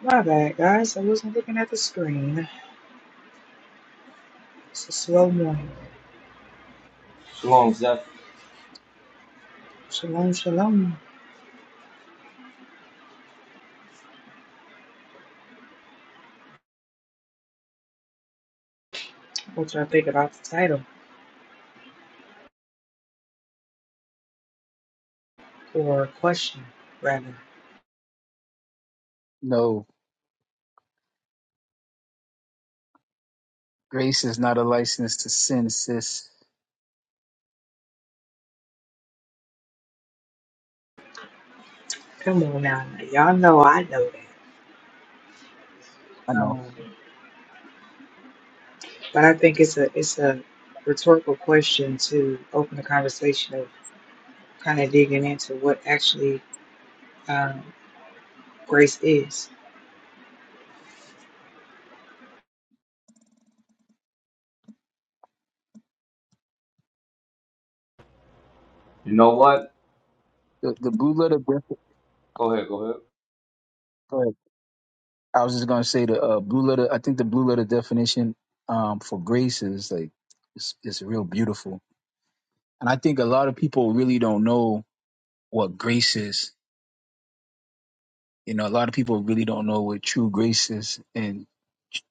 My bad, guys. I wasn't looking at the screen. It's a slow morning. Shalom, Zeph. Shalom, shalom. What y'all think about the title or question, rather? No, grace is not a license to sin, sis. Come on now, y'all know I know that. I know Um, but I think it's a it's a rhetorical question to open the conversation of kind of digging into what actually um, grace is. You know what? the the blue letter. Def- Go ahead, go ahead. but I was just gonna say the uh, blue letter. I think the blue letter definition um, for grace is like it's, it's real beautiful, and I think a lot of people really don't know what grace is. You know, a lot of people really don't know what true grace is, and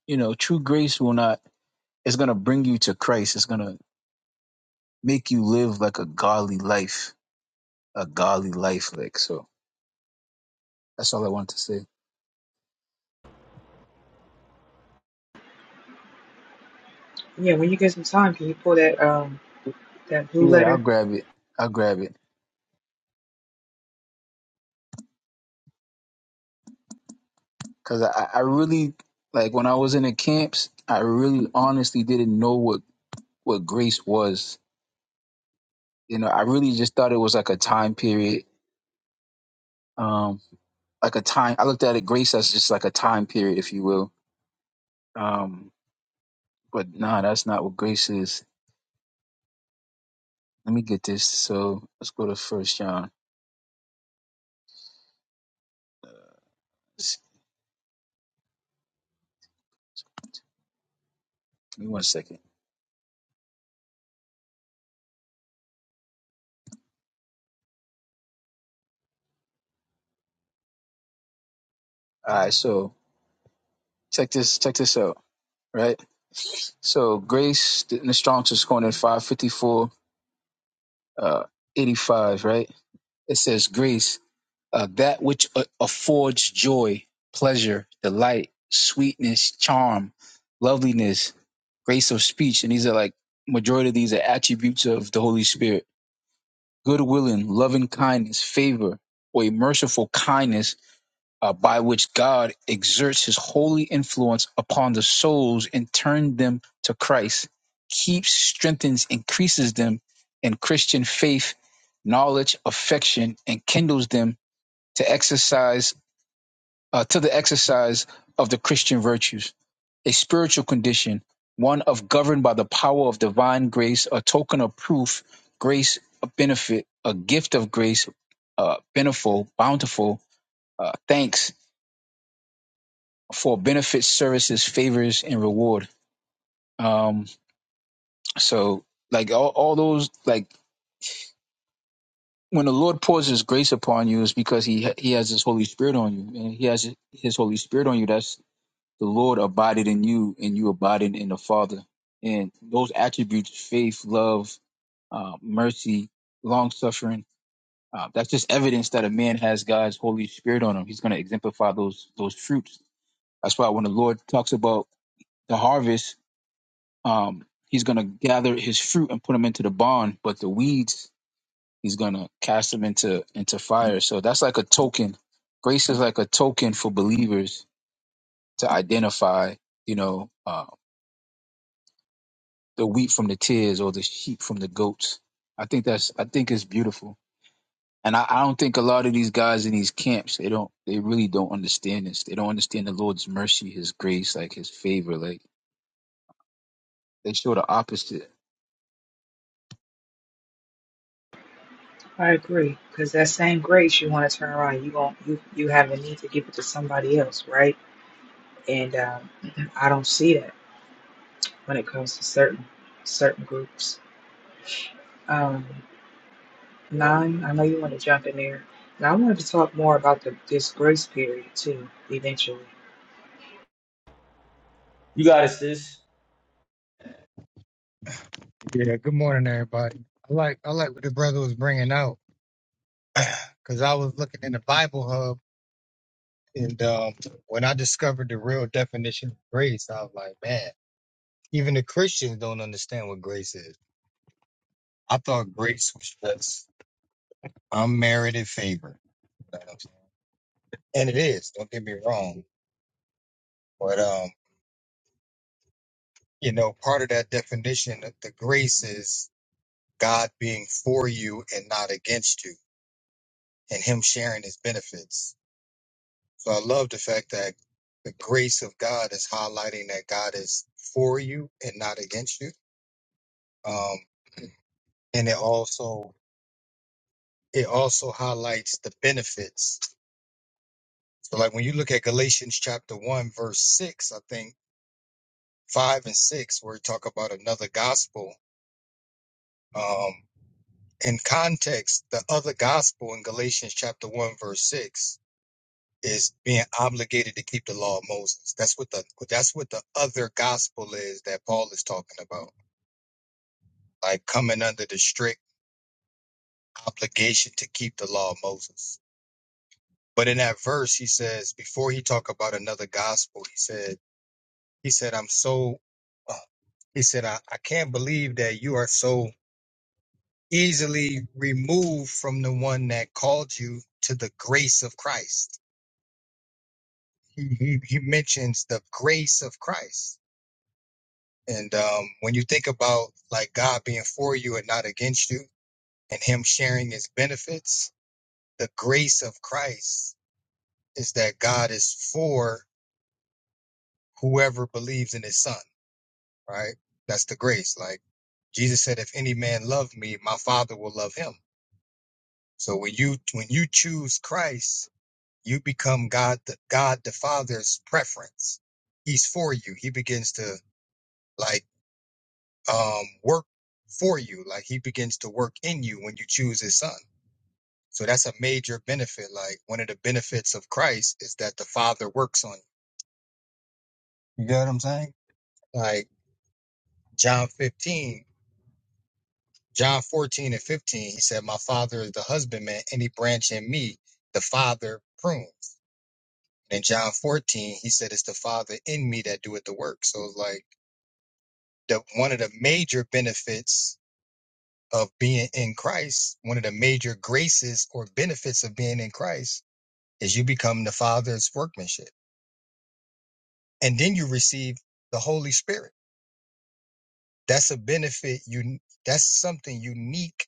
you know, true grace will not. It's gonna bring you to Christ. It's gonna make you live like a godly life, a godly life. Like so. That's all I wanted to say. Yeah, when you get some time, can you pull that um that blue Yeah, I'll letter? grab it. I'll grab it. Cause I, I really like when I was in the camps, I really honestly didn't know what what grace was. You know, I really just thought it was like a time period. Um, like a time. I looked at it grace as just like a time period, if you will. Um, but nah, that's not what grace is. Let me get this. So let's go to First John. Just Give me one second. All right. So check this. Check this out. Right. So grace in the Strong's Concordance five fifty four uh, 85, right? It says, Grace, uh, that which a- affords joy, pleasure, delight, sweetness, charm, loveliness, grace of speech. And these are like, majority of these are attributes of the Holy Spirit. Good willing, loving kindness, favor, or a merciful kindness uh, by which God exerts his holy influence upon the souls and turns them to Christ, keeps, strengthens, increases them in Christian faith, knowledge, affection, and kindles them to exercise uh, to the exercise of the Christian virtues, a spiritual condition, one of governed by the power of divine grace, a token of proof, grace, a benefit, a gift of grace, uh, beneficial, bountiful, uh, thanks, for benefits, services, favors, and reward. Um, so like all, all those like when the Lord pours His grace upon you is because He He has His Holy Spirit on you, and He has His Holy Spirit on you. That's the Lord abided in you, and you abided in the Father. And those attributes, faith, love, uh, mercy, long suffering, uh, that's just evidence that a man has God's Holy Spirit on him. He's going to exemplify those those fruits. That's why when the Lord talks about the harvest, Um, he's going to gather his fruit and put them into the barn, but the weeds he's going to cast them into into fire. So that's like a token. Grace is like a token for believers to identify, you know, uh, the wheat from the tears or the sheep from the goats. I think that's I think it's beautiful. And I, I don't think a lot of these guys in these camps, they don't they really don't understand this. They don't understand the Lord's mercy, his grace, like his favor. Like they show the opposite I agree, because that same grace you want to turn around, you gon' you you have a need to give it to somebody else, right? and um, I don't see that when it comes to certain certain groups. Um, nine, I know you want to jump in there, and I wanted to talk more about the this grace period too. Eventually, You got it, sis. Yeah, good morning, everybody. I like I like what the brother was bringing out because I was looking in the Bible Hub, and um, when I discovered the real definition of grace, I was like, man, even the Christians don't understand what grace is. I thought grace was just unmerited favor, you know what I'm saying? and it is. Don't get me wrong, but um, you know, part of that definition, of the grace is God being for you and not against you, and Him sharing His benefits. So I love the fact that the grace of God is highlighting that God is for you and not against you. Um, and it also it also highlights the benefits. So like when you look at Galatians chapter one, verse six, I think five and six, where we talk about another gospel. Um, in context, the other gospel in Galatians chapter one, verse six is being obligated to keep the law of Moses. That's what the that's what the other gospel is that Paul is talking about like coming under the strict obligation to keep the law of Moses. But in that verse, he says, before he talk about another gospel, he said, he said, I'm so, uh, he said, I, I can't believe that you are so easily removed from the one that called you to the grace of Christ. He, he, he mentions the grace of Christ. And um, when you think about like God being for you and not against you and him sharing his benefits, the grace of Christ is that God is for whoever believes in his son, right? That's the grace. Like Jesus said, if any man love me, my father will love him. So when you when you choose Christ, you become God the God the Father's preference. He's for you. He begins to like um work for you. Like he begins to work in you when you choose his son. So that's a major benefit. Like one of the benefits of Christ is that the Father works on you. You get what I'm saying? Like John 15. John 14 and 15, he said, My father is the husbandman, any branch in me, the father prunes. And in John 14, he said, It's the father in me that doeth the work. So it's like the one of the major benefits of being in Christ, one of the major graces or benefits of being in Christ is you become the father's workmanship. And then you receive the Holy Spirit. That's a benefit you that's something unique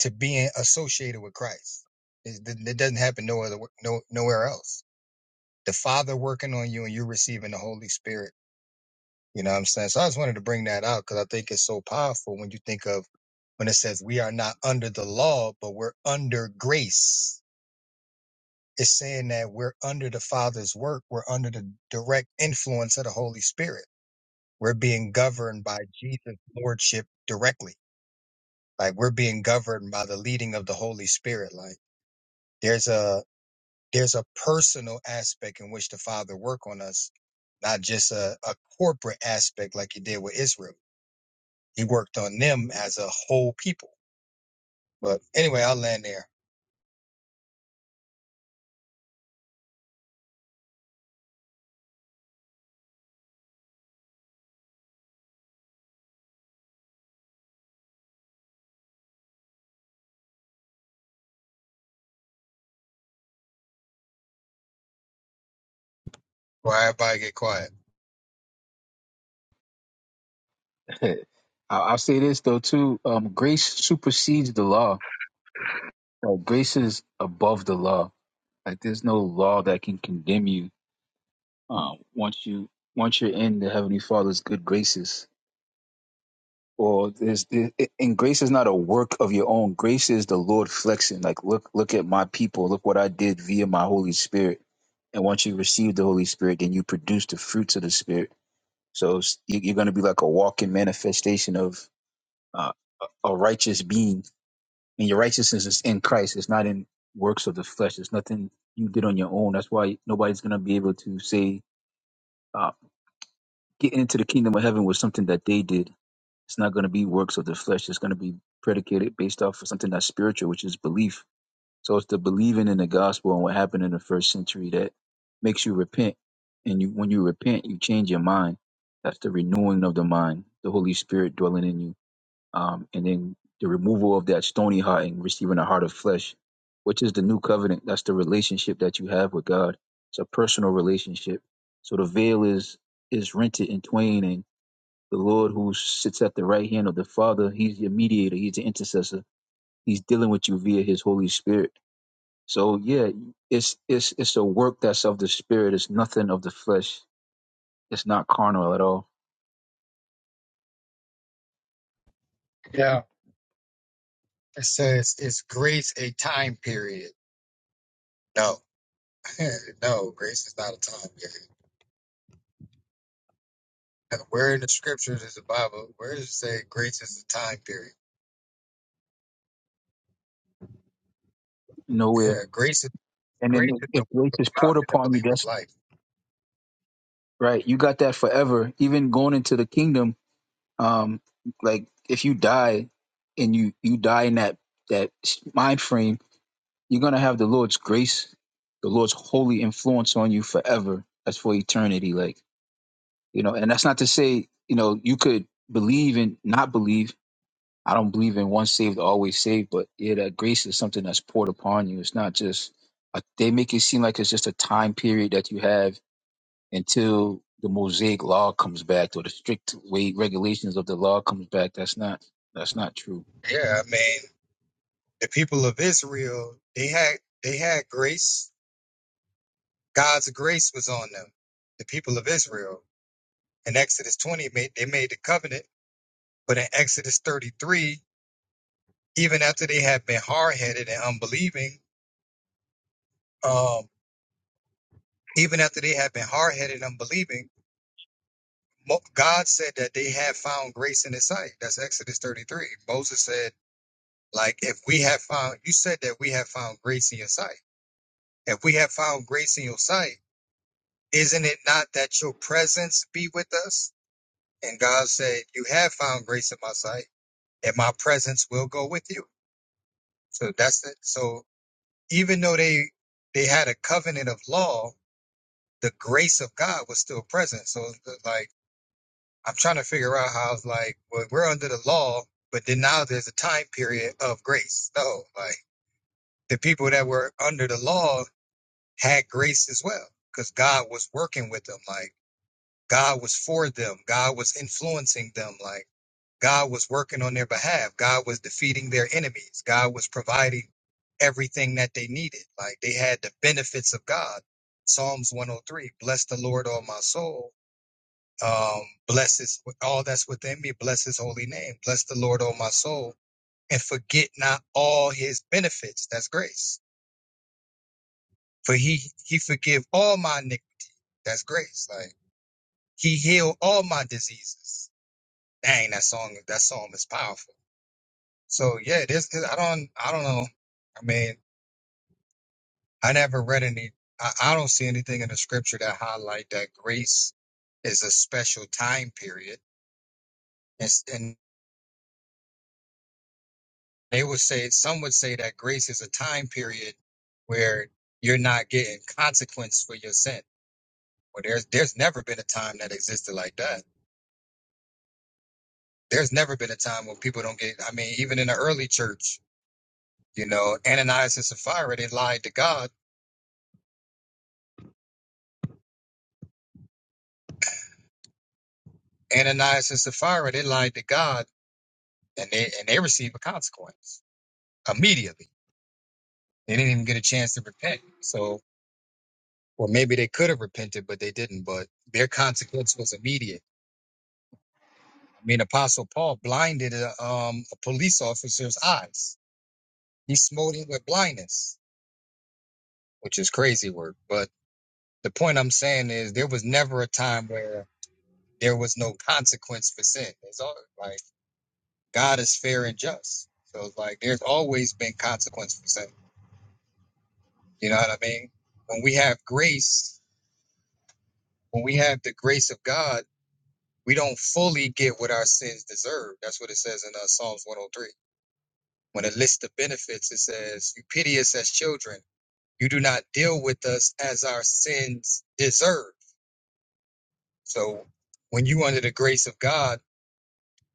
to being associated with Christ. It, it doesn't happen no other no nowhere else. The Father working on you and you're receiving the Holy Spirit. You know what I'm saying? So I just wanted to bring that out because I think it's so powerful when you think of when it says we are not under the law, but we're under grace. It's saying that we're under the Father's work. We're under the direct influence of the Holy Spirit. We're being governed by Jesus' Lordship directly. Like we're being governed by the leading of the Holy Spirit. Like there's a there's a personal aspect in which the father worked on us not just a, a corporate aspect like he did with israel he worked on them as a whole people but anyway i'll land there why everybody get quiet Hey, I- I'll say this though too. Um, grace supersedes the law. Like grace is above the law. Like there's no law that can condemn you um, once you once you're in the Heavenly Father's good graces. Or there's there, and grace is not a work of your own. Grace is the Lord flexing. Like look look at my people. Look what I did via my Holy Spirit. And once you receive the Holy Spirit, then you produce the fruits of the Spirit. So it's- you- you're going to be like a walking manifestation of uh, a a righteous being And your righteousness is in Christ. It's not in works of the flesh. It's nothing you did on your own. That's why nobody's going to be able to say, uh, getting into the kingdom of heaven was something that they did. It's not going to be works of the flesh. It's going to be predicated based off of something that's spiritual, which is belief. So it's the believing in the gospel and what happened in the first century that makes you repent. And you, when you repent, you change your mind. That's the renewing of the mind, the Holy Spirit dwelling in you um, and then the removal of that stony heart and receiving a heart of flesh, which is the new covenant. That's the relationship that you have with God. It's a personal relationship. So the veil is is rented in twain, and the Lord who sits at the right hand of the Father, He's your mediator. He's the intercessor. He's dealing with you via His Holy Spirit. So yeah, it's it's it's a work that's of the Spirit. It's nothing of the flesh. It's not carnal at all. yeah it says is grace a time period no no grace is not a time period where in the scriptures is the bible where does it say grace is a time period Nowhere. yeah grace is And grace then is the if work grace of is god poured in the upon you, believer's that's life right? You got that forever. Even going into the kingdom, um, like if you die and you you die in that that mind frame, you're gonna have the Lord's grace, the Lord's holy influence on you forever. That's for eternity. Like you know, and that's not to say you know you could believe and not believe. I don't believe in once saved, always saved, but yeah, that grace is something that's poured upon you. It's not just. I- They make it seem like it's just a time period that you have until the Mosaic law comes back or the strict weight regulations of the law comes back. That's not that's not true. yeah i mean The people of Israel, they had they had grace. God's grace was on them. The people of Israel in Exodus 20 made they made the covenant, but in Exodus 33, even after they had been hard headed and unbelieving, um, even after they had been hard headed and unbelieving, Mo- God said that they had found grace in His sight. That's Exodus 33. Moses said, like, if we have found, you said that we have found grace in your sight. If we have found grace in your sight Isn't it not that your presence be with us? And God said, You have found grace in my sight, and my presence will go with you. So that's it. So even though they they had a covenant of law, the grace of God was still present. So like I'm trying to figure out how it's like, well, we're under the law, but then now there's a time period of grace. No, like the people that were under the law had grace as well, because God was working with them. Like God was for them. God was influencing them. Like God was working on their behalf. God was defeating their enemies. God was providing everything that they needed. Like they had the benefits of God. Psalms 103 Bless the Lord, all my soul. Um, bless his, all that's within me. Bless his holy name. Bless the Lord, all my soul. And forget not all his benefits. That's grace. For he, he forgive all my iniquities. That's grace. Like he healed all my diseases dang that song that song is powerful so yeah this this- i don't i don't know i mean i never read any I, I don't see anything in the scripture that highlight that grace is a special time period and, s- and they would say some would say that grace is a time period where you're not getting consequence for your sin well there's there's never been a time that existed like that there's never been a time when people don't get i mean even in the early church you know ananias and sapphira they lied to god Ananias and Sapphira, they lied to God and they and they received a consequence immediately. They didn't even get a chance to repent. So or maybe they could have repented, but they didn't. But their consequence was immediate. I mean, Apostle Paul blinded a, um, a police officer's eyes. He smote him with blindness, which is crazy work. But the point I'm saying is there was never a time where there was no consequence for sin. It's all like God is fair and just. So it's like there's always been consequence for sin. You know what I mean? When we have grace, when we have the grace of God, we don't fully get what our sins deserve. That's what it says in uh, Psalms 103. When it lists the benefits, it says, You pity us as children. You do not deal with us as our sins deserve. So when you under the grace of God,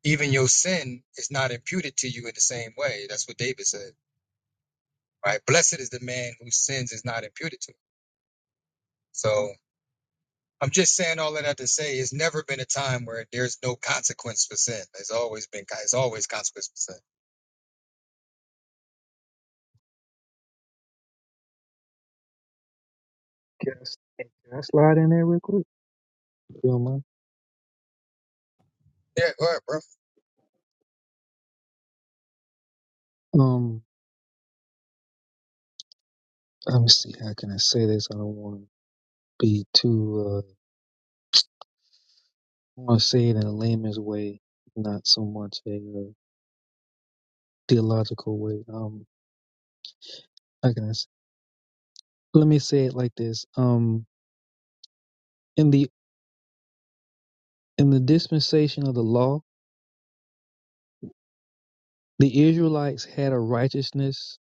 even your sin is not imputed to you in the same way. That's what David said, right? Blessed is the man whose sins is not imputed to. him. So I'm just saying all of that to say it's never been a time where there's no consequence for sin. There's always been it's always consequence for sin. Can I, s- can I slide in there real quick? if you don't mind? Yeah, all right, bro. Um, let me see. How can I say this? I don't want to be too. Uh, I want to say it in a layman's way, not so much a uh, theological way. Um, how can I say? Let me say it like this. Um, in the in the dispensation of the law, the Israelites had a righteousness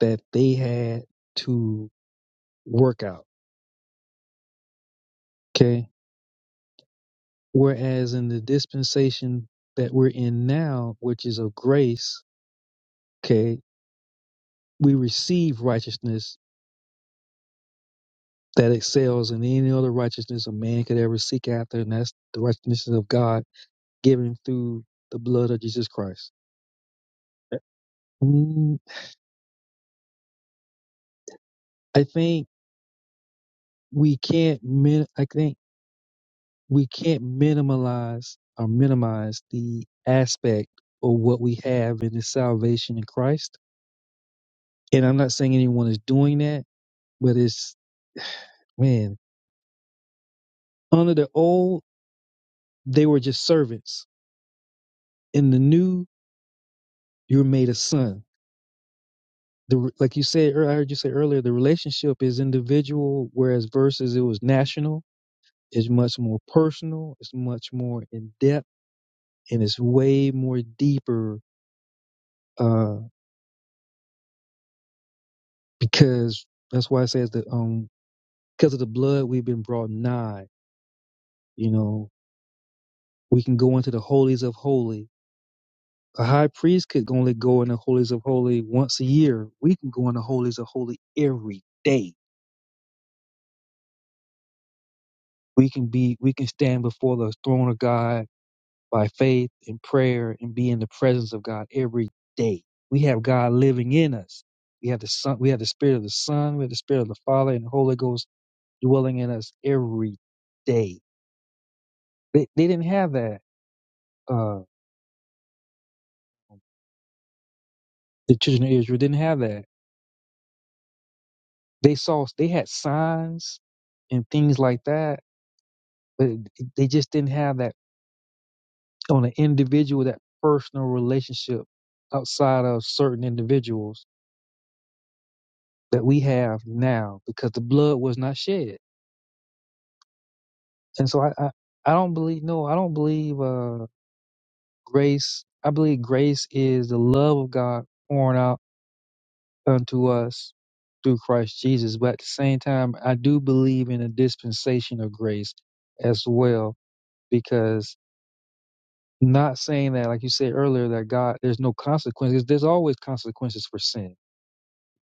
that they had to work out. Okay, whereas in the dispensation that we're in now, which is of grace. Okay, we receive righteousness that excels in any other righteousness a man could ever seek after, and that's the righteousness of God given through the blood of Jesus Christ. Mm, I think we can't min- I think we can't minimize or minimize the aspect of what we have in the salvation in Christ. And I'm not saying anyone is doing that, but it's man, under the old they were just servants. In the new, you're made a son the re- like you said ear- I heard you say earlier, the relationship is individual, whereas versus it was national. It's much more personal. It's much more in depth, and it's way more deeper uh, because that's why it says that um because of the blood we've been brought nigh. You know, we can go into the holies of holy. A high priest could only go in the holies of holy once a year. We can go in the holies of holy every day. We can be we can stand before the throne of God by faith and prayer and be in the presence of God every day. We have God living in us. We have the Son, we have the Spirit of the Son, we have the Spirit of the Father and the Holy Ghost dwelling in us every day. They, they didn't have that. Uh, the children of Israel didn't have that. They saw they had signs and things like that, but they just didn't have that on an individual, that personal relationship outside of certain individuals that we have now because the blood was not shed And so I, I, I don't believe, no, I don't believe uh, grace. I believe grace is the love of God poured out unto us through Christ Jesus. But at the same time, I do believe in a dispensation of grace as well, because not saying that, like you said earlier, that God, there's no consequences. There's always consequences for sin.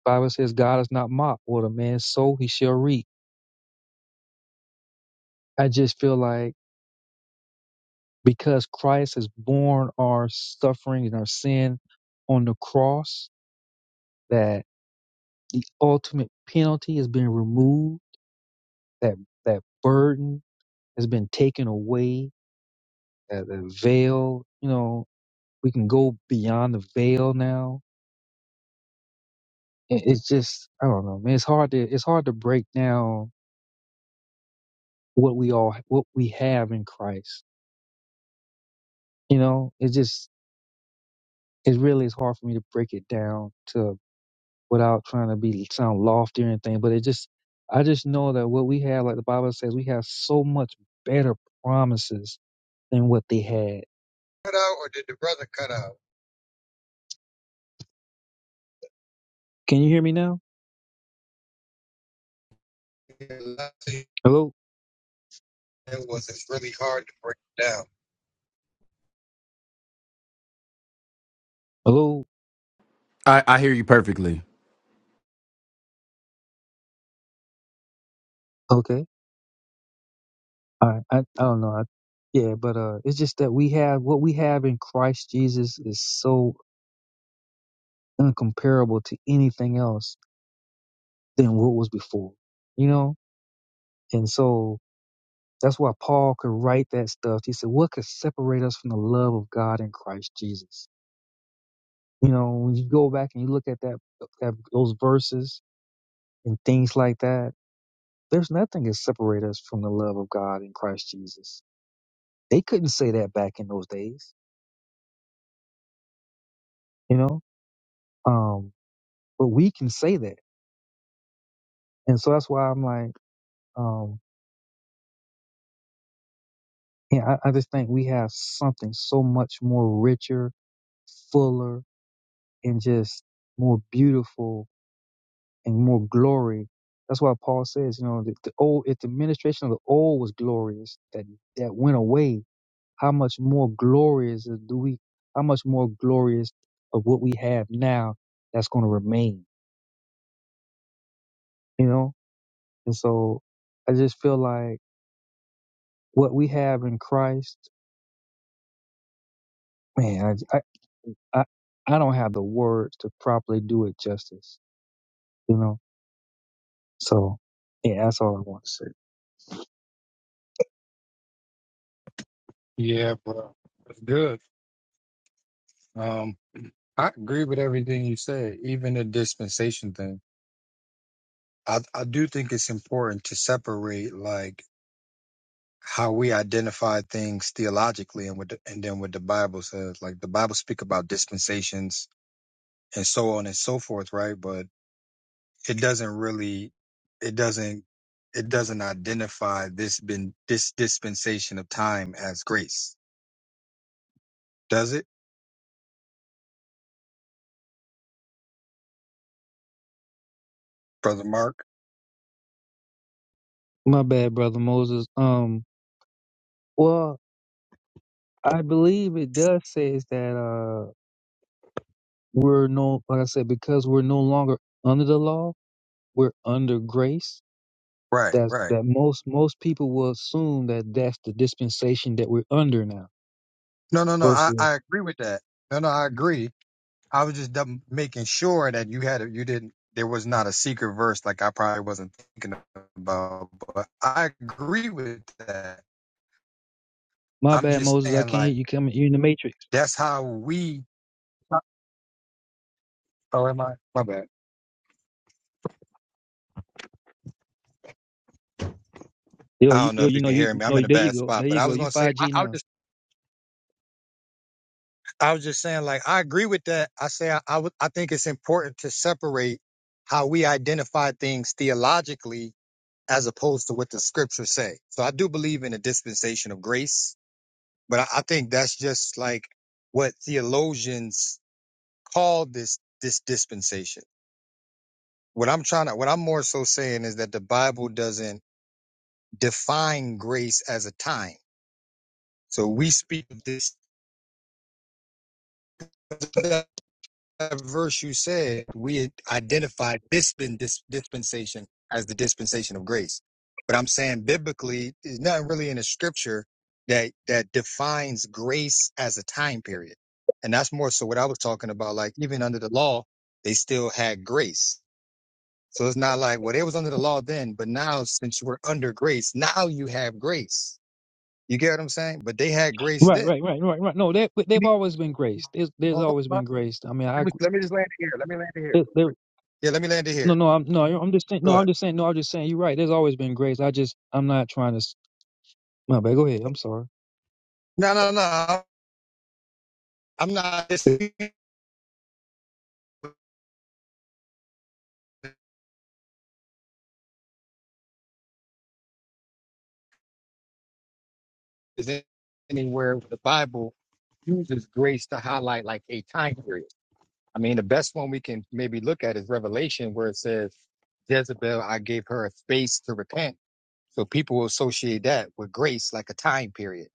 Bible says God is not mocked. What a man sow, he shall reap. I just feel like because Christ has borne our suffering and our sin on the cross, that the ultimate penalty has been removed, that that burden has been taken away, that the veil, you know, we can go beyond the veil now. It- It's just, I don't know, man. It's hard to it's hard to break down what we all what we have in Christ. You know, it just it really is hard for me to break it down to. without trying to be sound lofty or anything. But it just, I just know that what we have, like the Bible says, we have so much better promises than what they had. Cut out or did the brother cut out? Can you hear me now? Yeah, Hello, It was it's really hard to break it down. hello. I, I hear you perfectly. Okay. All right. I, I don't know. I, yeah, but uh, it's just that we have what we have in Christ Jesus is so incomparable to anything else than what was before. You know, and so that's why Paul could write that stuff. He said, "What could separate us from the love of God in Christ Jesus?" You know, when you go back and you look at that, that those verses and things like that, there's nothing that separates us from the love of God in Christ Jesus. They couldn't say that back in those days, you know. Um, but we can say that, and so that's why I'm like, um, yeah, I, I just think we have something so much more richer, fuller, and just more beautiful and more glory that's why Paul says, you know, the, the old, if the administration of the old was glorious, that that went away, how much more glorious do we how much more glorious of what we have now that's going to remain you know and so i just feel like what we have in christ man i i i, I don't have the words to properly do it justice you know so yeah that's all i want to say Yeah, bro. That's good. Um, I agree with everything you said, even the dispensation thing. I, I do think it's important to separate like how we identify things theologically and with the, and then what the Bible says. Like the Bible speak about dispensations and so on and so forth, right? But it doesn't really, it doesn't, it doesn't identify this been this dispensation of time as grace, does it, brother Mark? my bad brother moses um well i believe it does say is that uh we're no like i said because we're no longer under the law we're under grace Right, That's right. that most most people will assume that that's the dispensation that we're under now. No, no, no. I Versus, I agree with that. No, no, I agree. I was just dub- making sure that you had a, you didn't. There was not a secret verse like I probably wasn't thinking about, but I agree with that. my I'm bad, just Moses, I saying can't hear like you. Coming, you're in the matrix. that's how we. Oh, am I? My bad. Yo, I you, don't know yo, if you you know, can you hear me. I'm no. in a There you bad go. spot, There but you I go. was You going to say, five I, G I was now. just, I was just saying, like, I agree with that. I say, I, I would, I think it's important to separate how we identify things theologically as opposed to what the scriptures say. So I do believe in a dispensation of grace, but I, I think that's just like what theologians call this, this dispensation. What I'm trying to, what I'm more so saying is that the Bible doesn't define grace as a time. So we speak of this verse you said, we identified dispen, dis, dispensation as the dispensation of grace. But I'm saying biblically, there's nothing really in the scripture that that defines grace as a time period. And that's more so what I was talking about. Like even under the law, they still had grace. So it's not like, well, they was under the law then, but now since you were under grace, now you have grace. You get what I'm saying? But they had grace Right, then. right, right, right, right. No, they but they've always been graced. There's there's Hold always on. been graced. I mean, I Let me, agree- let me just land it here. Let me land it here. there- there- Yeah, let me land it no, here. no, I'm no, I'm just saying, Go no, ahead. I'm just saying, no, I'm just saying. You're right. There's always been grace. I just I'm not trying to. s- My bad. Go ahead. I'm sorry. No, no, no. I'm not disagreeing with anywhere where the Bible uses grace to highlight like a time period. I mean, the best one we can maybe look at is Revelation, where it says, Jezebel, I gave her a space to repent. So people will associate that with grace, like a time period.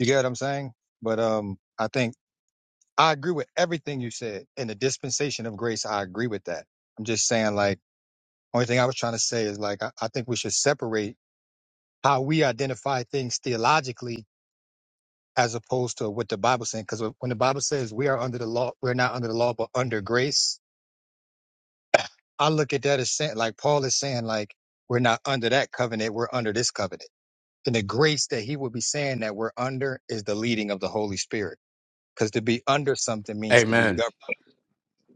You get what I'm saying? But um, I think I agree with everything you said. In the dispensation of grace, I agree with that. I'm just saying, like, only thing I was trying to say is like, I, I think we should separate how we identify things theologically as opposed to what the Bible saying. Because when the Bible says we are under the law, we're not under the law, but under grace. I look at that as saying, like Paul is saying, like we're not under that covenant, we're under this covenant. And the grace that he would be saying that we're under is the leading of the Holy Spirit. Because to be under something means to be Amen. governed.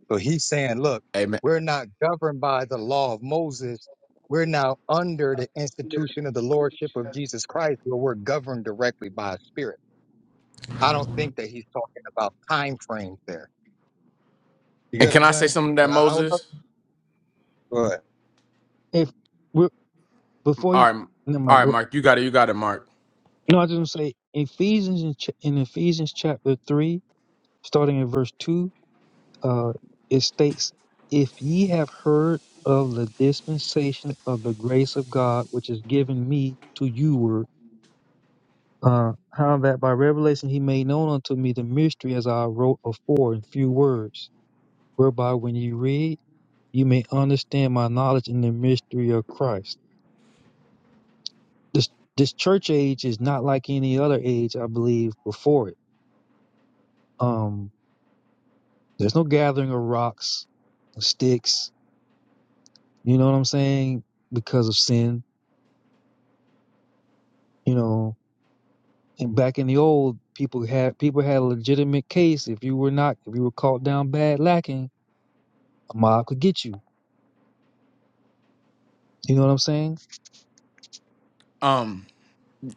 So he's saying, look, Amen. we're not governed by the law of Moses. We're now under the institution of the Lordship of Jesus Christ, where we're governed directly by a spirit. I don't think that he's talking about time frames there. You get And what can I'm I say saying? something to that But I, I would love. Moses? Go If we're before you, All right. never All mind. right, Go. Mark. You got it. You got it, Mark. No, I just want to say Ephesians in, ch- in Ephesians chapter three. starting in verse 2, uh, it states, If ye have heard of the dispensation of the grace of God, which is given me to you, word, uh, how that by revelation he made known unto me the mystery as I wrote afore in few words, whereby when ye read, you may understand my knowledge in the mystery of Christ. This this church age is not like any other age, I believe, before it. Um, there's no gathering of rocks, of sticks, You know what I'm saying? Because of sin, you know. And back in the old, people had people had a legitimate case. If you were not, if you were caught down bad lacking, a mob could get you. You know what I'm saying? Um.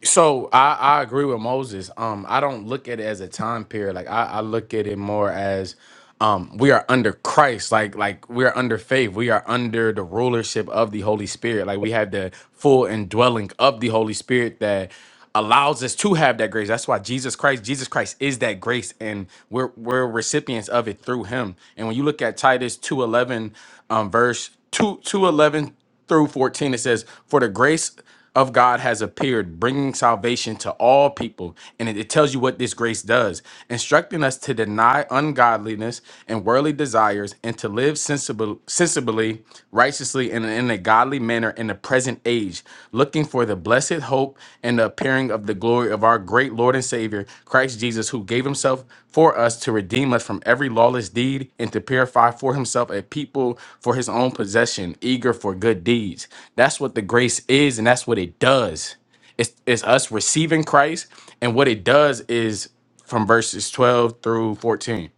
So I, I agree with Moses. Um, I don't look at it as a time period. Like I, I look at it more as um we are under Christ, like like we are under faith. We are under the rulership of the Holy Spirit. Like we have the full indwelling of the Holy Spirit that allows us to have that grace. That's why Jesus Christ, Jesus Christ is that grace and we're we're recipients of it through him. And when you look at Titus 2:11 um verse 2 2:11 through 14 it says for the grace of God has appeared, bringing salvation to all people. And it, it tells you what this grace does, instructing us to deny ungodliness and worldly desires and to live sensible, sensibly, righteously, and in a godly manner in the present age, looking for the blessed hope and the appearing of the glory of our great Lord. Lord and Savior, Christ Jesus, who gave himself for us to redeem us from every lawless deed and to purify for himself a people for his own possession, eager for good deeds. That's what the grace is, and that's what it does. It's, it's us receiving Christ, and what it does is from verses 12 through 14.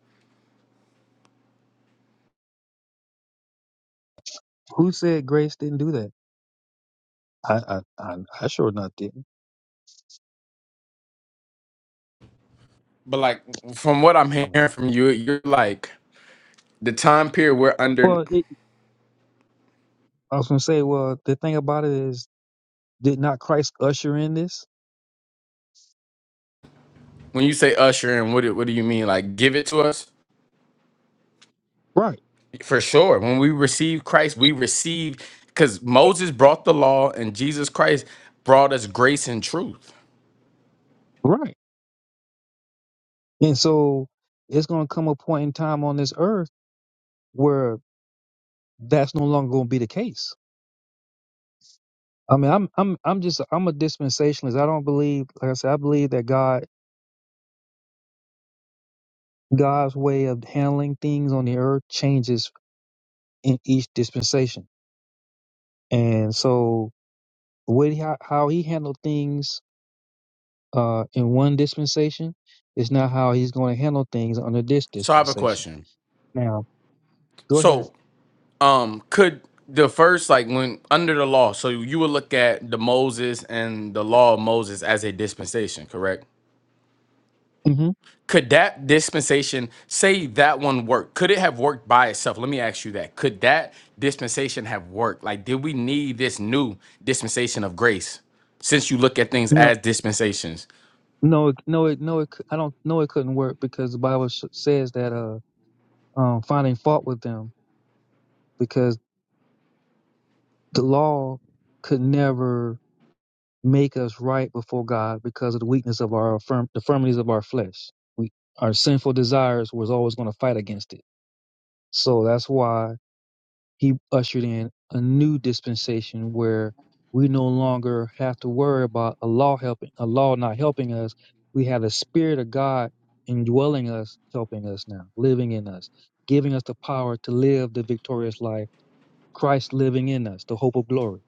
Who said grace didn't do that? I I I, I sure not didn't. But like from what I'm I mean, hearing from you, you're like the time period we're under well, it, I was gonna say, well, the thing about it is, did not Christ usher in this? when you say usher and what do- what do you mean? Like give it to us? Right, For sure. When we receive Christ, we receive because Moses brought the law and Jesus Christ brought us grace and truth. right. And so it's gonna come a point in time on this earth where that's no longer gonna be the case I mean, I'm I'm I'm just I'm a dispensationalist. I don't believe, like I said, I believe that God God's way of handling things on the earth changes in each dispensation, and so what he, how how he handled things uh, in one dispensation is not how he's going to handle things under this So I have a dispensation. question. Now, go ahead. So um could the first like when under the law, so you would look at the Moses and the law of Moses as a dispensation, correct? hmm Could that dispensation, say that one work, could it have worked by itself? Let me ask you that. Could that dispensation have worked? Like, did we need this new dispensation of grace? Since you look at things No, as dispensations, no, it- no, it, no. It, cou- I don't. No, it couldn't work because the Bible s- says that uh, um, finding fault with them because the law could never make us right before God because of the weakness of our affirm- the infirmities of our flesh. We our sinful desires was always going to fight against it. So that's why he ushered in a new dispensation where we no longer have to worry about a law helping a law not helping us. We have the spirit of God indwelling us, helping us now, living in us, giving us the power to live the victorious life, Christ living in us, the hope of glory.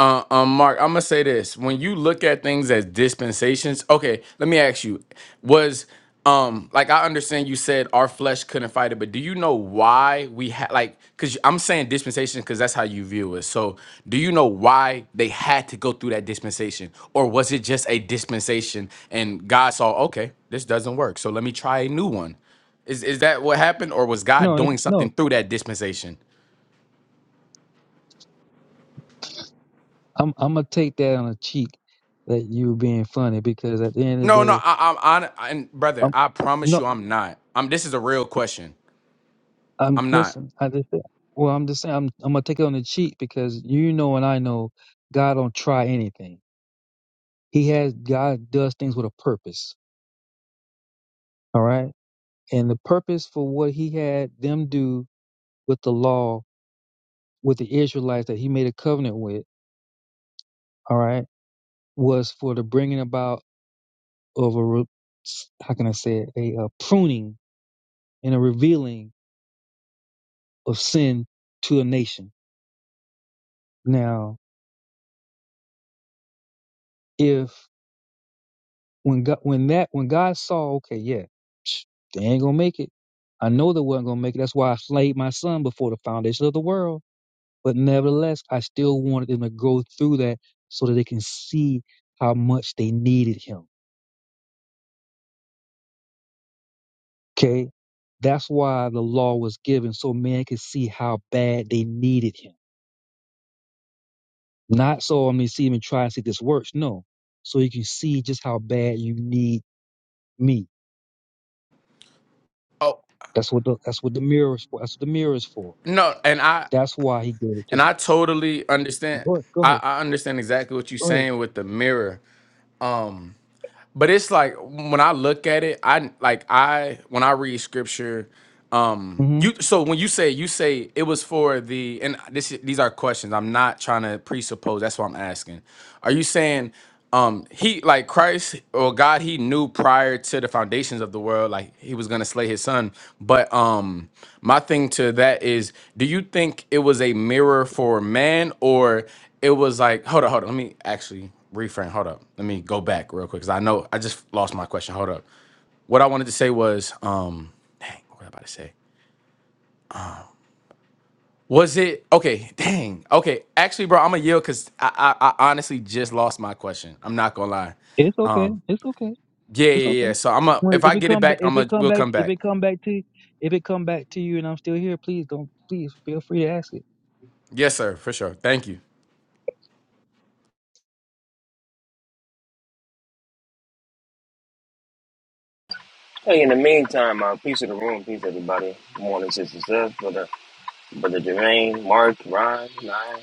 Uh, um, Mark, I'm gonna say this: when you look at things as dispensations, okay, let me ask you: was um, like I understand you said our flesh couldn't fight it, but do you know why we had like? Because I'm saying dispensation because that's how you view it. So, do you know why they had to go through that dispensation, or was it just a dispensation and God saw, okay, this doesn't work, so let me try a new one? Is is that what happened, or was No, God it, doing no, something through that dispensation? I'm I'm gonna take that on the cheek that you were being funny because at the end of the No, no, day, I, I'm on, and brother, I'm I promise no, you, I'm not. I'm. This is a real question. I'm I'm not. listen. I just well, I'm just saying I'm I'm gonna take it on the cheek because you know and I know God don't try anything. He has God does things with a purpose. All right, and the purpose for what He had them do with the law with the Israelites that He made a covenant with. All right, was for the bringing about of a re- how can I say it a, a pruning and a revealing of sin to a nation. Now, if when God, when that when God saw, okay, yeah, psh, they ain't gonna make it. I know they wasn't gonna make it. That's why I slayed my son before the foundation of the world. But nevertheless, I still wanted them to go through that so that they can see how much they needed him. Okay, that's why the law was given so man could see how bad they needed him. Not so I mean, see him and try and see if this works. No, so you can see just how bad you need me Oh That's what the that's what the mirror is for. That's what the mirror is for. no, and I That's why he gave it to and me. I totally understand. Go ahead, go I, ahead, I understand exactly what you're go ahead. saying with the mirror, but it's like when I look at it, I like I when I read scripture. hmm You so when you say you say it was for the and this these are questions. I'm not trying to presuppose. That's what I'm asking. Are you saying um he like Christ or God he knew prior to the foundations of the world like he was going to slay his son. But um my thing to that is do you think it was a mirror for man or it was like hold up hold up let me actually reframe. Hold up. Let me go back real quick cuz I know I just lost my question. Hold up. What I wanted to say was um dang what was I about to say? Was it okay? Dang. Okay. Actually, bro, I'm gonna yield because I, I I honestly just lost my question. I'm not gonna lie. It's okay. It's okay. Yeah, It's yeah, okay. yeah. So I'm a When, if I if it get it come back, back, if I'm it a come we'll back, come if back. it come back to, if it come back to you, and I'm still here, please don't, please feel free to ask it. Yes, sir, for sure. Thank you. Hey, in the meantime, uh, peace of the room, peace everybody. Good morning, sister Seth, brother, brother Jermaine, Mark, Ron, Nine.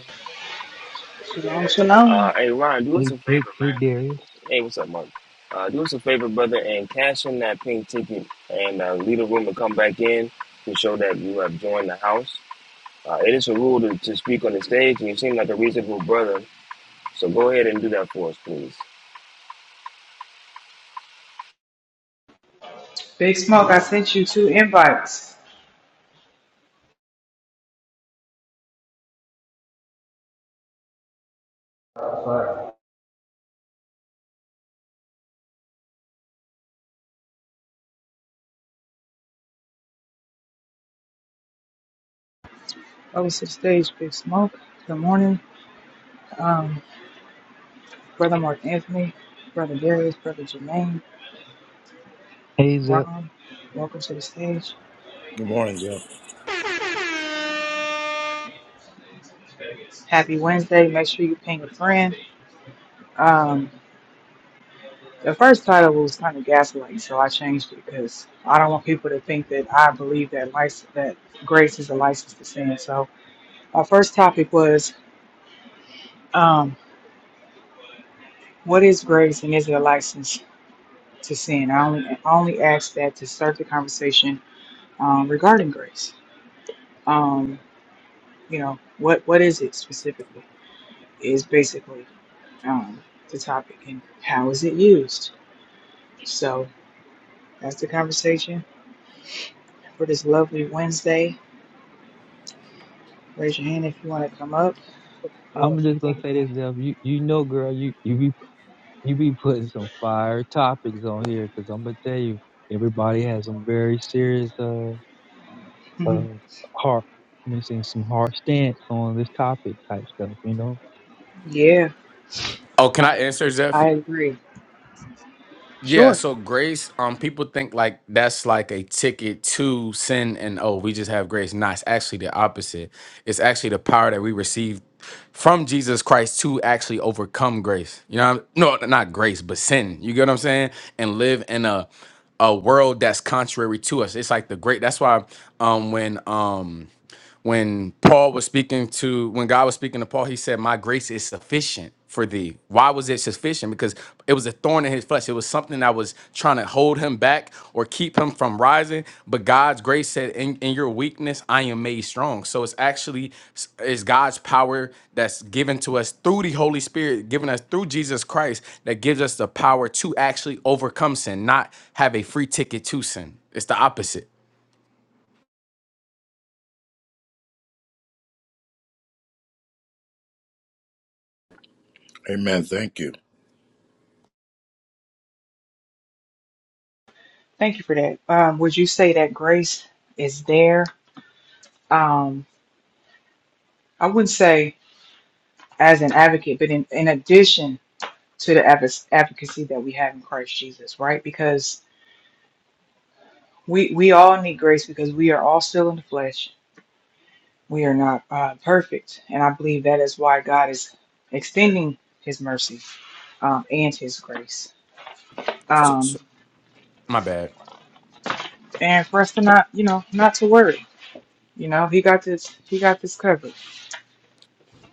shalom, shalom. Uh, hey, Ron, do us Hey, a hey, favor, hey, man. Darius. Hey, what's up, Mark? Uh, do us a favor, brother, and cash in that pink ticket and uh, leave the room and come back in to show that you have joined the house. Uh, it is a rule to, to speak on the stage, and you seem like a reasonable brother, so go ahead and do that for us, please. Big Smoke, I sent you two invites. Over to the stage, Big Smoke. Good morning, um, brother Mark Anthony, brother Darius, brother Jermaine, Hey, Zep. Ron. Welcome to the stage. Good morning, Jeff. Happy Wednesday. Make sure you ping a friend. Um, The first title was kind of gaslight, so I changed it because I don't want people to think that I believe that license, that grace is a license to sin. So my first topic was, um, what is grace and is it a license to sin? I only I only asked that to start the conversation um, regarding grace. Um, you know, what what is it specifically? Is basically um, the topic and how is it used? So that's the conversation for this lovely Wednesday. Raise your hand if you want to come up. Well, I'm if you just gonna think, say this, Zep. You, you know, girl, you, you be, you be putting some fire topics on here, cause I'm gonna tell you, everybody has some very serious, uh, uh, Mhm. hard, I mean, saying some hard stance on this topic type stuff, you know. yeah, Oh, can I answer, Zeph? I agree. Yeah, Sure. so grace, um, people think like that's like a ticket to sin and oh, we just have grace. Nah, it's actually the opposite. It's actually the power that we receive from Jesus Christ to actually overcome grace. You know, what I'm, no, not grace, but sin. You get what I'm saying? And live in a a world that's contrary to us. It's like the great. That's why, um, when um when Paul was speaking to when God was speaking to Paul, he said, "My grace is sufficient for thee." Why was it sufficient? Because it was a thorn in his flesh. It was something that was trying to hold him back or keep him from rising. But God's grace said, "In, in your weakness, I am made strong." So it's actually it's God's power that's given to us through the Holy Spirit, given us through Jesus Christ, that gives us the power to actually overcome sin, not have a free ticket to sin. It's the opposite. Amen. Thank you. Thank you for that. Um, would you say that grace is there? Um, I wouldn't say as an advocate, but in, in addition to the advo- advocacy that we have in Christ Jesus, right? Because we, we all need grace because we are all still in the flesh. We are not uh, perfect. And I believe that is why God is extending his mercy um, and his grace. Um, My bad. and for us to not, you know, not to worry. You know, he got this he got this covered.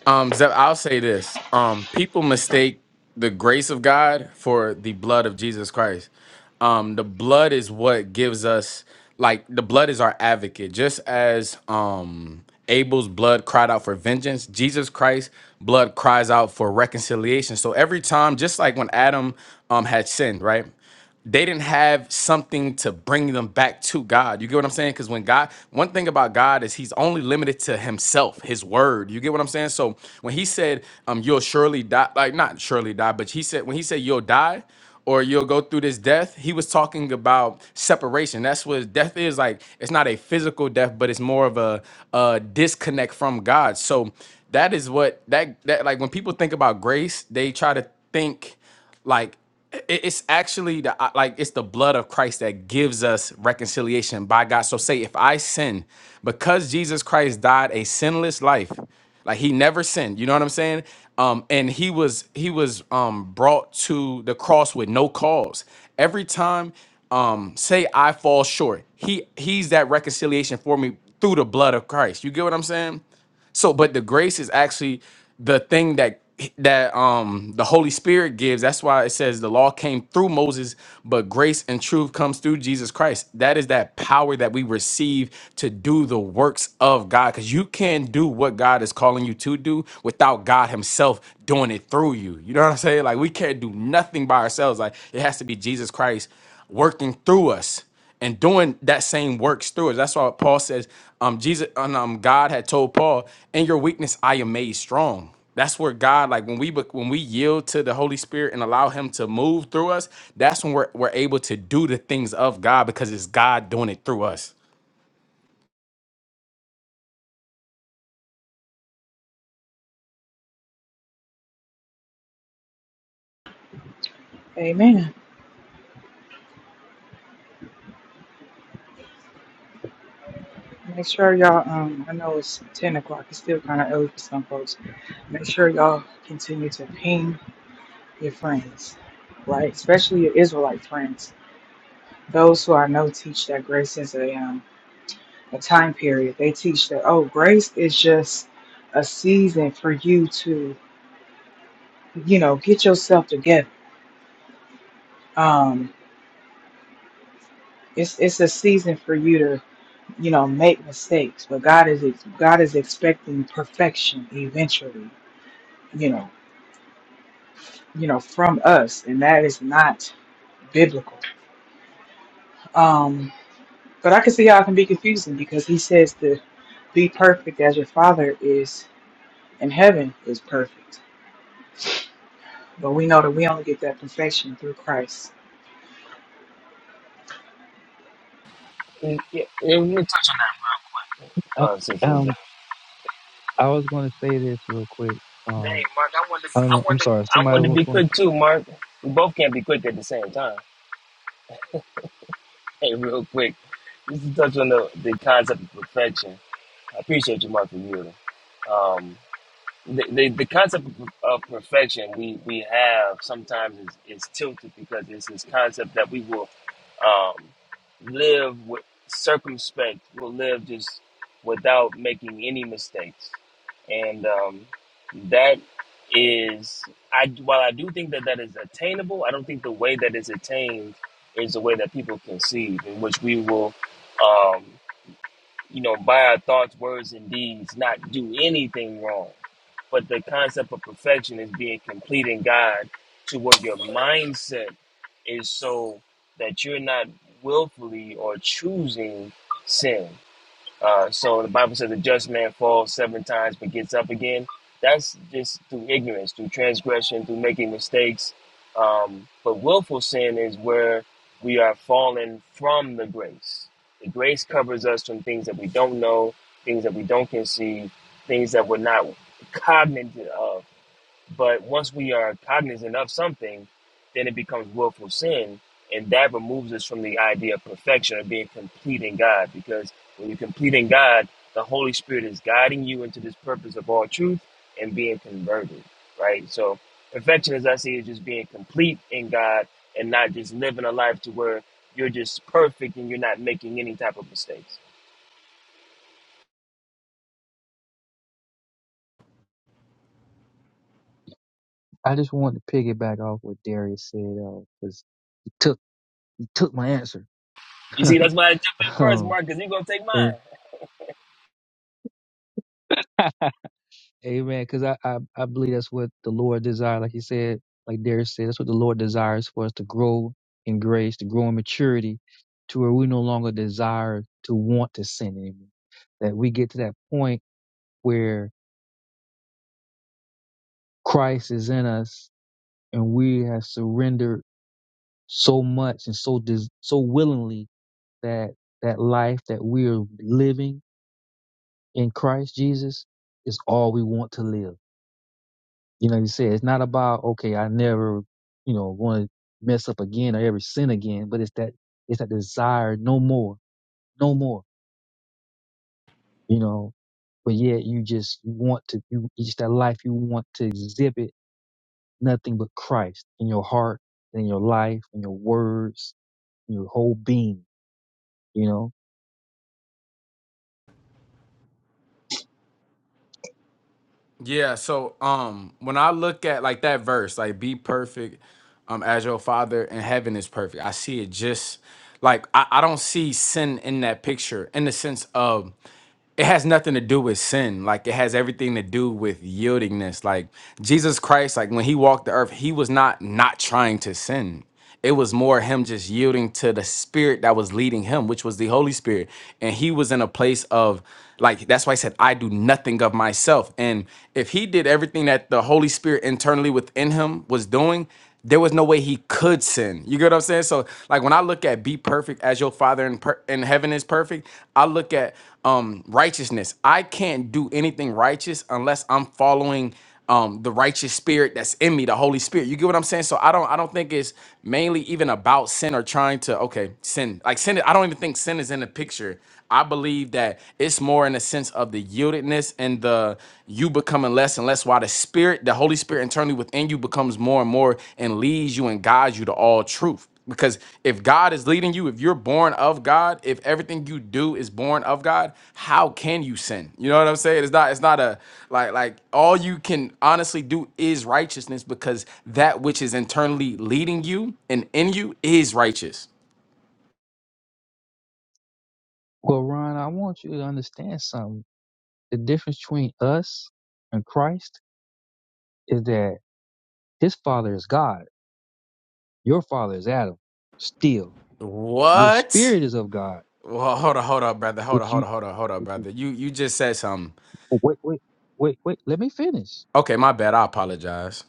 Um, Zep, I'll say this. Um, people mistake the grace of God for the blood of Jesus Christ. Um, the blood is what gives us like the blood is our advocate. Just as um Abel's blood cried out for vengeance, Jesus Christ's blood cries out for reconciliation. So every time, just like when Adam um had sinned, right? they didn't have something to bring them back to God. You get what I'm saying? Because when God, one thing about God is He's only limited to Himself, His Word. You get what I'm saying? So when He said, "Um, you'll surely die," like not surely die, but He said when He said you'll die or you'll go through this death, He was talking about separation. That's what death is like. It's not a physical death, but it's more of a, a disconnect from God. So that is what that that like when people think about grace, they try to think like i- it's actually the uh, like it's the blood of Christ that gives us reconciliation by God. So say if I sin, because Jesus Christ died a sinless life, like he never sinned, you know what I'm saying? Um, and he was he was um brought to the cross with no cause. Every time um say I fall short, he he's that reconciliation for me through the blood of Christ. You get what I'm saying? So, but the grace is actually the thing that that um the Holy Spirit gives. That's why it says the law came through Moses, but grace and truth comes through Jesus Christ. That is that power that we receive to do the works of God. Because you can't do what God is calling you to do without God Himself doing it through you. You know what I'm saying? Like we can't do nothing by ourselves. Like it has to be Jesus Christ working through us and doing that same works through us. That's why Paul says, um, Jesus and um, God had told Paul, "In your weakness, I am made strong." That's where God, like when we bec- when we yield to the Holy Spirit and allow Him to move through us, that's when we're we're able to do the things of God because it's God doing it through us. Amen. Make sure y'all um I know it's ten o'clock, it's still kinda early for some folks. Make sure y'all continue to ping your friends, right? Especially your Israelite friends. Those who I know teach that grace is a um a time period. They teach that oh grace is just a season for you to, you know, get yourself together. Um it's it's a season for you you know, make mistakes, but God is God is expecting perfection eventually, you know, you know, from us, and that is not biblical. Um, but I can see how it can be confusing because He says to be perfect as your Father is in heaven is perfect, but we know that we only get that perfection through Christ. Yeah, yeah, we'll touch on that real quick. I, Uh, sister Zeph. um, I was going to say this real quick. Dang, Um, Mark, I wanted, I don't I know. I'm wanted, sorry. I Somebody wanted to was be going. to quick too, Mark. We both can't be quick at the same time. Hey, real quick, just to touch on the, the concept of perfection. I appreciate you, Mark, for yielding. Um, the, the, the concept of of perfection we, we have sometimes is, is tilted because it's this concept that we will um, live with circumspect, will live just without making any mistakes. And um, that is, I while I do think that that is attainable, I don't think the way that is attained is the way that people conceive, in which we will. Um, you know, by our thoughts, words, and deeds, not do anything wrong. But the concept of perfection is being complete in God to where your mindset is so that you're not willfully or choosing sin. Uh, so the Bible says the just man falls seven times but gets up again. That's just through ignorance, through transgression, through making mistakes. Um, but willful sin is where we are falling from the grace. The grace covers us from things that we don't know, things that we don't conceive, things that we're not cognizant of. But once we are cognizant of something, then it becomes willful sin, and that removes us from the idea of perfection or being complete in God. Because when you're complete in God, the Holy Spirit is guiding you into this purpose of all truth and being converted, right? So perfection, as I see, is just being complete in God and not just living a life to where you're just perfect and you're not making any type of mistakes. I just wanted to piggyback off what Darius said because he took he took my answer. You see, that's why I jumped in first, um, Mark, because you're gonna take mine. and Amen. Because I, I, I believe that's what the Lord desires. Like you said, like Darius said, that's what the Lord desires for us to grow in grace, to grow in maturity, to where we no longer desire to want to sin anymore. That we get to that point where Christ is in us and we have surrendered so much and so des- so willingly that that life that we are living in Christ Jesus is all we want to live You know, you said it's not about okay, I never, you know, want to mess up again or ever sin again, but it's that it's that desire, no more, no more. You know, but yet you just you want to, you it's just that life you want to exhibit nothing but Christ in your heart, in your life, in your words, in your whole being. You know. Yeah, so um when I look at like that verse, like be perfect um as your father in heaven is perfect. I see it just like I, I don't see sin in that picture in the sense of it has nothing to do with sin. Like it has everything to do with yieldingness. Like Jesus Christ, like when he walked the earth, he was not not trying to sin. It was more him just yielding to the spirit that was leading him, which was the Holy Spirit. And he was in a place of like that's why I said I do nothing of myself. And if he did everything that the Holy Spirit internally within him was doing, there was no way he could sin. You get what I'm saying? So like when I look at be perfect as your father in per- in heaven is perfect, I look at um righteousness. I can't do anything righteous unless I'm following um the righteous spirit that's in me the holy spirit you get what i'm saying so i don't i don't think it's mainly even about sin or trying to okay sin like sin i don't even think sin is in the picture i believe that it's more in the sense of the yieldedness and the you becoming less and less while the spirit the holy spirit internally within you becomes more and more and leads you and guides you to all truth because if God is leading you, if you're born of God, if everything you do is born of God, how can you sin? You know what I'm saying? It's not it's not a like like all you can honestly do is righteousness because that which is internally leading you and in you is righteous. Well, Ron, I want you to understand something. The difference between us and Christ is that His Father is God, your Father is Adam, still. Your What? spirit is of God. Well, hold on, hold on, brother. Hold on, Which hold you on, hold on, hold on, brother. You you just said something. wait, wait, wait, wait. Let me finish. Okay, my bad. I apologize.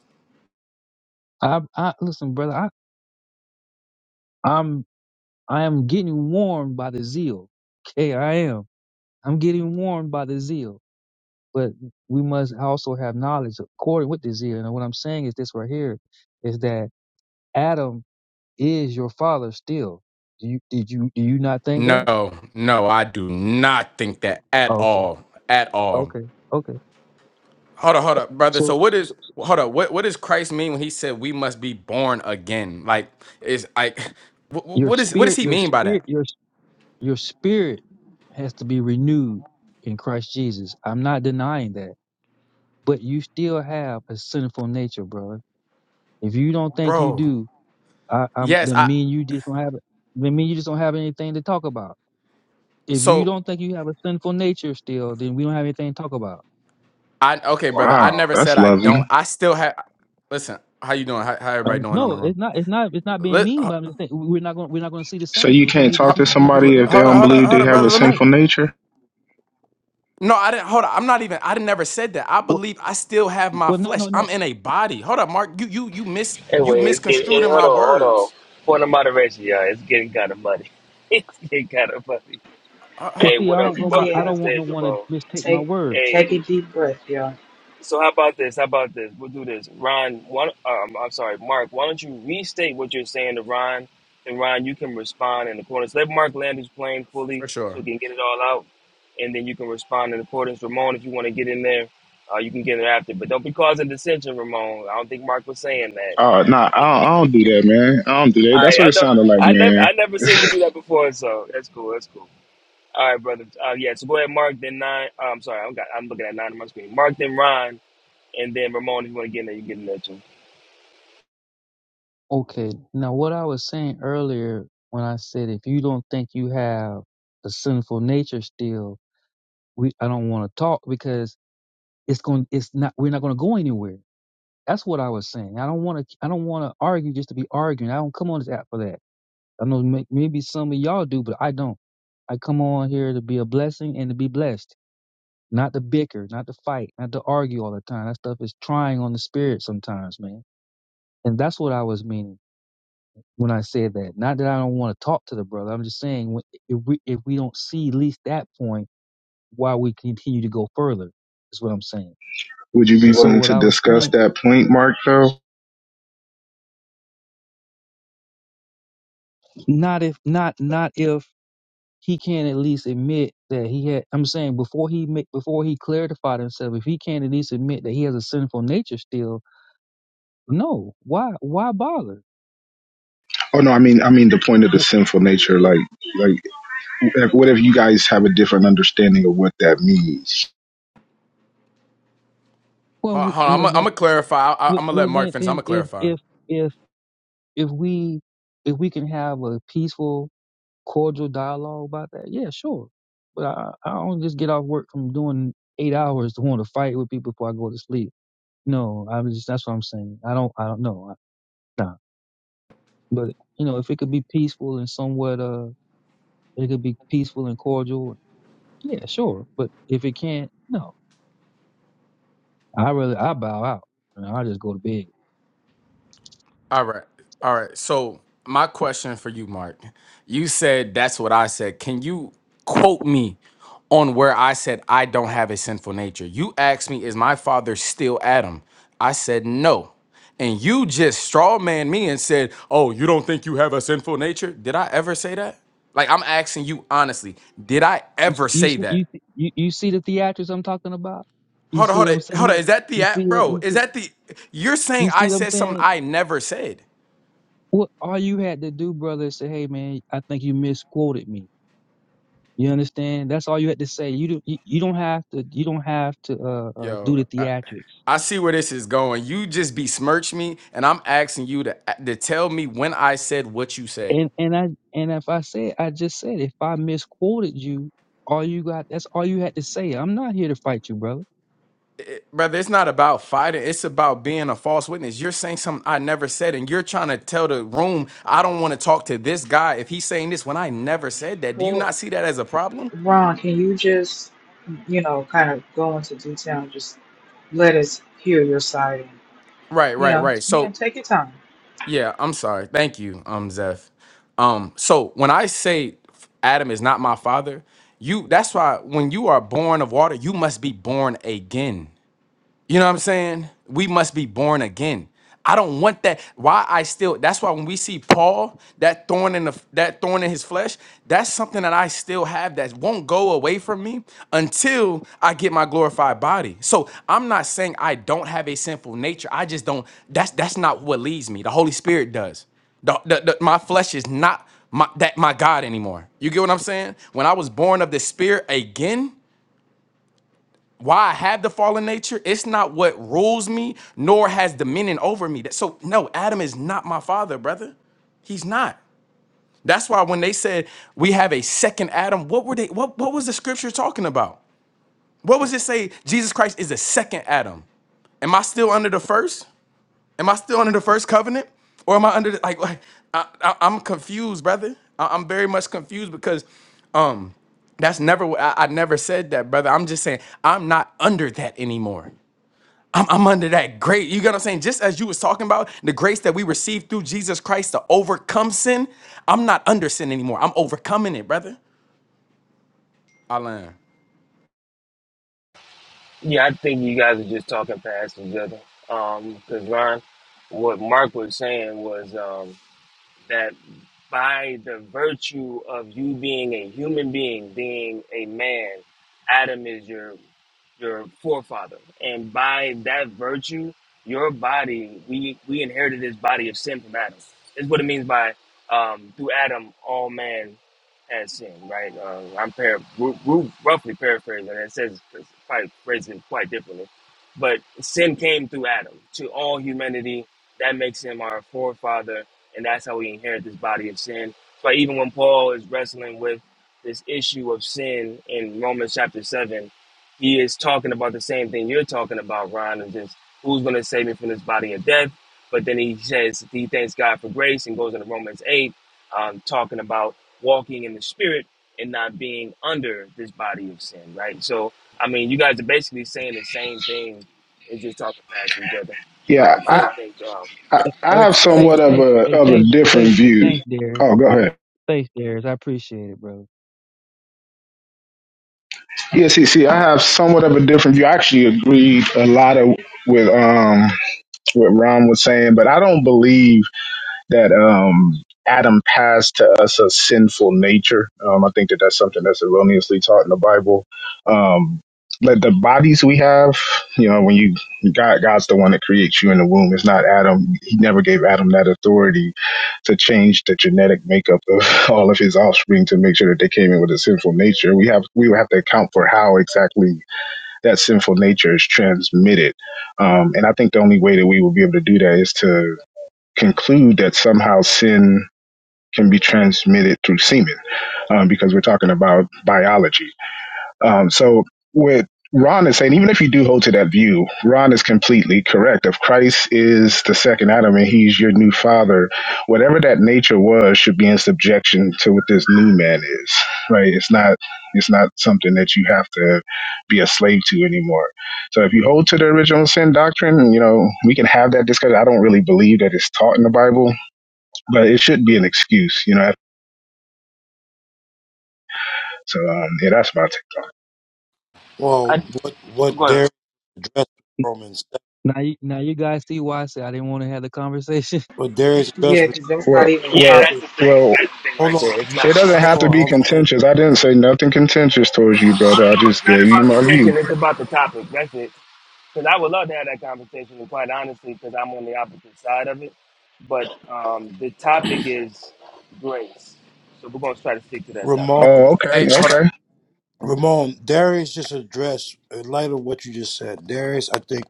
I, I listen, brother. I, I'm, I am getting warmed by the zeal. Okay, I am. I'm getting warmed by the zeal. But we must also have knowledge according with the zeal. And what I'm saying is this right here is that Adam is your father still. Do you did you do you not think that? No, no, I do not think that at Okay, all. At all. okay, okay. Hold up, hold up, brother. So, So what is so so, hold up? What what does Christ mean when he said we must be born again? Like is like wh- wh- your what is what does spirit, he your mean by spirit, that, your Your spirit has to be renewed in Christ Jesus. I'm not denying that. But you still have a sinful nature, brother. If you don't think you bro? do, I, I'm Yes, then I. me and you just don't have it. Then me and you just don't have anything to talk about. If you So don't think you have a sinful nature still, then we don't have anything to talk about. I okay, brother. I Wow, never that's said I don't. loving. I still have. Listen, how you doing? How, how everybody Um, doing on the no, room? it's not. It's not. It's not being Let mean, but ho- I'm just saying we're not going. We're not going to see the So same. you We don't can't need to talk ho- to keep beating each l- somebody other if up. they hold I up, don't don't hold come up, believe on hold they this up, have brother. a after Let me. fight. sinful nature? No, I didn't. Hold up. I'm not even. I didn't never said that. I Well, believe I still have my well, no, no, flesh. no. I'm in a body. Hold up, Mark. You you you miss you Anyway, it's getting, misconstrued eh, in hold my on, hold on. words. Point of moderation, y'all. It's getting kind of muddy. it's getting kind of muddy. Uh, Cause hold, Hey, see, what I up? don't go by. Welcome to I the yeah, don't want no stage, one to Jabone. mistake my take words. Hey, take a deep breath, y'all. so how about this? How about this? We'll do this. Ron, why, um, I'm sorry, Mark, why don't you restate what you're saying to Ron? And Ron, you can respond in the corners. Let Mark land his plane fully for so sure. he can get it all out. And then you can respond in accordance. Ramon, if you want to get in there, uh, you can get it after. But don't be causing dissension, Ramon. I don't think Mark was saying that. Oh, nah, I don't, I don't do that, man. I don't do All that. That's right, what I it know sounded like, I never man. I never seen you do that before, so that's cool. That's cool. All right, brother. Uh, yeah, so go ahead, Mark. Then nine. uh, I'm sorry, I'm got I'm looking at nine on my screen. Mark, then Ron, and then Ramon. If you want to get in there, you get in there too. Okay. Now, what I was saying earlier when I said if you don't think you have a sinful nature still, we I don't want to talk because it's going it's not we're not going to go anywhere. That's what I was saying. I don't want to I don't want to argue just to be arguing. I don't come on this app for that. I know may- maybe some of y'all do, but I don't. I come on here to be a blessing and to be blessed, not to bicker, not to fight, not to argue all the time. That stuff is trying on the spirit sometimes, man. And that's what I was meaning. when I said that. Not that I don't want to talk to the brother. I'm just saying if we if we don't see at least that point, why we continue to go further is what I'm saying. Would you be And so willing what to I was discuss saying, that point, Mark? Though? not if not not if he can't at least admit that he had. I'm saying before he ma- before he clarified himself, if he can't at least admit that he has a sinful nature still, no, why why bother? Oh no, I mean, I mean the point of the Wh- sinful nature. Like, like, if, what if you guys have a different understanding of what that means? Well, Hold, hold on, I'm well gonna I'm then, gonna clarify. I, I'm gonna let well Mark then, finish. I'm then gonna if clarify. if if if we if we can have a peaceful cordial dialogue about that? Yeah, sure. But I, I don't just get off work from doing eight hours to want to fight with people before I go to sleep. No, I'm just that's what I'm saying. I don't I don't know. I, nah. But you know, if it could be peaceful and somewhat uh it could be peaceful and cordial, yeah, sure. But if it can't, no. I really I bow out and I just go to bed. All right, all right. So my question for you, Mark, you said that's what I said. Can you quote me on where I said I don't have a sinful nature? You asked me, is my father still Adam? I said no. And you just straw man me and said, "Oh, you don't think you have a sinful nature?" Did I ever say that? Like I'm asking you honestly, did I You ever you say see- you that? you, you see the theatrics I'm talking about? You Hold on, see hold what on, I'm hold on. saying? Is that the You see app, what- bro? you Is see that the? You're saying you I see what I'm said something saying? I never said. What all you had to do, brother, is say, "Hey, man, I think you misquoted me." You understand? That's all you had to say. You do, you, you don't have to you don't have to uh, uh, do Yo, the I, theatrics. I see where this is going. You just besmirch me, and I'm asking you to to tell me when I said what you said, And and I and if I said I just said if I misquoted you, all you got that's all you had to say. I'm not here to fight you, brother. It- brother. It's not about fighting. It's about being a false witness. You're saying something I never said, and you're trying to tell the room I don't want to talk to this guy if he's saying this when I never said that. Do you Well, not see that as a problem? Ron, can you just you know kind of go into detail and just let us hear your side Right, You right, know, right. you know, So take your time. Yeah, I'm sorry. Thank you, um, Zeph. Um, so when I say Adam is not my father, you that's why when you are born of water, you must be born again. You know what I'm saying? We must be born again. I don't want that. Why I still that's why when we see Paul, that thorn in the that thorn in his flesh, that's something that I still have that won't go away from me until I get my glorified body. So I'm not saying I don't have a sinful nature. I just don't that's that's not what leads me. The Holy Spirit does. The, the, the- my flesh is not my, that my God anymore. You get what I'm saying? When I was born of the Spirit again, why I have the fallen nature, it's not what rules me, nor has dominion over me. That- So, no, Adam is not my father, brother. He's not. That's why when they said we have a second Adam, what were they? What, what was the scripture talking about? What was it say? Jesus Christ is a second Adam. Am I still under the first? Am I still under the first covenant, or am I under the, like, like I, I, I'm confused, brother. I, am very much confused because, um, that's never what- I, I never said that, brother. I'm just saying I'm not under that anymore. I'm, I'm under that great. You get what I'm saying? Just as you was talking about the grace that we received through Jesus Christ to overcome sin, I'm not under sin anymore. I'm overcoming it, brother. Alan, Yeah, I think you guys are just talking past each other. Um, because Ron, what Mark was saying was um that by the virtue of you being a human being, being a man, Adam is your your forefather. And by that virtue, your body, we, we inherited this body of sin from Adam. That's what it means by um, through Adam, all man has sinned, right? Uh, I'm par- ru- ru- roughly paraphrasing, and it says it's probably phrasing quite differently. But sin came through Adam to all humanity. That makes him our forefather, and that's how we inherit this body of sin. So even when Paul is wrestling with this issue of sin in Romans chapter 7, he is talking about the same thing you're talking about, Ron, and just who's going to save me from this body of death. But then he says he thanks God for grace and goes into Romans 8, um, talking about walking in the spirit and not being under this body of sin, right? So, I mean, you guys are basically saying the same thing and just talking past each other. Yeah, Um, I I, free. don't think. Um, I, I Hey, have thanks, Exactly. somewhat of thanks, a hey, of a thanks, different thanks, view. thanks, Darius. Oh, go ahead. Thanks, Darius. I appreciate it, brother. Yeah, see, see, I have somewhat of a different view. I actually agreed a lot of with um what Ron was saying, but I don't believe that um, Adam passed to us a sinful nature. Um, I think that that's something that's erroneously taught in the Bible. Um, but the bodies we have, you know, when you God, God's the one that creates you in the womb. It's not Adam. He never gave Adam that authority to change the genetic makeup of all of his offspring to make sure that they came in with a sinful nature. We have we would have to account for how exactly that sinful nature is transmitted. Um, and I think the only way that we will be able to do that is to conclude that somehow sin can be transmitted through semen, um, because we're talking about biology. Um, so with Ron is saying, even if you do hold to that view, Ron is completely correct. If Christ is the second Adam and he's your new father, whatever that nature was should be in subjection to what this new man is, right? It's not, it's not something that you have to be a slave to anymore. So if you hold to the original sin doctrine, you know, we can have that discussion. I don't really believe that it's taught in the Bible, but it should be an excuse, you know? So, um, yeah, that's my take. Well, I, what I'm what going. Darius addressed in Romans? Now you now you guys see why I said I didn't want to have the conversation. What Darius Yeah, addressed? Was, because that's Well, not even a Yeah, well, that's topic. the thing. well, That's the thing hold right on, there. It's not It doesn't have about. to hold be on, hold on. contentious. I didn't say nothing contentious towards you, I brother. don't I know. just It's not gave you my about view. contention. It's about the topic. That's it. because I would love to have that conversation, and quite honestly, because I'm on the opposite side of it. But um, the topic is grace, so we're gonna try to stick to that topic. Ramon, Oh, Hey, okay, hold on. okay. Ramon, Darius just addressed in light of what you just said. Darius, I think,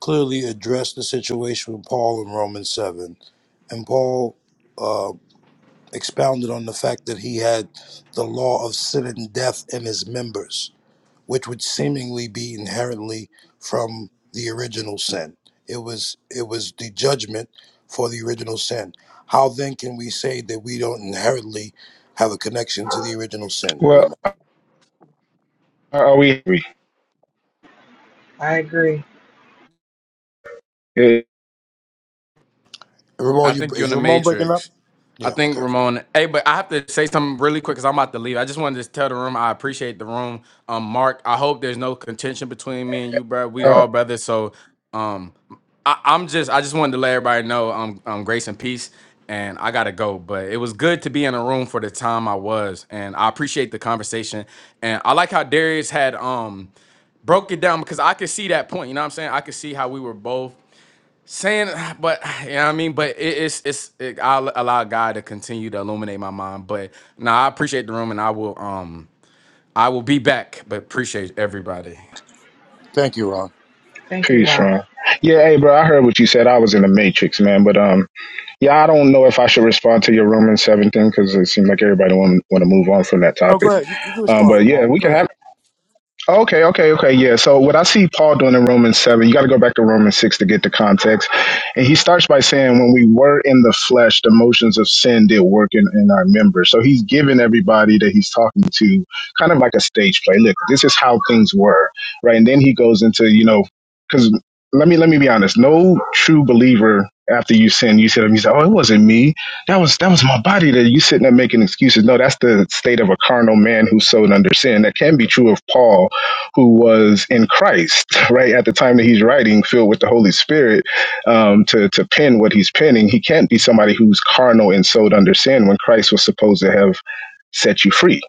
clearly addressed the situation with Paul in Romans seven, and Paul uh, expounded on the fact that he had the law of sin and death in his members which would seemingly be inherently from the original sin. It was it was the judgment for the original sin. How then can we say that we don't inherently have a connection to the original sin, Well, Ramon? uh, are we? I agree. Yeah, Ramon, I you, think you're in is the Ramon breaking up? Matrix. I Yeah. think Okay. Ramon. Hey, but I have to say something really quick because I'm about to leave. I just wanted to tell the room I appreciate the room. Um, Mark, I hope there's no contention between me and you, bro. We uh, all brothers. So, um, I, I'm just I just wanted to let everybody know um, um grace and peace, and I gotta go. But it was good to be in a room for the time I was, and I appreciate the conversation. And I like how Darius had um broke it down because I could see that point. You know what I'm saying? I could see how we were both saying but you know what i mean but it, it's it's it, i'll allow god to continue to illuminate my mind but no i appreciate the room and i will um i will be back but appreciate everybody Thank you, Ron. Thank you, peace, Ron. Ron. Yeah, hey, bro. I heard what you said. I was in the matrix, man. But um, yeah, I don't know if I should respond to your Roman seven thing because it seemed like everybody want want to move on from that No, go topic. ahead. You, you can Um, respond, but yeah, Ramon. we Go can have. ahead. Okay, okay, okay. Yeah. So what I see Paul doing in Romans 7, you got to go back to Romans 6 to get the context. And he starts by saying, when we were in the flesh, the motions of sin did work in, in our members. So he's giving everybody that he's talking to kind of like a stage play. Look, this is how things were. Right. And then he goes into, you know, because let me let me be honest. No true believer after you sin, you sit up and you say, Oh, it wasn't me. That was that was my body that you sitting there making excuses. No, that's the state of a carnal man who's sown under sin. That can be true of Paul who was in Christ, right, at the time that he's writing, filled with the Holy Spirit, um, to, to pen what he's penning, he can't be somebody who's carnal and so to understand when Christ was supposed to have set you free,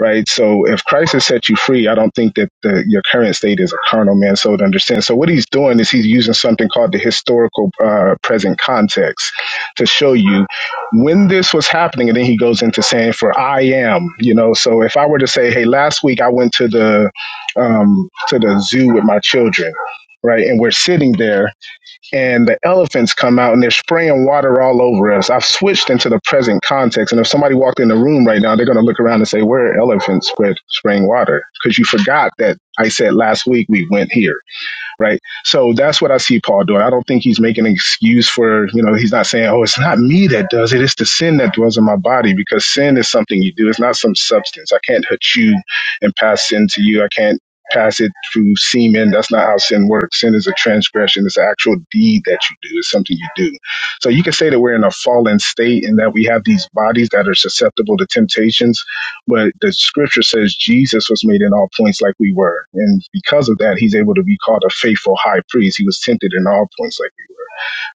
right? So if Christ has set you free, I don't think that the, your current state is a carnal man soul to understand. So what he's doing is he's using something called the historical uh, present context to show you when this was happening. And then he goes into saying, for I am, you know, so if I were to say, hey, last week I went to the, um, to the zoo with my children, right? And we're sitting there and the elephants come out and they're spraying water all over us. I've switched into the present context, and if somebody walked in the room right now, they're going to look around and say, "Where are elephants spread, spraying water?" Because you forgot that I said last week we went here right? So that's what I see Paul doing. I don't think he's making an excuse for, you know, he's not saying, oh, it's not me that does it. It's the sin that dwells in my body because sin is something you do. It's not some substance. I can't hurt you and pass sin to you. I can't pass it through semen. That's not how sin works. Sin is a transgression. It's an actual deed that you do. It's something you do. So you can say that we're in a fallen state and that we have these bodies that are susceptible to temptations but the scripture says Jesus was made in all points like we were. And because of that, he's able to be called a faithful high priest. He was tempted in all points like we were.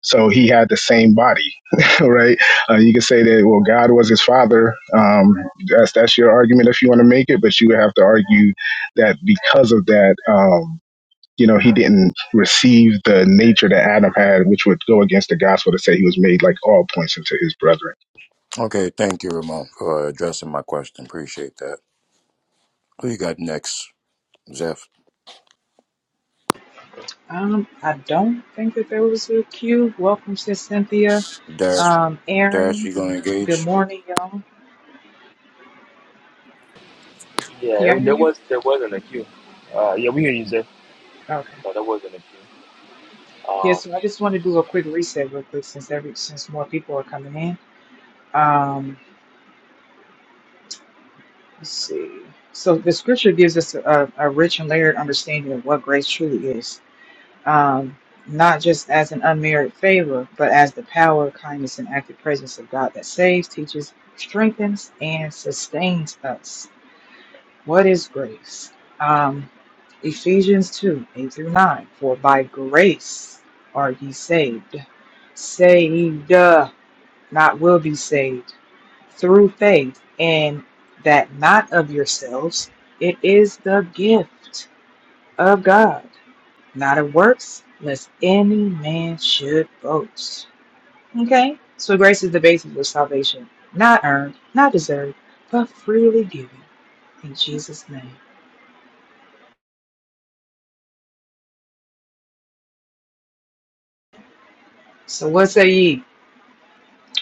So he had the same body, right? Uh, you could say that, well, God was his father. Um, that's, that's your argument if you want to make it, but you would have to argue that because of that, um, you know, he didn't receive the nature that Adam had, which would go against the gospel to say he was made like all points into his brethren. Okay. Thank you, Ramon, for addressing my question. Appreciate that. Who you got next, Zeph? Um, I don't think that there was a cue. Welcome sis Cynthia. Darius. Um, Darius, Aaron, you gonna good engage? morning, y'all. Can Yeah, y'all it, hear there me? was there wasn't a queue. Uh, yeah, we hear you, Zay. Okay. No, there wasn't a queue. Yeah, so I just want to do a quick reset real quick since every since more people are coming in. Um, let's see. So the scripture gives us a, a rich and layered understanding of what grace truly is. um, not just as an unmerited favor, but as the power, kindness, and active presence of God that saves, teaches, strengthens, and sustains us. What is grace? Um, Ephesians 2 8 through 9. For by grace are ye saved. Saved, uh, not will be saved, through faith, and that not of yourselves. It is the gift of God not of works, lest any man should boast. Okay? So grace is the basis of salvation, not earned, not deserved, but freely given in Jesus' name. So what say ye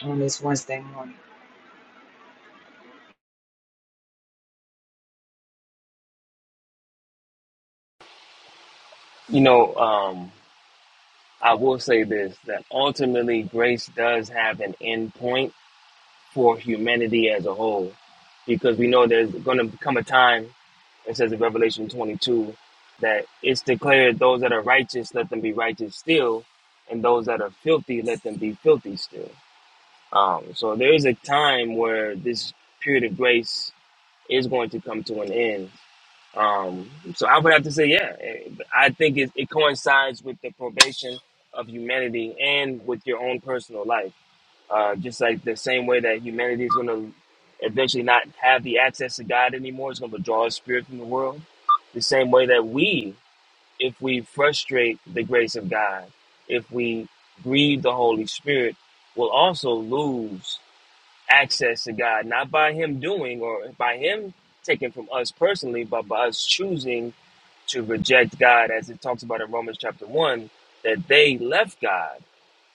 on this Wednesday morning? You know, um, I will say this: that ultimately, grace does have an endpoint. for humanity as a whole, because we know there's going to come a time, it says in Revelation 22, that it's declared those that are righteous, let them be righteous still, and those that are filthy, let them be filthy still. Um, so there is a time where this period of grace is going to come to an end. Um, so I would have to say, yeah, eh, I think it, it coincides with the probation of humanity and with your own personal life uh, just like the same way that humanity is going to eventually not have the access to God anymore, it's going to draw a spirit from the world. The same way that we, if we frustrate the grace of God, if we grieve the Holy Spirit, will also lose access to God, not by Him doing or by Him taken from us personally, but by us choosing to reject God, as it talks about in Romans chapter 1, that they left God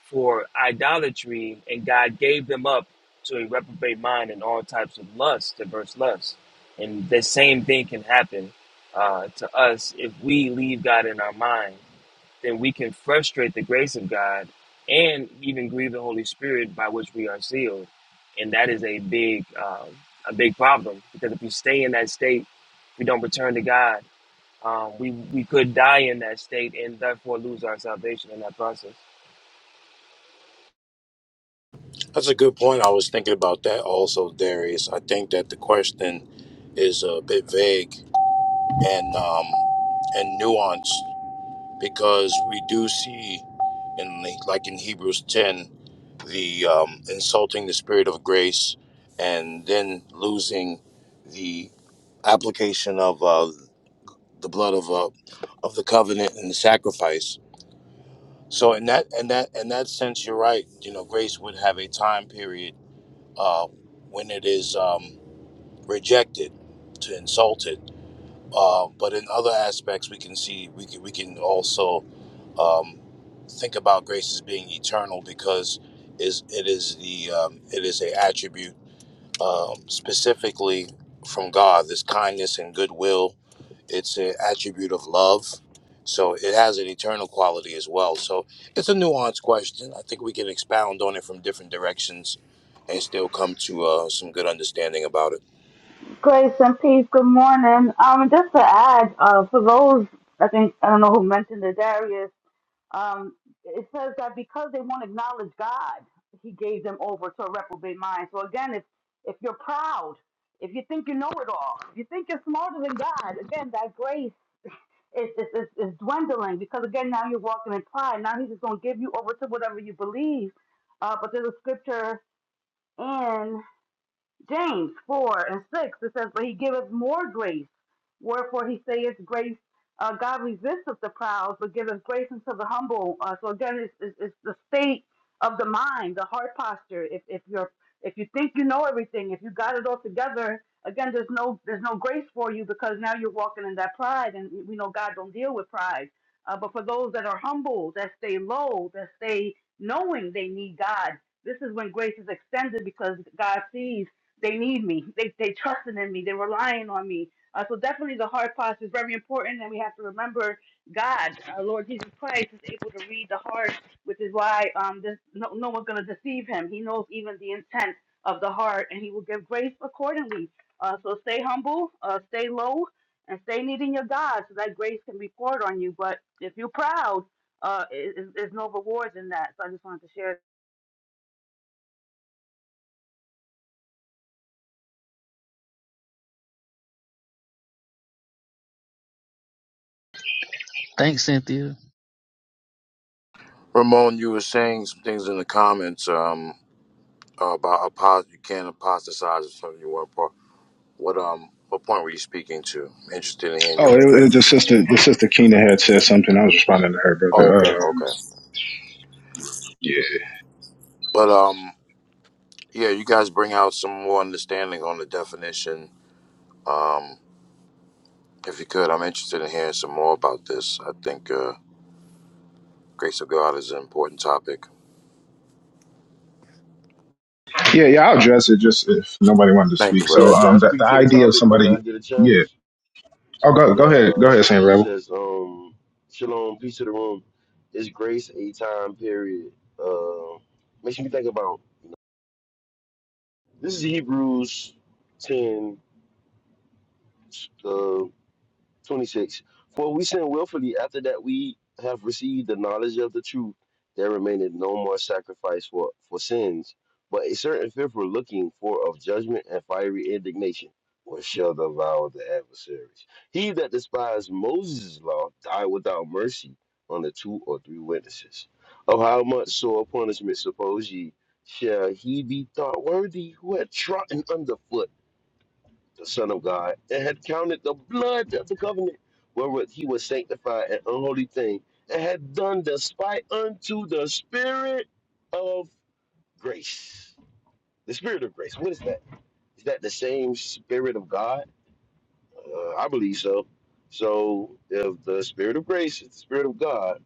for idolatry, and God gave them up to a reprobate mind and all types of lust, diverse lusts. And the same thing can happen uh, to us if we leave God in our mind, then we can frustrate the grace of God and even grieve the Holy Spirit by which we are sealed. And that is a big, um, a big problem because if we stay in that state, we don't return to God. Um, we we could die in that state and therefore lose our salvation in that process. That's a good point. I was thinking about that also, Darius. I think that the question is a bit vague and um, and nuanced because we do see in the- like in Hebrews ten the um, insulting the spirit of grace and then losing the application of uh, the blood of uh, of the covenant and the sacrifice. So in that in that in that sense, you're right. You know, grace would have a time period uh, when it is um, rejected, to insult it. Uh, but in other aspects, we can see we can, we can also um, think about grace as being eternal because is it is the um, it is a attribute um, specifically from God. This kindness and goodwill it's an attribute of love. So it has an eternal quality as well. So it's a nuanced question. I think we can expound on it from different directions and still come to uh, some good understanding about it. Grace and peace. Good morning. Um, just to add, uh, for those I think I don't know who mentioned it, Darius. Um, it says that because they won't acknowledge God, He gave them over to a reprobate mind. So again, if if you're proud, if you think you know it all, if you think you're smarter than God, again, that grace is is, is, is dwindling because again now you're walking in pride. Now He's just going to give you over to whatever you believe. Uh, but there's a scripture in. James 4 and 6, it says, But he giveth more grace. Wherefore he saith, Grace, uh, God resisteth the proud, but giveth grace unto the humble. Uh, so again, it's, it's, it's the state of the mind, the heart posture. If, if you're if you think you know everything, if you got it all together, again, there's no there's no grace for you because now you're walking in that pride, and we know God don't deal with pride. Uh, but for those that are humble, that stay low, that stay knowing they need God, this is when grace is extended because God sees. They need me. They they trusting in me. They're relying on me. Uh, so definitely the heart parts is very important, and we have to remember God, our Lord Jesus Christ, is able to read the heart, which is why um this, no no one's gonna deceive him. He knows even the intent of the heart, and he will give grace accordingly. Uh, so stay humble, uh, stay low, and stay needing your God, so that grace can be poured on you. But if you're proud, uh, is, is no rewards in that. So I just wanted to share Thanks, Cynthia. Ramon, you were saying some things in the comments um, about apost- you can't apostatize if something you weren't part. What um what point were you speaking to? I'm Interested in hearing your Oh, it, was- it was perspective. the sister, the sister Keena had said something. I was responding to her, Oh, brother. okay, Um, okay. yeah, But um yeah, you guys bring out some more understanding on the definition. Um If you could, I'm interested in hearing some more about this. I think uh, grace of God is an important topic. yeah, yeah. I'll address it just if nobody wanted to Thank you, speak. brother. Yeah, So, can I um, the, the speak to the idea of topic when y'all somebody, get a yeah. chance? Oh, go go Yeah, ahead, go ahead, uh, Saint it Rebel. says, um, Shalom, peace to the room. Is grace a time period? Uh, makes me think about this is Hebrews 10, uh, 26. For we sin willfully after that we have received the knowledge of the truth, there remaineth no more sacrifice for, for sins, but a certain fearful looking for of judgment and fiery indignation, which shall devour the adversaries. He that despised Moses' law died without mercy on the two or three witnesses. Of how much sore punishment suppose ye shall he be thought worthy who had trodden underfoot? the Son of God, and had counted the blood of the covenant wherewith he was sanctified an unholy thing, and had done despite unto the Spirit of grace. The Spirit of grace, what is that? Is that the same Spirit of God? Uh, I believe so. So, if the Spirit of grace is the Spirit of God,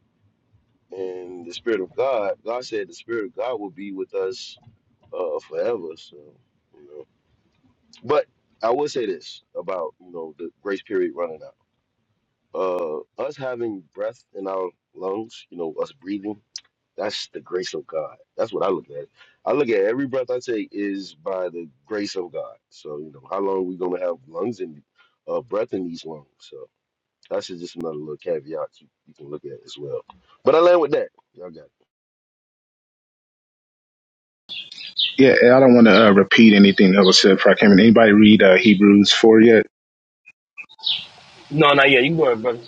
and the Spirit of God, God said the Spirit of God will be with us uh, forever. So, you know. But I will say this about you know the grace period running out uh, us having breath in our lungs, you know, us breathing, that's the grace of God. That's what I look at. I look at every breath I take is by the grace of God. So, you know, how long we going to have lungs and uh, breath in these lungs? So that's just another little caveat you, you can look at as well. But I land with that. Y'all got it. Yeah, I don't want to uh, repeat anything that was said before I came in. Anybody read uh, Hebrews four yet? No, not yet. You can go ahead, brother.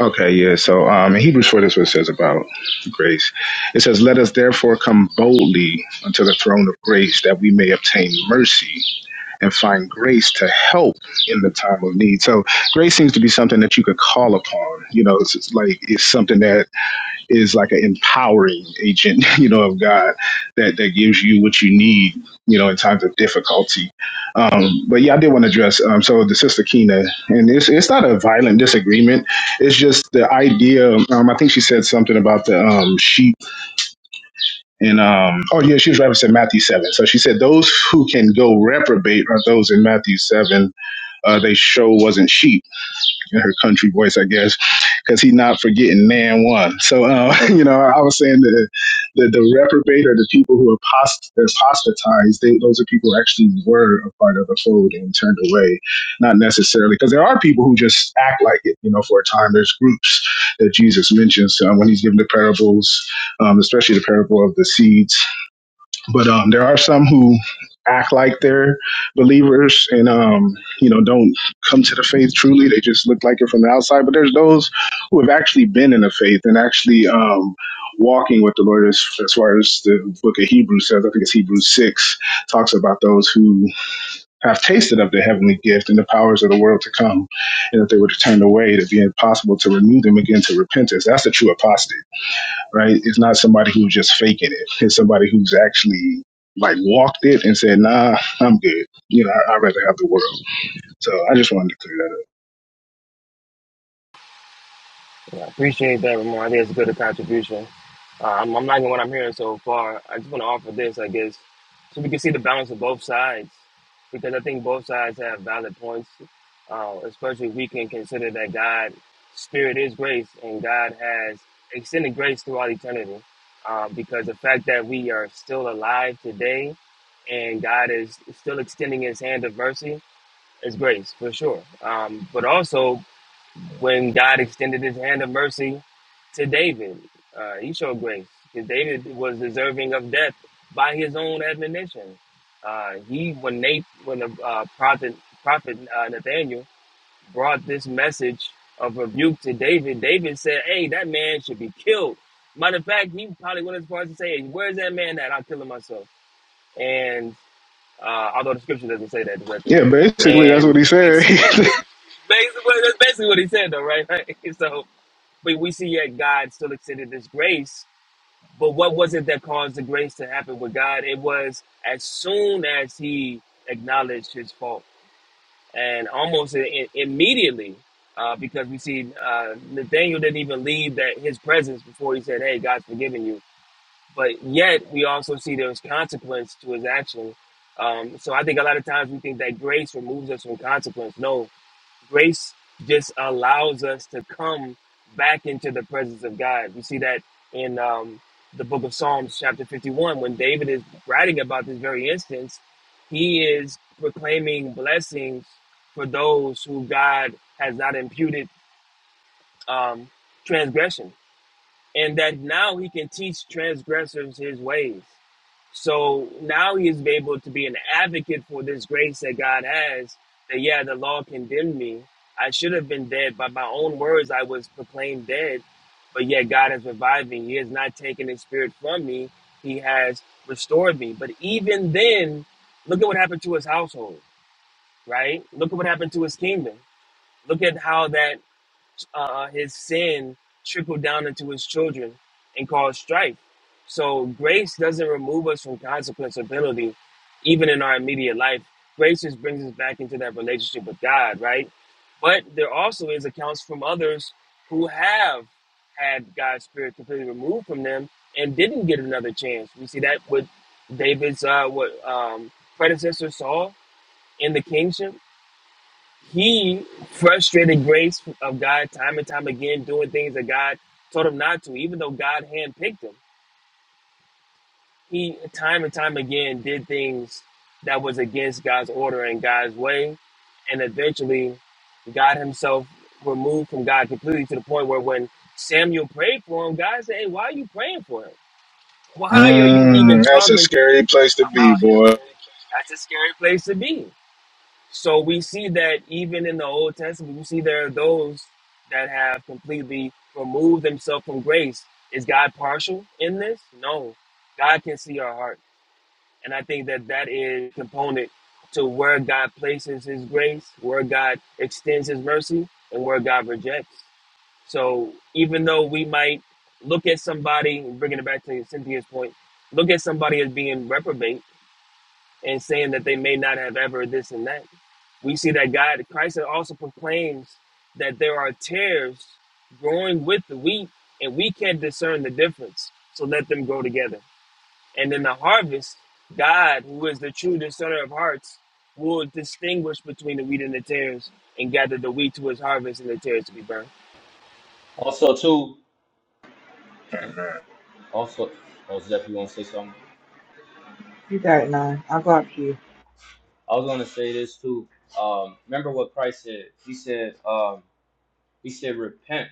Okay, yeah. So, um, in Hebrews four, this is what it says about grace. It says, "Let us therefore come boldly unto the throne of grace, that we may obtain mercy." and find grace to help in the time of need. So grace seems to be something that you could call upon. You know, it's, it's like it's something that is like an empowering agent, you know, of God that that gives you what you need, you know, in times of difficulty. Um, but yeah, I did want to address um, so the sister Kina, and it's it's not a violent disagreement. It's just the idea. Um, I think she said something about the um, sheep and um, oh yeah, she was referencing Matthew seven. So she said those who can go reprobate are those in Matthew seven uh, they show wasn't sheep in her country voice, I guess, because he not forgetting man one. So, uh, you know, I was saying that the, the reprobate or the people who apost- apostatized, they, those are people who actually were a part of the fold and turned away, not necessarily, because there are people who just act like it, you know, for a time. There's groups that Jesus mentions um, when he's giving the parables, um, especially the parable of the seeds but um, there are some who act like they're believers and um, you know don't come to the faith truly. They just look like it from the outside. But there's those who have actually been in the faith and actually um, walking with the Lord, as, as far as the Book of Hebrews says. I think it's Hebrews six talks about those who have tasted of the heavenly gift and the powers of the world to come, and if they were to turn away, it'd be impossible to renew them again to repentance. That's the true apostate right? It's not somebody who's just faking it. It's somebody who's actually like walked it and said, "Nah, I'm good. You know, I, I'd rather have the world." So I just wanted to clear that up. I appreciate that, Ramon. I think it's a good contribution. Uh, I'm, I'm liking what I'm hearing so far. I just want to offer this, I guess, so we can see the balance of both sides, because I think both sides have valid points, uh, especially if we can consider that God, Spirit is grace, and God has extended grace throughout eternity. Uh, because the fact that we are still alive today and God is still extending his hand of mercy is grace, for sure. Um, but also, when God extended his hand of mercy to David. Uh, he showed grace because David was deserving of death by his own admonition. Uh, he, when Nate, when the uh, prophet, prophet uh, Nathaniel brought this message of rebuke to David, David said, "Hey, that man should be killed." Matter of fact, he probably went as far as to say, hey, "Where's that man at? I'll kill him myself." And uh, although the scripture doesn't say that directly, Yeah, basically that's and what he we said. see basically that's basically what he said, though, right? so but we see yet God still extended this grace. But what was it that caused the grace to happen with God? It was as soon as he acknowledged his fault and almost i- i- immediately, uh, because we see uh, Nathaniel didn't even leave that his presence before he said, Hey, God's forgiven you. But yet we also see there's consequence to his action. Um, so I think a lot of times we think that grace removes us from consequence. No, Grace just allows us to come back into the presence of God. We see that in um, the book of Psalms, chapter 51, when David is writing about this very instance, he is proclaiming blessings for those who God has not imputed um, transgression, and that now he can teach transgressors his ways. So now he is able to be an advocate for this grace that God has. That yeah, the law condemned me. I should have been dead. By my own words, I was proclaimed dead. But yet God has revived me. He has not taken his spirit from me. He has restored me. But even then, look at what happened to his household, right? Look at what happened to his kingdom. Look at how that uh, his sin trickled down into his children and caused strife. So grace doesn't remove us from consequenceability, even in our immediate life. Grace just brings us back into that relationship with God, right? But there also is accounts from others who have had God's spirit completely removed from them and didn't get another chance. We see that with David's uh, what um, predecessor Saul in the kingship he frustrated grace of God time and time again, doing things that God told him not to, even though God handpicked him. He time and time again did things that was against God's order and God's way, and eventually, God Himself removed from God completely to the point where when Samuel prayed for him, God said, "Hey, why are you praying for him? Why are you even mm, that's a talking to me scary place to be, about boy. him?" That's a scary place to be. So we see that even in the Old Testament, you see there are those that have completely removed themselves from grace. Is God partial in this? No. God can see our heart. And I think that that is a component to where God places his grace, where God extends his mercy, and where God rejects. So even though we might look at somebody, bringing it back to Cynthia's point, look at somebody as being reprobate, and saying that they may not have ever this and that. We see that God, Christ also proclaims that there are tares growing with the wheat, and we can't discern the difference. So let them grow together. And in the harvest, God, who is the true discerner of hearts, will distinguish between the wheat and the tares and gather the wheat to his harvest and the tares to be burned. Also, too, and also, oh, Zeph, you want to say something? You got it, nine. I got you. I was going to say this, too. Um, remember what Christ said? He said, um, he said, repent,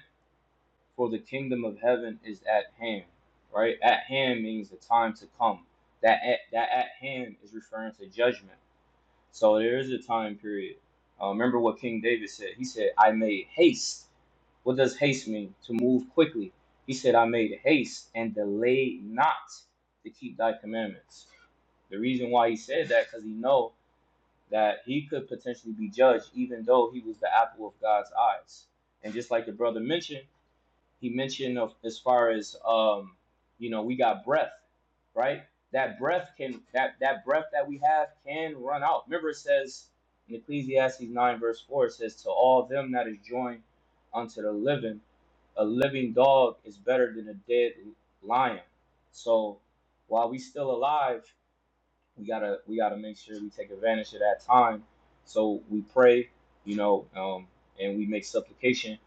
for the kingdom of heaven is at hand, right? At hand means the time to come. That at, that at hand is referring to judgment. So there is a time period. Uh, remember what King David said? He said, I made haste What does haste mean? To move quickly. He said, I made haste and delayed not to keep thy commandments. The reason why he said that, because he know that he could potentially be judged, even though he was the apple of God's eyes. And just like the brother mentioned, he mentioned of, as far as um, you know, we got breath, right? That breath can that that breath that we have can run out. Remember, it says in Ecclesiastes nine verse four, it says, "To all them that is joined unto the living." a living dog is better than a dead lion. So while we still alive, we gotta we gotta make sure we take advantage of that time. So we pray, you know, um, and we make supplication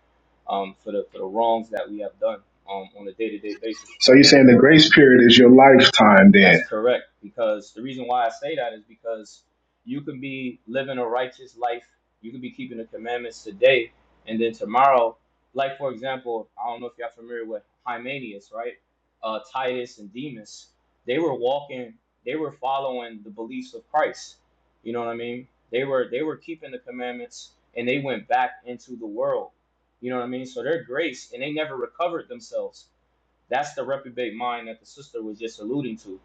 um, for the for the wrongs that we have done um, on a day to day basis. So you're saying the grace period is your lifetime? That's Then correct. Because the reason why I say that is because you can be living a righteous life, you can be keeping the commandments today, and then tomorrow, like for example, I don't know if y'all familiar with Hymenius, right? Uh, Titus and Demas, they were walking, they were following the beliefs of Christ. You know what I mean? They were they were keeping the commandments, and they went back into the world. You know what I mean? So their grace, and they never recovered themselves. That's the reprobate mind that the sister was just alluding to.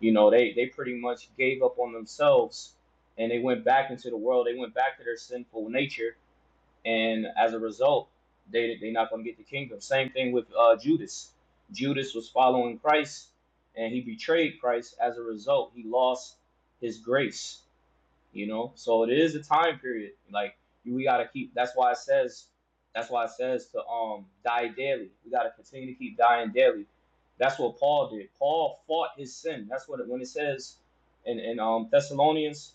You know, they they pretty much gave up on themselves and they went back into the world. They went back to their sinful nature, and as a result, they they are not gonna get the kingdom. Same thing with uh, Judas. Judas was following Christ, and he betrayed Christ. As a result, he lost his grace you know. So it is a time period. Like we gotta keep. That's why it says. That's why it says to um die daily. We gotta continue to keep dying daily. That's what Paul did. Paul fought his sin. That's what it, when it says in in um Thessalonians.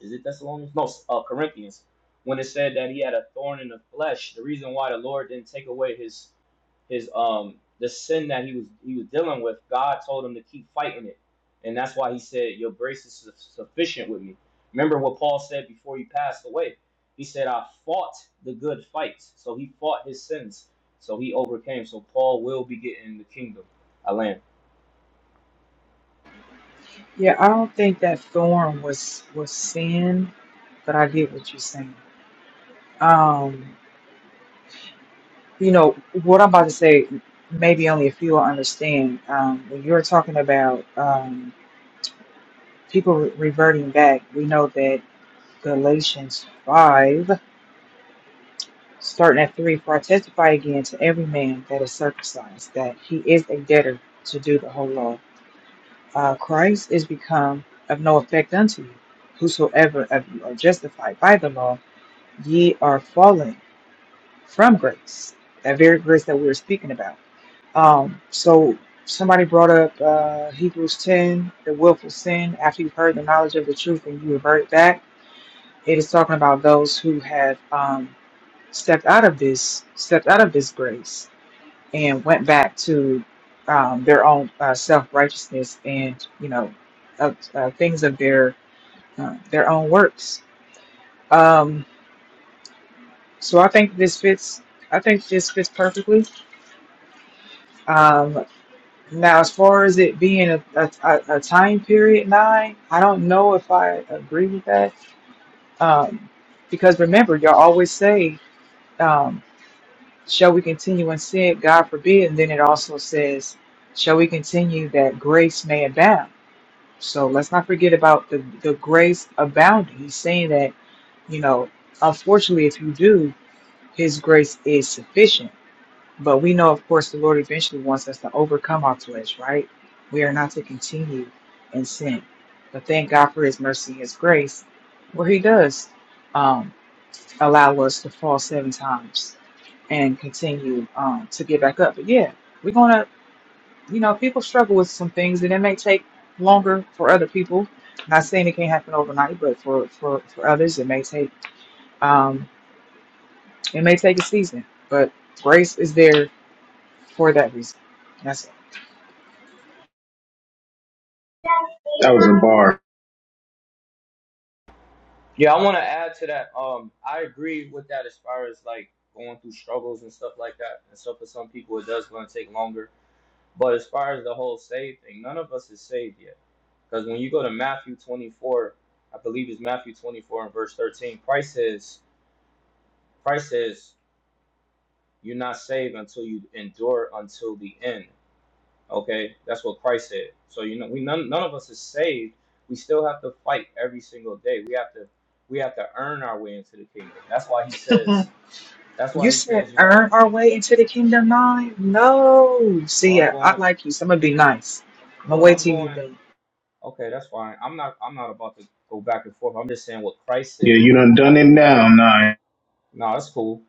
Is it Thessalonians? No, uh, Corinthians. When it said that he had a thorn in the flesh, the reason why the Lord didn't take away his his um the sin that he was he was dealing with, God told him to keep fighting it, and that's why he said, "Your grace is su- sufficient with me." Remember what Paul said before he passed away. He said, "I fought the good fight," so he fought his sins, so he overcame. So Paul will be getting the kingdom. I land. Yeah, I don't think that thorn was was sin, but I get what you're saying. Um, you know what I'm about to say. Maybe only a few will understand. Um, when you're talking about um, people re- reverting back, we know that Galatians 5, starting at 3, for I testify again to every man that is circumcised, that he is a debtor to do the whole law. Uh, Christ is become of no effect unto you. Whosoever of you are justified by the law, ye are fallen from grace, that very grace that we were speaking about. Um, so somebody brought up uh, Hebrews 10, the willful sin, after you've heard the knowledge of the truth and you revert back It is talking about those who have um, stepped out of this, stepped out of this grace, and went back to um, their own uh, self righteousness and you know uh, uh, things of their uh, their own works. Um, so I think this fits. I think this fits perfectly. Um, now, as far as it being a, a, a a time period nine, I don't know if I agree with that. Um, because remember, y'all always say. um, shall we continue in sin? God forbid. And then it also says, shall we continue that grace may abound? So let's not forget about the, the grace abounding. He's saying that, you know, unfortunately, if you do, his grace is sufficient. But we know, of course, the Lord eventually wants us to overcome our flesh, right? We are not to continue in sin. But thank God for his mercy and his grace, where he does um, allow us to fall seven times and continue um, to get back up. But yeah, we're gonna, you know, people struggle with some things, and it may take longer for other people. Not saying it can't happen overnight, but for for for others, it may take um, it may take a season. But grace is there for that reason. That's that was a bar. Yeah, I want to add to that. Um, I agree with that as far as like going through struggles and stuff like that. And so for some people, it does going to take longer. But as far as the whole saved thing, none of us is saved yet Because when you go to Matthew 24, I believe it's Matthew 24 and verse 13, Christ says, Christ says, you're not saved until you endure until the end. Okay, that's what Christ said. So you know, we none, none of us is saved. We still have to fight every single day. We have to we have to earn our way into the kingdom. That's why he it. says. Mhm. That's You why he said says you gotta. earn our way into the kingdom nine? No. Well, See, I'm I, I going. like you, so I'm gonna be nice. I'm gonna Well, wait I'm till you going. do. Okay, that's fine. I'm not. I'm not about to go back and forth. I'm just saying what Christ Yeah, said. you done Now, done it now, nine. no, that's cool.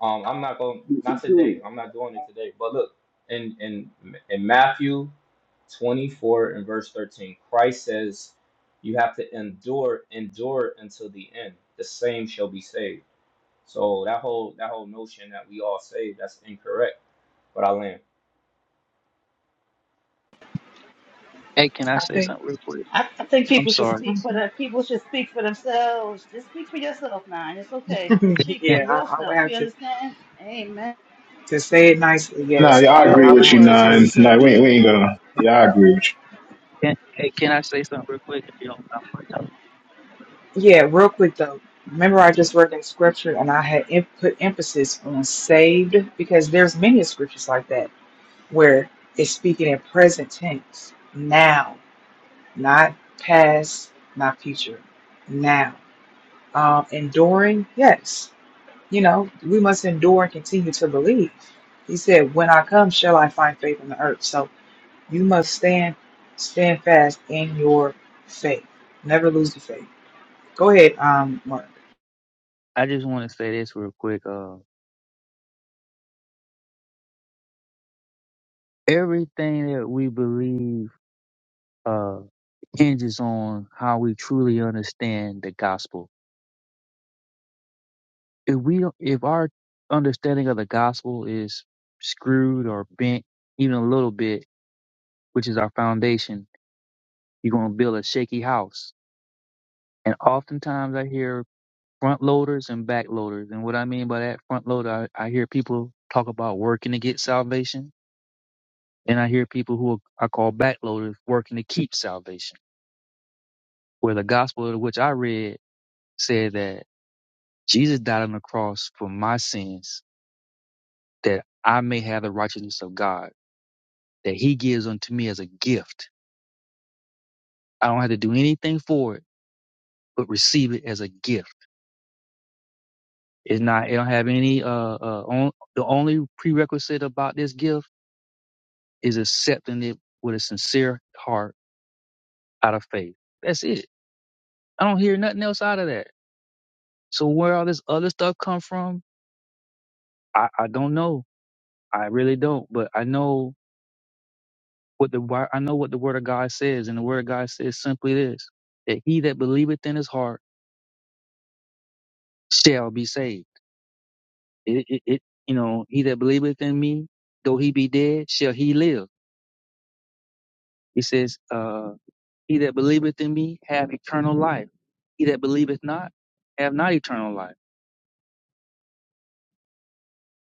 Um, I'm not going not today. Tag I'm not doing it today. But look, in in in Matthew 24 and verse 13, Christ says, "You have to endure, endure until the end. The same shall be saved." So that whole that whole notion that we all saved that's incorrect. But I land. Hey, can I I say think, something real quick? I, I think I'm people should sorry. speak for them. People should speak for themselves. Just speak for yourself now, and it's okay. Just speak for yeah, I, I would yourself. have You to understand? Amen. to say it nicely. Nah, Yes, yeah, I I know I, agree I would that's with have you, to right, agree. Sister nine. Nah, we Cynthia. ain't, we ain't gonna. Yeah, I agree with you. Can, hey, can I say something real quick? If you don't mind my time? Yeah, real quick though. Remember, I just read in scripture and I had em- put emphasis on saved because there's many scriptures like that where it's speaking in present tense, now, not past, not future, now. Um, enduring, yes. You know, we must endure and continue to believe. He said, "When I come, shall I find faith on the earth?" So you must stand, stand fast in your faith. Never lose the faith. Go ahead, um, Mark. I just want to say this real quick. Uh, everything that we believe uh, hinges on how we truly understand the gospel. If we, don't- if our understanding of the gospel is screwed or bent even a little bit, which is our foundation, you're going to build a shaky house. And oftentimes, I hear front loaders and back loaders. And what I mean by that front loader, I, I hear people talk about working to get salvation And I hear people who are, I call backloaders working to keep salvation. Where the gospel of which I read said that Jesus died on the cross for my sins, that I may have the righteousness of God, that he gives unto me as a gift. I don't have to do anything for it, but receive it as a gift. It's not, it don't have any, uh, uh, on, the only prerequisite about this gift is accepting it with a sincere heart out of faith. That's it. I don't hear nothing else out of that. So where all this other stuff come from? I, I don't know. I really don't. But I know what the Bi- I know what the word of God says, and the word of God says simply this: that he that believeth in his heart shall be saved. It, it, it you know, he that believeth in me, though he be dead, shall he live. He says, uh, he that believeth in me have eternal life. He that believeth not have not eternal life.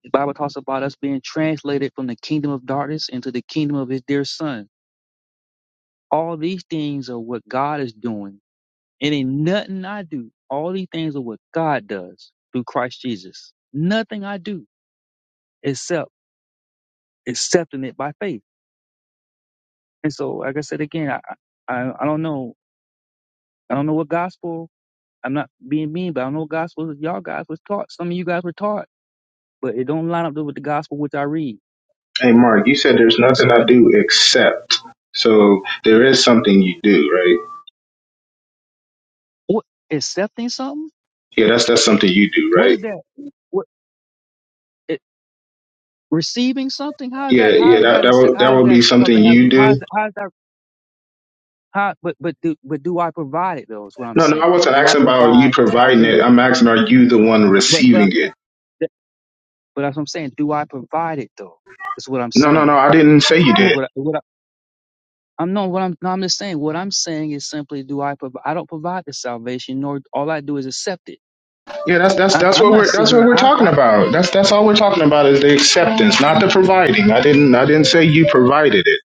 The Bible talks about us being translated from the kingdom of darkness into the kingdom of his dear son. All these things are what God is doing It ain't nothing I do. All these things are what God does through Christ Jesus. Nothing I do except accepting it by faith. And so, like I said again, I I, I don't know. I don't know what gospel. I'm not being mean, but I don't know what gospel y'all guys was taught. Some of you guys were taught, but it don't line up with the gospel which I read. Hey, Mark, you said there's And nothing so I I just do except. So there is something you do, right? what accepting something? Yeah, that's that's something you do, What right? is that? What it, receiving something? How is Yeah, that? yeah, How is that that? that accept- would that How is would be that something something? How is you that? How is do. that, how is that Huh? But but do but do I provide it though? Is what I'm No, no, I saying. wasn't Do I asking about you provide the providing it. salvation? I'm asking, are you the one But but receiving I'm saying. it? that- But that's what I'm saying. Do I provide it though? Is what I'm No, no, saying. no, I didn't say you But did. What I- what I, I'm not what I'm no, I'm just saying. What I'm saying is simply do I provide? I don't provide the salvation, nor all I do is accept it. Yeah, that's that's I'm that's I'm what not we're sitting that's here. what and we're I talking I about. That's that's all we're talking about is the acceptance, not the providing. I didn't I didn't say you provided it.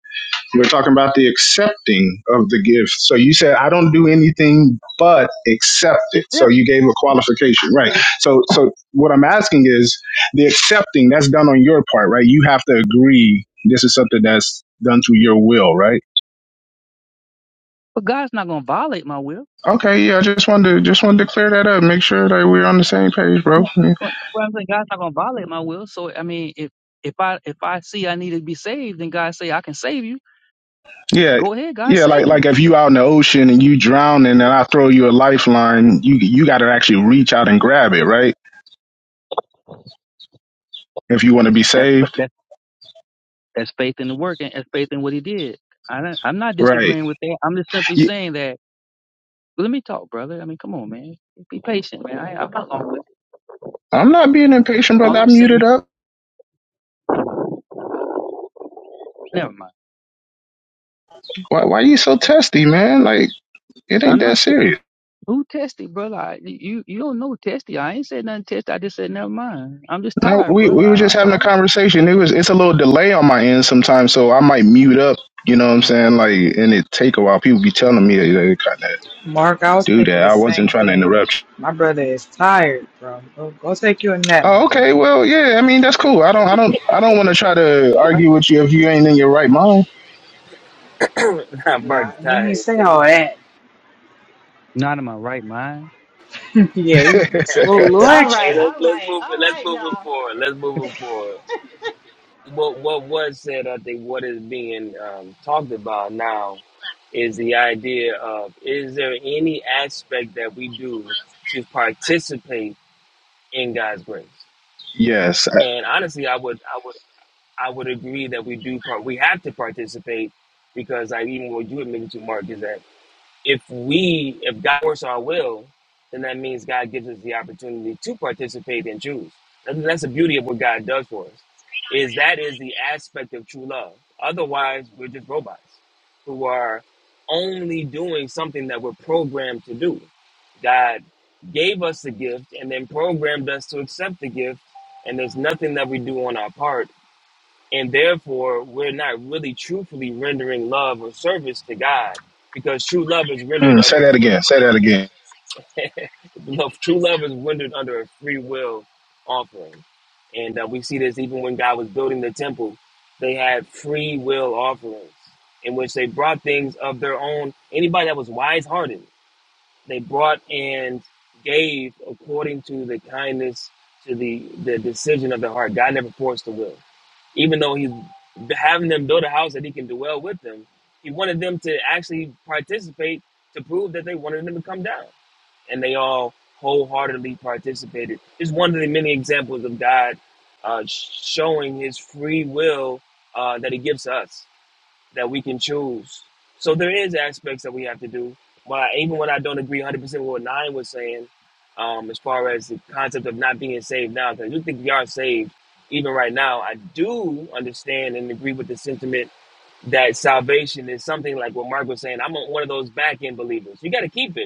We're talking about the accepting of the gift. So you said, I don't do anything but accept it. So accept. you gave a qualification, right? So, so what I'm asking is the accepting that's done on your part, right? You have to agree this is something that's done through your will, right? But God's not going to violate my will. Okay, yeah, I just wanted to just wanted to clear that up, make sure that we're on the same page, Yeah. bro. Well, well, I'm saying God's not going to violate my will. So I mean, if if I if I see I need to be saved, then God say I can save you. Yeah, Go ahead, God yeah, like save like me. if you out in the ocean and you drown and I throw you a lifeline, you you got to actually reach out and grab it, right? If you want to be That's saved, That's faith in the work and that's faith in what he did. I don't, I'm not right? disagreeing with that. I'm just simply Yeah, saying that. Well, let me talk, brother. I mean, come on, man. Be patient, man. I, I'm not long with I'm not being impatient, it. brother. All i I'm muted saying, up. never mind. Why, why you so testy, man? Like it ain't I'm that not. serious. Who tested, brother? I, you you don't know testy. I ain't said nothing testy. I just said never mind. I'm just No, tired, we brother. we were I, I just having a saw. conversation. It was it's a little delay on my end sometimes, so I might mute up. You know what I'm saying? Like, and it take a while. People be telling me they, they kind of Mark, I was do thinking that. the I wasn't same trying to thing. interrupt. you. My brother is tired, bro. Go, go take you a nap, my Oh, brother. okay. Well, yeah. I mean, that's cool. I don't, I don't, I don't want to try to argue with you if you ain't in your right mind. I'm Nah, burnt he tired. ain't It's say taking all that. time. Not in my right mind. yeah, he it's a little, hey, little All hey, right, extra. let's all let's right, move it. all Let's right, move it y'all. forward. Let's move it forward. what what was said, I think what is being um, talked about now is the idea of is there any aspect that we do to participate in God's grace? yes. And honestly, I would I would I would agree that we do part. We have to participate because, like even what you admitted to, Mark, is that if we if God works our will, then that means God gives us the opportunity to participate and choose. And that's the beauty of what God does for us. Is that is the aspect of true love. Otherwise, we're just robots who are only doing something that we're programmed to do. God gave us the gift and then programmed us to accept the gift, and there's nothing that we do on our part and therefore we're not really truthfully rendering love or service to God because true love is I- rendered mm, of say a that again. Say that again. free love, true love is rendered under a free will offering, and uh, we see this even when God was building the temple, they had free will offerings in which they brought things of their own. Anybody that was wise hearted, they brought and gave according to the kindness to the the decision of the heart. God never forced the will even though he's having them build a house that he can dwell with them, he wanted them to actually participate to prove that they wanted him to come down. And they all wholeheartedly participated. It's one of the many examples of God uh, sh- showing his free will uh, that he gives to us that we can choose. So there is aspects that we have to do. But even when I don't agree 100% with what Nine was saying, um, as far as the concept of not being saved now, because I do think we are saved even right now, I do understand and agree with the sentiment that salvation is something like what Mark was saying. I'm one of those back end believers. You got to keep it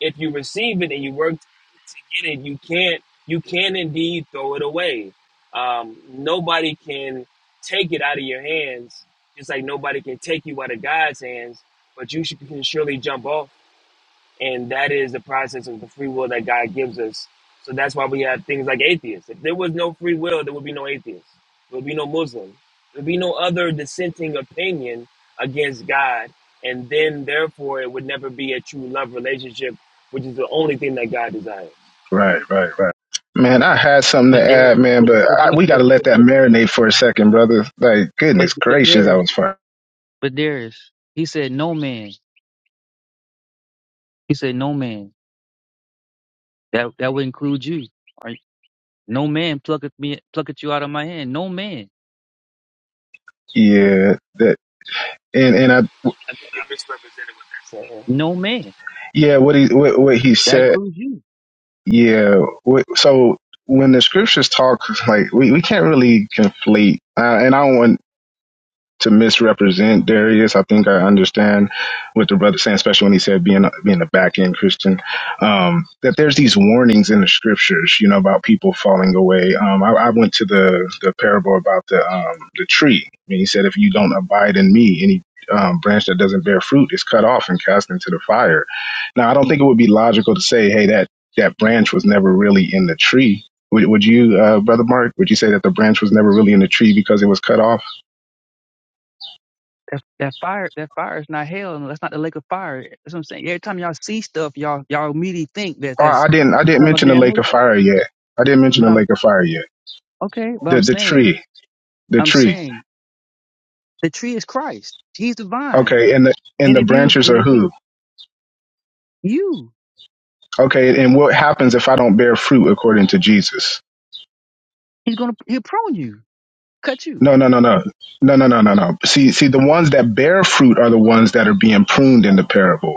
if you receive it and you work to get it, you can't you can indeed throw it away. Um, nobody can take it out of your hands, just like nobody can take you out of God's hands. But you should, can surely jump off and that is the process of the free will that God gives us. So that's why we have things like atheists. If there was no free will, there would be no atheists. There would be no Muslim. There would be no other dissenting opinion against God, and then therefore it would never be a true love relationship, which is the only thing that God desires. Right, right, right. Man, I had something to But there, add, man, but but but I, there, we got but to let but that there, marinate for a second, brother. Like, but, goodness but gracious, that there is, was fun. but there is. He said no man. He said no man. That that would include you. No man plucketh me plucketh you out of my hand. No man. Yeah, that and and I I think you are misrepresented with that said. No man. yeah, what he what, what he That said. includes you. Yeah, what, so when the scriptures talk, like we, we can't really conflate, uh, and I don't want to misrepresent Darius. I think I understand what the brother saying, especially when he said being a, being a back end Christian. Um, that there's these warnings in the scriptures, you know, about people falling away. Um, I, I went to the the parable about the um, the tree, and he said, if you don't abide in me, any um, branch that doesn't bear fruit is cut off and cast into the fire. Now, I don't think it would be logical to say, hey, that that branch was never really in the tree. Would, would you, uh, brother Mark? Would you say that the branch was never really in the tree because it was cut off? That, that fire that fire is not hell and that's not the lake of fire. That's what I'm saying. Every time y'all see stuff, y'all y'all immediately think that Oh, that's I didn't. I didn't eternal mention the lake damnation. of fire yet. I didn't mention But the I'm lake of fire yet. okay, but The I'm the saying tree, the I'm tree. saying the tree is Christ. He's the vine. Okay, and the and And the if you branches and are if who? you you, Okay, and what happens if I don't bear fruit according to Jesus? he's gonna he'll prune you, cut you. No, no, no, no, no, no, no, no, no. See, see, the ones that bear fruit are the ones that are being pruned in the parable.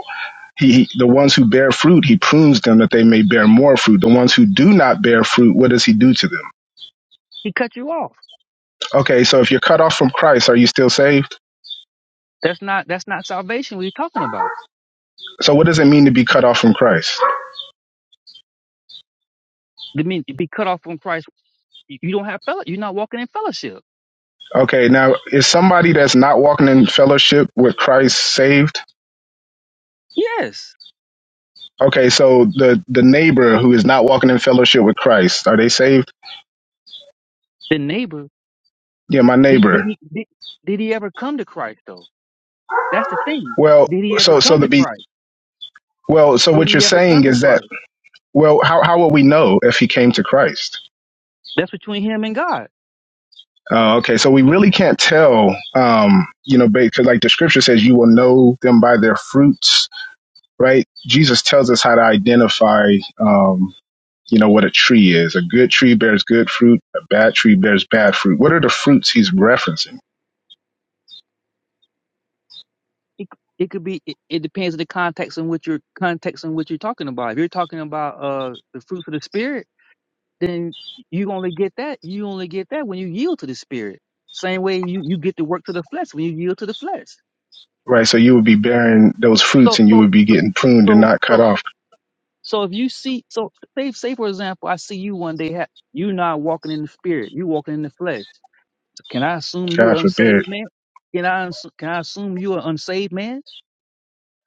He, he, the ones who bear fruit, he prunes them that they may bear more fruit. The ones who do not bear fruit, what does he do to them? He cut you off. Okay, so if you're cut off from Christ, are you still saved? That's not that's not salvation we're talking about. So what does it mean to be cut off from Christ? I mean be cut off from Christ. You you don't have fellow you're not walking in fellowship. Okay, now is somebody that's not walking in fellowship with Christ saved? Yes, Okay, so the the neighbor who is not walking in fellowship with Christ, are they saved? the neighbor. Yeah, my Did did neighbor. he did, did he ever come to Christ though? That's the thing. Well, Did he ever so so come the to be Christ? well, so Did what you're he ever saying come to is that Christ? well, how how will we know if he came to Christ? That's between him and God. Uh, okay, so we really can't tell, um, you know, because like the scripture says, you will know them by their fruits, right? Jesus tells us how to identify, um, you know, what a tree is. A good tree bears good fruit. A bad tree bears bad fruit. What are the fruits he's referencing? It, it could be. It, it depends on the context in which you're context in which you're talking about. If you're talking about uh the fruits of the spirit, then you only get that. You only get that when you yield to the spirit. Same way you you get to work to the flesh when you yield to the flesh. Right. So you would be bearing those fruits So and you so would be so getting pruned and so not cut so, off. So if you see, so say, say for example, I see you one day, ha- you not walking in the spirit, you walking in the flesh. So Can I assume you're God an forbid. unsaved man? Can I uns- can I assume you're an unsaved man?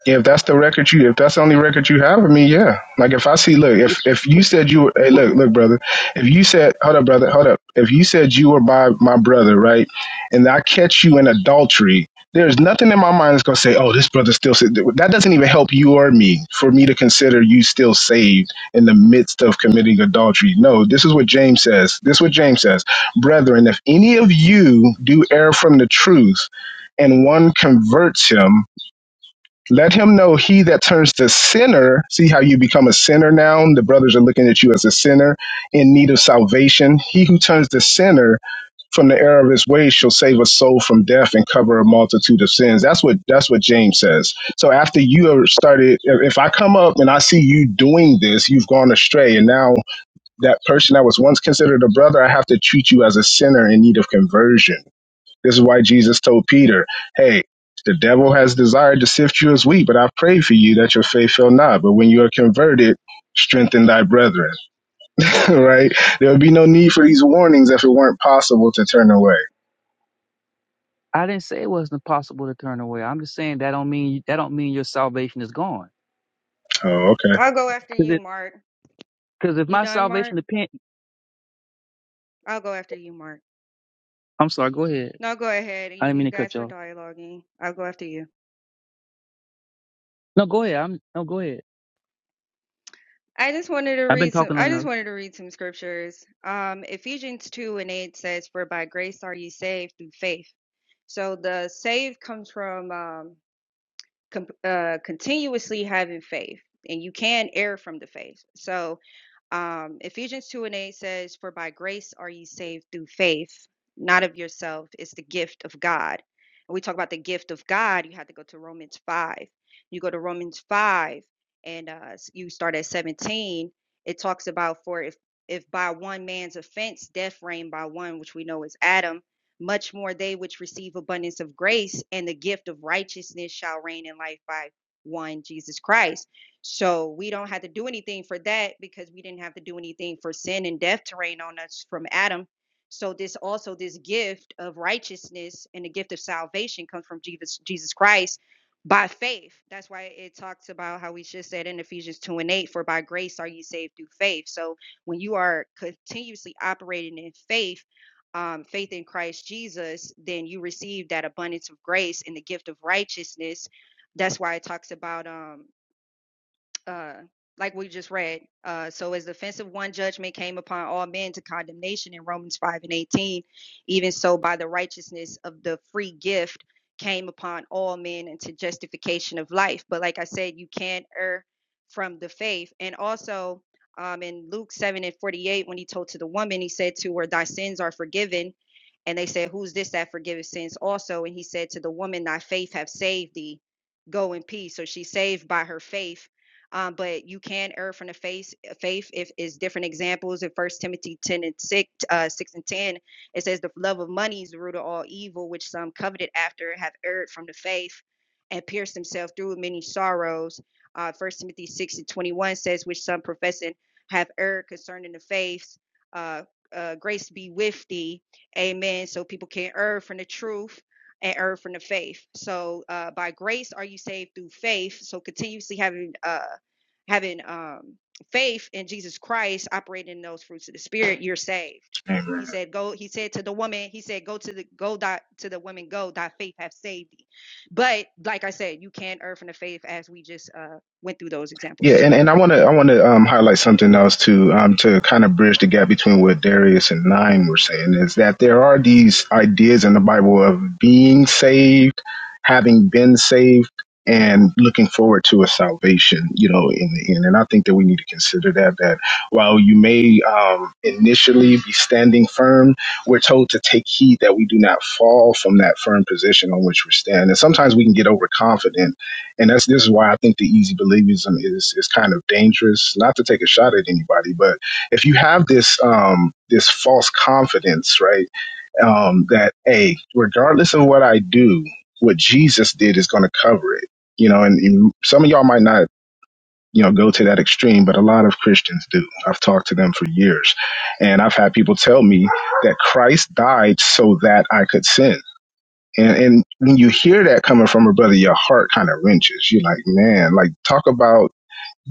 If that's the record you, if that's the only record you have I mean, yeah. Like if I see, look, if if B- you said you, were, hey, Well, look, look, brother, if you said, hold up, brother, hold up, if you said you were by my brother, right, and I catch you in adultery, there's nothing in my mind that's gonna say, oh, this brother still, sa-" that doesn't even help you or me for me to consider you still saved in the midst of committing adultery. No, this is what James says. This is what James says, brethren, if any of you do err from the truth, and one converts him let him know he that turns to sinner. See how you become a sinner now? The brothers are looking at you as a sinner in need of salvation. He who turns to sinner from the error of his ways shall save a soul from death and cover a multitude of sins. That's what that's what James says. So after you have started, if if I come up and I see you doing this, you've gone astray, and now that person that was once considered a brother, I have to treat you as a sinner in need of conversion this is why Jesus told Peter, Hey, the devil has desired to sift you as wheat, but I pray for you that your faith fail not. But when you are converted, strengthen thy brethren. right? There would be no need for these warnings if it weren't possible to turn away. I didn't say it wasn't possible to turn away. I'm just saying that don't mean that don't mean your salvation is gone. Oh, okay. I'll go after you, Because Mark. if You my done, salvation Mark? depend, I'll go after you, Mark. I'm sorry. Go ahead. No, go ahead. I You didn't mean you to cut guys you were off. dialoguing. I'll go after you. No, go ahead. I'm no, go ahead. I just wanted to I've been read some talking I just enough. wanted to read some scriptures. Um Ephesians 2 and 8 says, For by grace are you saved through faith. So the save comes from um com- uh, continuously having faith, and you can err from the faith. So, um, Ephesians 2 and 8 says, For by grace are ye saved through faith, not of yourself. It's the gift of God. And we talk about the gift of God, you have to go to Romans 5. You go to Romans 5 and uh, s- you start at 17. It talks about, For if if by one man's offense death reigned by one, which we know is Adam, much more they which receive abundance of grace and the gift of righteousness shall reign in life by one Jesus Christ. So we don't have to do anything for that because we didn't have to do anything for sin and death to reign on us from Adam. So this also this gift of righteousness and the gift of salvation comes from Jesus Jesus Christ by faith. That's why it talks about how we just said in Ephesians 2 and 8, for by grace are you saved through faith. So when you are continuously operating in faith, um, faith in Christ Jesus, then you receive that abundance of grace and the gift of righteousness. That's why it talks about um, uh, like we just read. Uh, so as the offense of one judgment came upon all men to condemnation in Romans 5 and 18, even so by the righteousness of the free gift came upon all men into justification of life. But like I said, you can't err from the faith. And also um, in Luke 7 and 48, when he told to the woman, he said to her, Thy sins are forgiven. And they said, Who's this that forgiveth sins also? And he said to the woman, Thy faith have saved thee. Go in peace. So she's saved by her faith um, but you can err from the faith. Faith if is different examples in First Timothy ten and six, uh, six and ten. It says the love of money is the root of all evil, which some coveted after have erred from the faith, and pierced themselves through with many sorrows. Uh, First Timothy six and twenty one says which some professing have erred concerning the faith. Uh, uh, grace be with thee, Amen. So people can err from the truth and err from the faith. So uh, by grace are you saved through faith. So continuously having uh, having um faith in Jesus Christ, operating in those fruits of the spirit, you're saved. He said, Go, he said to the woman, he said, Go to the go thy, to the woman, go, thy faith hath saved thee. But like I said, you can err from the faith as we just uh went through those examples Yeah, too. and, and I want to I want to um, highlight something else too um, to kind of bridge the gap between what Darius and Nine were saying is that there are these ideas in the Bible of being saved, having been saved, and looking forward to a salvation. You know, in the end, and I think that we need to consider that that while you may um, initially be standing firm, we're told to take heed that we do not fall from that firm position on which we stand. And sometimes we can get overconfident and that's this is why I think the easy believism is is kind of dangerous. Not to take a shot at anybody, but if you have this um, this false confidence, right, um, that hey, regardless of what I do, what Jesus did is going to cover it. You know, and, and some of y'all might not you know go to that extreme, but a lot of Christians do. I've talked to them for years, and I've had people tell me that Christ died so that I could sin and, and when you hear that coming from her brother, your heart kind of wrenches. You're like, man, like talk about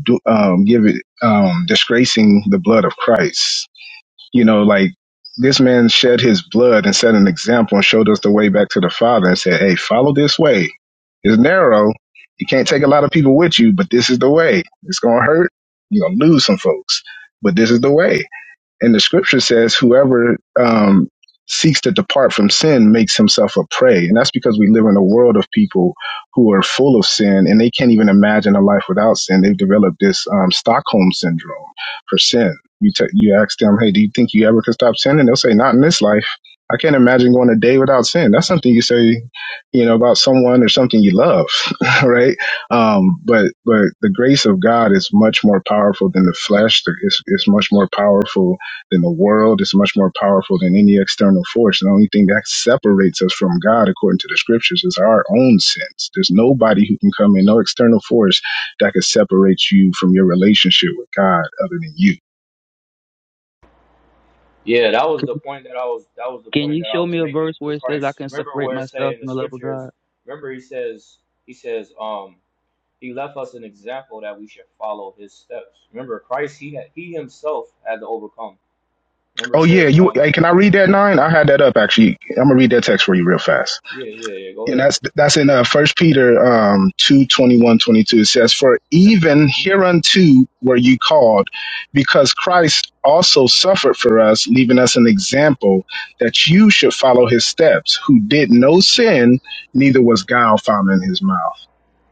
do- um, give it um, disgracing the blood of Christ. You know, like this man shed his blood and set an example and showed us the way back to the Father and said, hey, follow this way. It's narrow. You can't take a lot of people with you, but this is the way. It's gonna hurt. You're gonna lose some folks, but this is the way and the scripture says, whoever um, seeks to depart from sin makes himself a prey. And that's because we live in a world of people who are full of sin and they can't even imagine a life without sin. They've developed this um, Stockholm syndrome for sin. You, t- you ask them, hey, do you think you ever could stop sinning? They'll say, not in this life. I can't imagine going a day without sin. That's something you say, you know, about someone or something you love, right? Um, but but the grace of God is much more powerful than the flesh. It's, it's much more powerful than the world. It's much more powerful than any external force. The only thing that separates us from God, according to the scriptures, is our own sins. There's nobody who can come in, no external force that could separate you from your relationship with God other than you. Yeah, that was the Can point that I was that was the can point you that I show was me a making verse where with it says I Christ. can Remember separate where it say myself in the from the love of God? scriptures. Remember he says he says um He left us an example that we should follow his steps. Remember, Christ, he had, he himself had to overcome. Remember, it Oh yeah, says, you. um, Hey, can I read that nine? I had that up actually. I'm gonna read that y- text for you real fast. yeah, yeah, yeah. Go and ahead. that's that's in uh, First Peter um, 2, twenty one twenty two. It says, "For even Mm-hmm. hereunto were you called, because Christ also suffered for us, leaving us an example that you should follow his steps, who did no sin, neither was guile found in his mouth."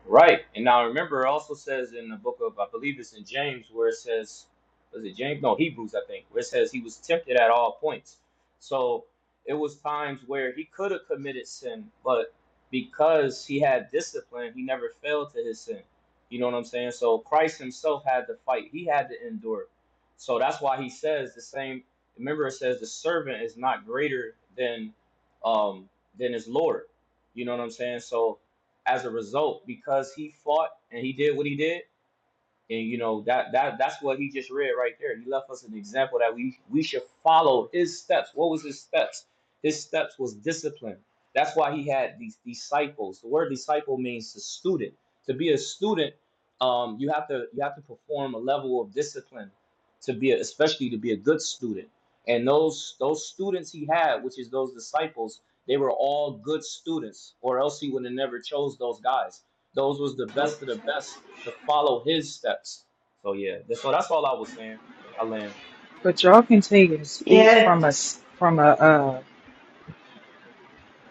Right. And now remember, it also says in the book of, I believe it's in James, where it says, was it James? No, Hebrews, I think, where it says he was tempted at all points. So it was times where he could have committed sin, but because he had discipline, he never failed to his sin. You know what I'm saying? So Christ himself had to fight, he had to endure. So that's why he says the same. Remember, it says the servant is not greater than um, than his Lord. You know what I'm saying? So as a result because he fought and he did what he did. And you know that that that's what he just read right there. He left us an example that we we should follow his steps. What was his steps? His steps was discipline. That's why he had these disciples. The word disciple means the student. To be a student, um, you have to you have to perform a level of discipline to be a, especially to be a good student. And those those students he had, which is those disciples, they were all good students, or else he would have never chose those guys those was the best of the best to follow his steps. So yeah, that's- so that's all I was saying. I land. But y'all can take and speak Yeah, from a s- from a uh,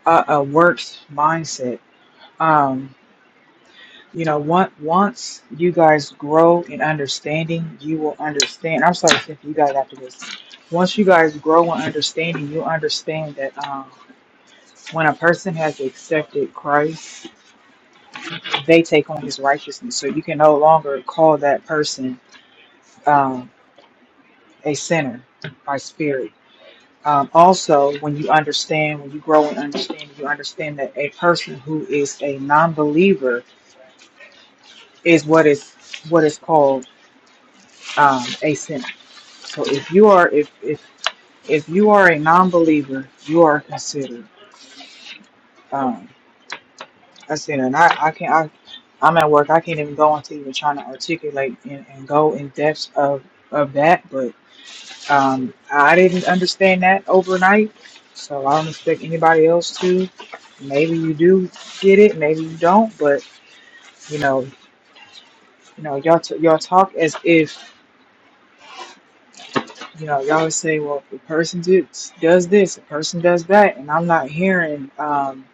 a, a works mindset. Um, you know, once once you guys grow in understanding, you will understand. I'm sorry, Cynthia, you guys after this. Once you guys grow in understanding, you understand that um, when a person has accepted Christ they take on his righteousness. So you can no longer call that person um, a sinner by spirit. Um, also, when you understand, when you grow in understanding, you understand that a person who is a non-believer is what is what is called um, a sinner. So if you are if if if you are a non-believer, you are considered um, a sinner. And I, I can't I, I'm at work. I can't even go into even trying to articulate and, and go in depth of of that, Um, I didn't understand that overnight, so I don't expect anybody else to. Maybe you do get it, maybe you don't, but you know, you know, y'all t- y'all talk as if you know y'all would say, well, the person did, does this, the person does that, and I'm not hearing um,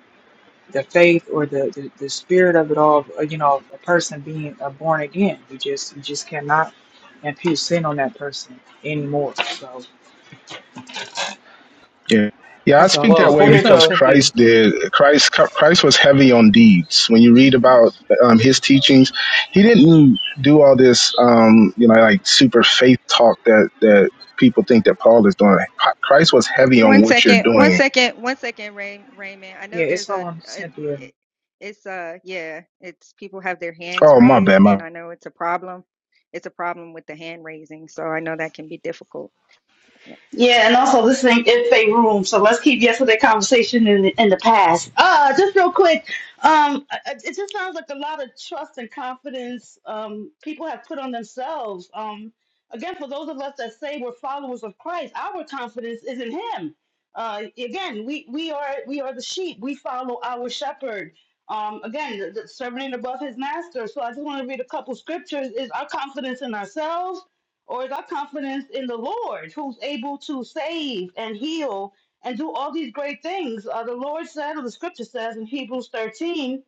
the faith or the, the the spirit of it all. uh, You know, a person being uh, born again, you just you just cannot impute sin on that person anymore. So Yeah. Yeah, I that's all. speak Well, that It's, way it's according on because to Cynthia. Christ did. Christ Christ was heavy on deeds. When you read about um, his teachings, he didn't do all this, um, you know, like super faith talk that that people think that Paul is doing. Christ was heavy on One what you're second, one doing. second, one second, Ray, Raymond. I Yeah, know it's there's a, on a Cynthia. it, it's uh yeah, it's people have their hands Oh, my raised, bad, my. and I know it's a problem. It's a problem with the hand raising, so I know that can be difficult. Yeah, and also this thing is a room, so let's keep yesterday conversation in the, in the past. Uh, just real quick, um, I- I- it just sounds like a lot of trust and confidence um, people have put on themselves. Um, again, for those of us that say we're followers of Christ, our confidence is in Him. Uh, again, we we are we are the sheep. We follow our shepherd. Um, again, the, the servant above his master. So I just want to read a couple scriptures. Is our confidence in ourselves? Or is our confidence in the Lord who's able to save and heal and do all these great things? Uh, the Lord said, or the scripture says in Hebrews 13,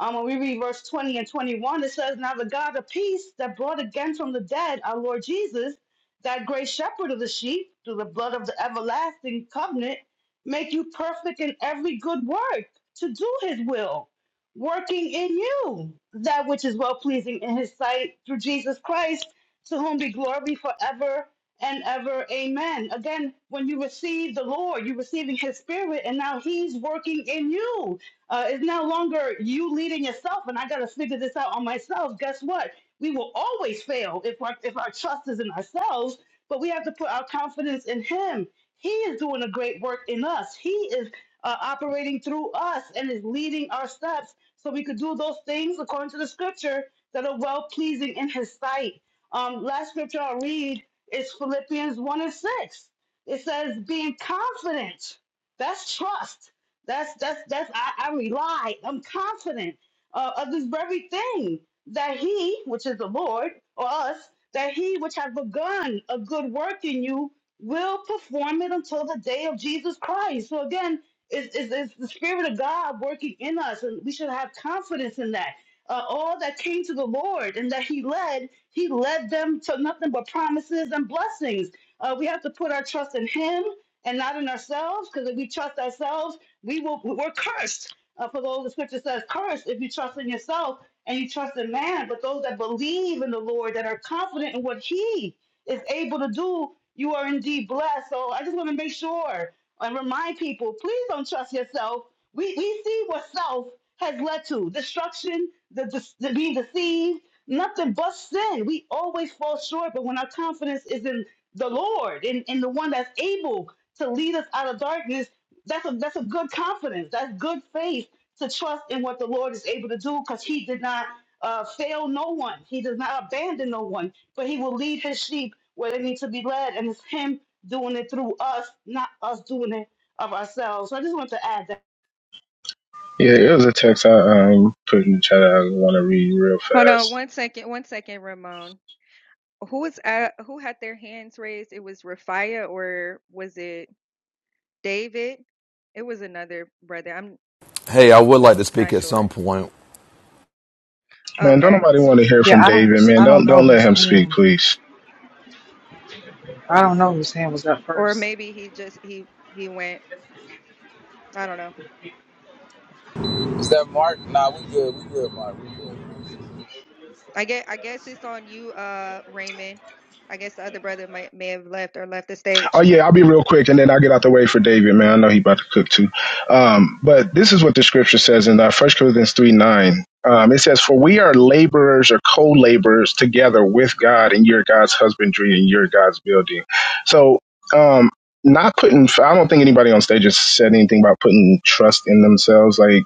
um, when we read verse 20 and 21, it says, Now the God of peace that brought again from the dead our Lord Jesus, that great shepherd of the sheep, through the blood of the everlasting covenant, make you perfect in every good work to do his will, working in you that which is well pleasing in his sight through Jesus Christ, to whom be glory forever and ever. Amen. Again, when you receive the Lord, you're receiving his spirit, and now he's working in you uh, it's no longer you leading yourself, and I got to figure this out on myself. Guess what? We will always fail if our if our trust is in ourselves, but we have to put our confidence in Him. He is doing a great work in us. He is uh, operating through us and is leading our steps, so we could do those things according to the Scripture that are well pleasing in His sight. Um, last scripture I'll read is Philippians one and six. It says, "Being confident." That's trust that's that's that's I, I rely, I'm confident uh, of this very thing that he, which is the Lord or us, that he which has begun a good work in you will perform it until the day of Jesus Christ. So again, it's, it's, it's the Spirit of God working in us, and we should have confidence in that. Uh, all that came to the Lord and that He led, He led them to nothing but promises and blessings. Uh, we have to put our trust in Him and not in ourselves, because if we trust ourselves, we will, we're cursed. Uh, for those, the scripture says, cursed if you trust in yourself and you trust in man. But those that believe in the Lord, that are confident in what he is able to do, you are indeed blessed. So I just want to make sure and remind people, please don't trust yourself. We, we see what self has led to destruction, the, the, the being deceived, nothing but sin. We always fall short, but when our confidence is in the Lord, in, in the one that's able to lead us out of darkness, that's a that's a good confidence. That's good faith to trust in what the Lord is able to do because He did not uh, fail no one. He does not abandon no one, but He will lead His sheep where they need to be led, and it's Him doing it through us, not us doing it of ourselves. So I just want to add Yeah, it was a text I um, put in the chat. I want to read real Hold on fast. one second, one second, Ramon. Who was uh, who had their hands raised? It was Rafia or was it David? It was another brother. I'm Hey, I would like to not speak at some sure. point. Man, don't Okay. nobody want to hear from Yeah, I David. don't Man, I don't don't know don't let whose him speak, hand please. I don't know Wow. whose hand was up Or first. maybe he just he he went. I don't know. Is that Mark? Nah, we good. We good, Mark. We good. I get I guess it's on you, uh, Raymond. I guess the other brother might may have left or left the Oh stage. yeah, I'll be real quick, and then I'll get out the way for David, man. I know he about to cook too. Um, but this is what the scripture says in uh, First Corinthians three nine. Um, it says, "For we are laborers or co-laborers together with God, and you're God's husbandry, and you're God's building." So, um, not putting. I don't think anybody on stage has said anything about putting trust in themselves. Like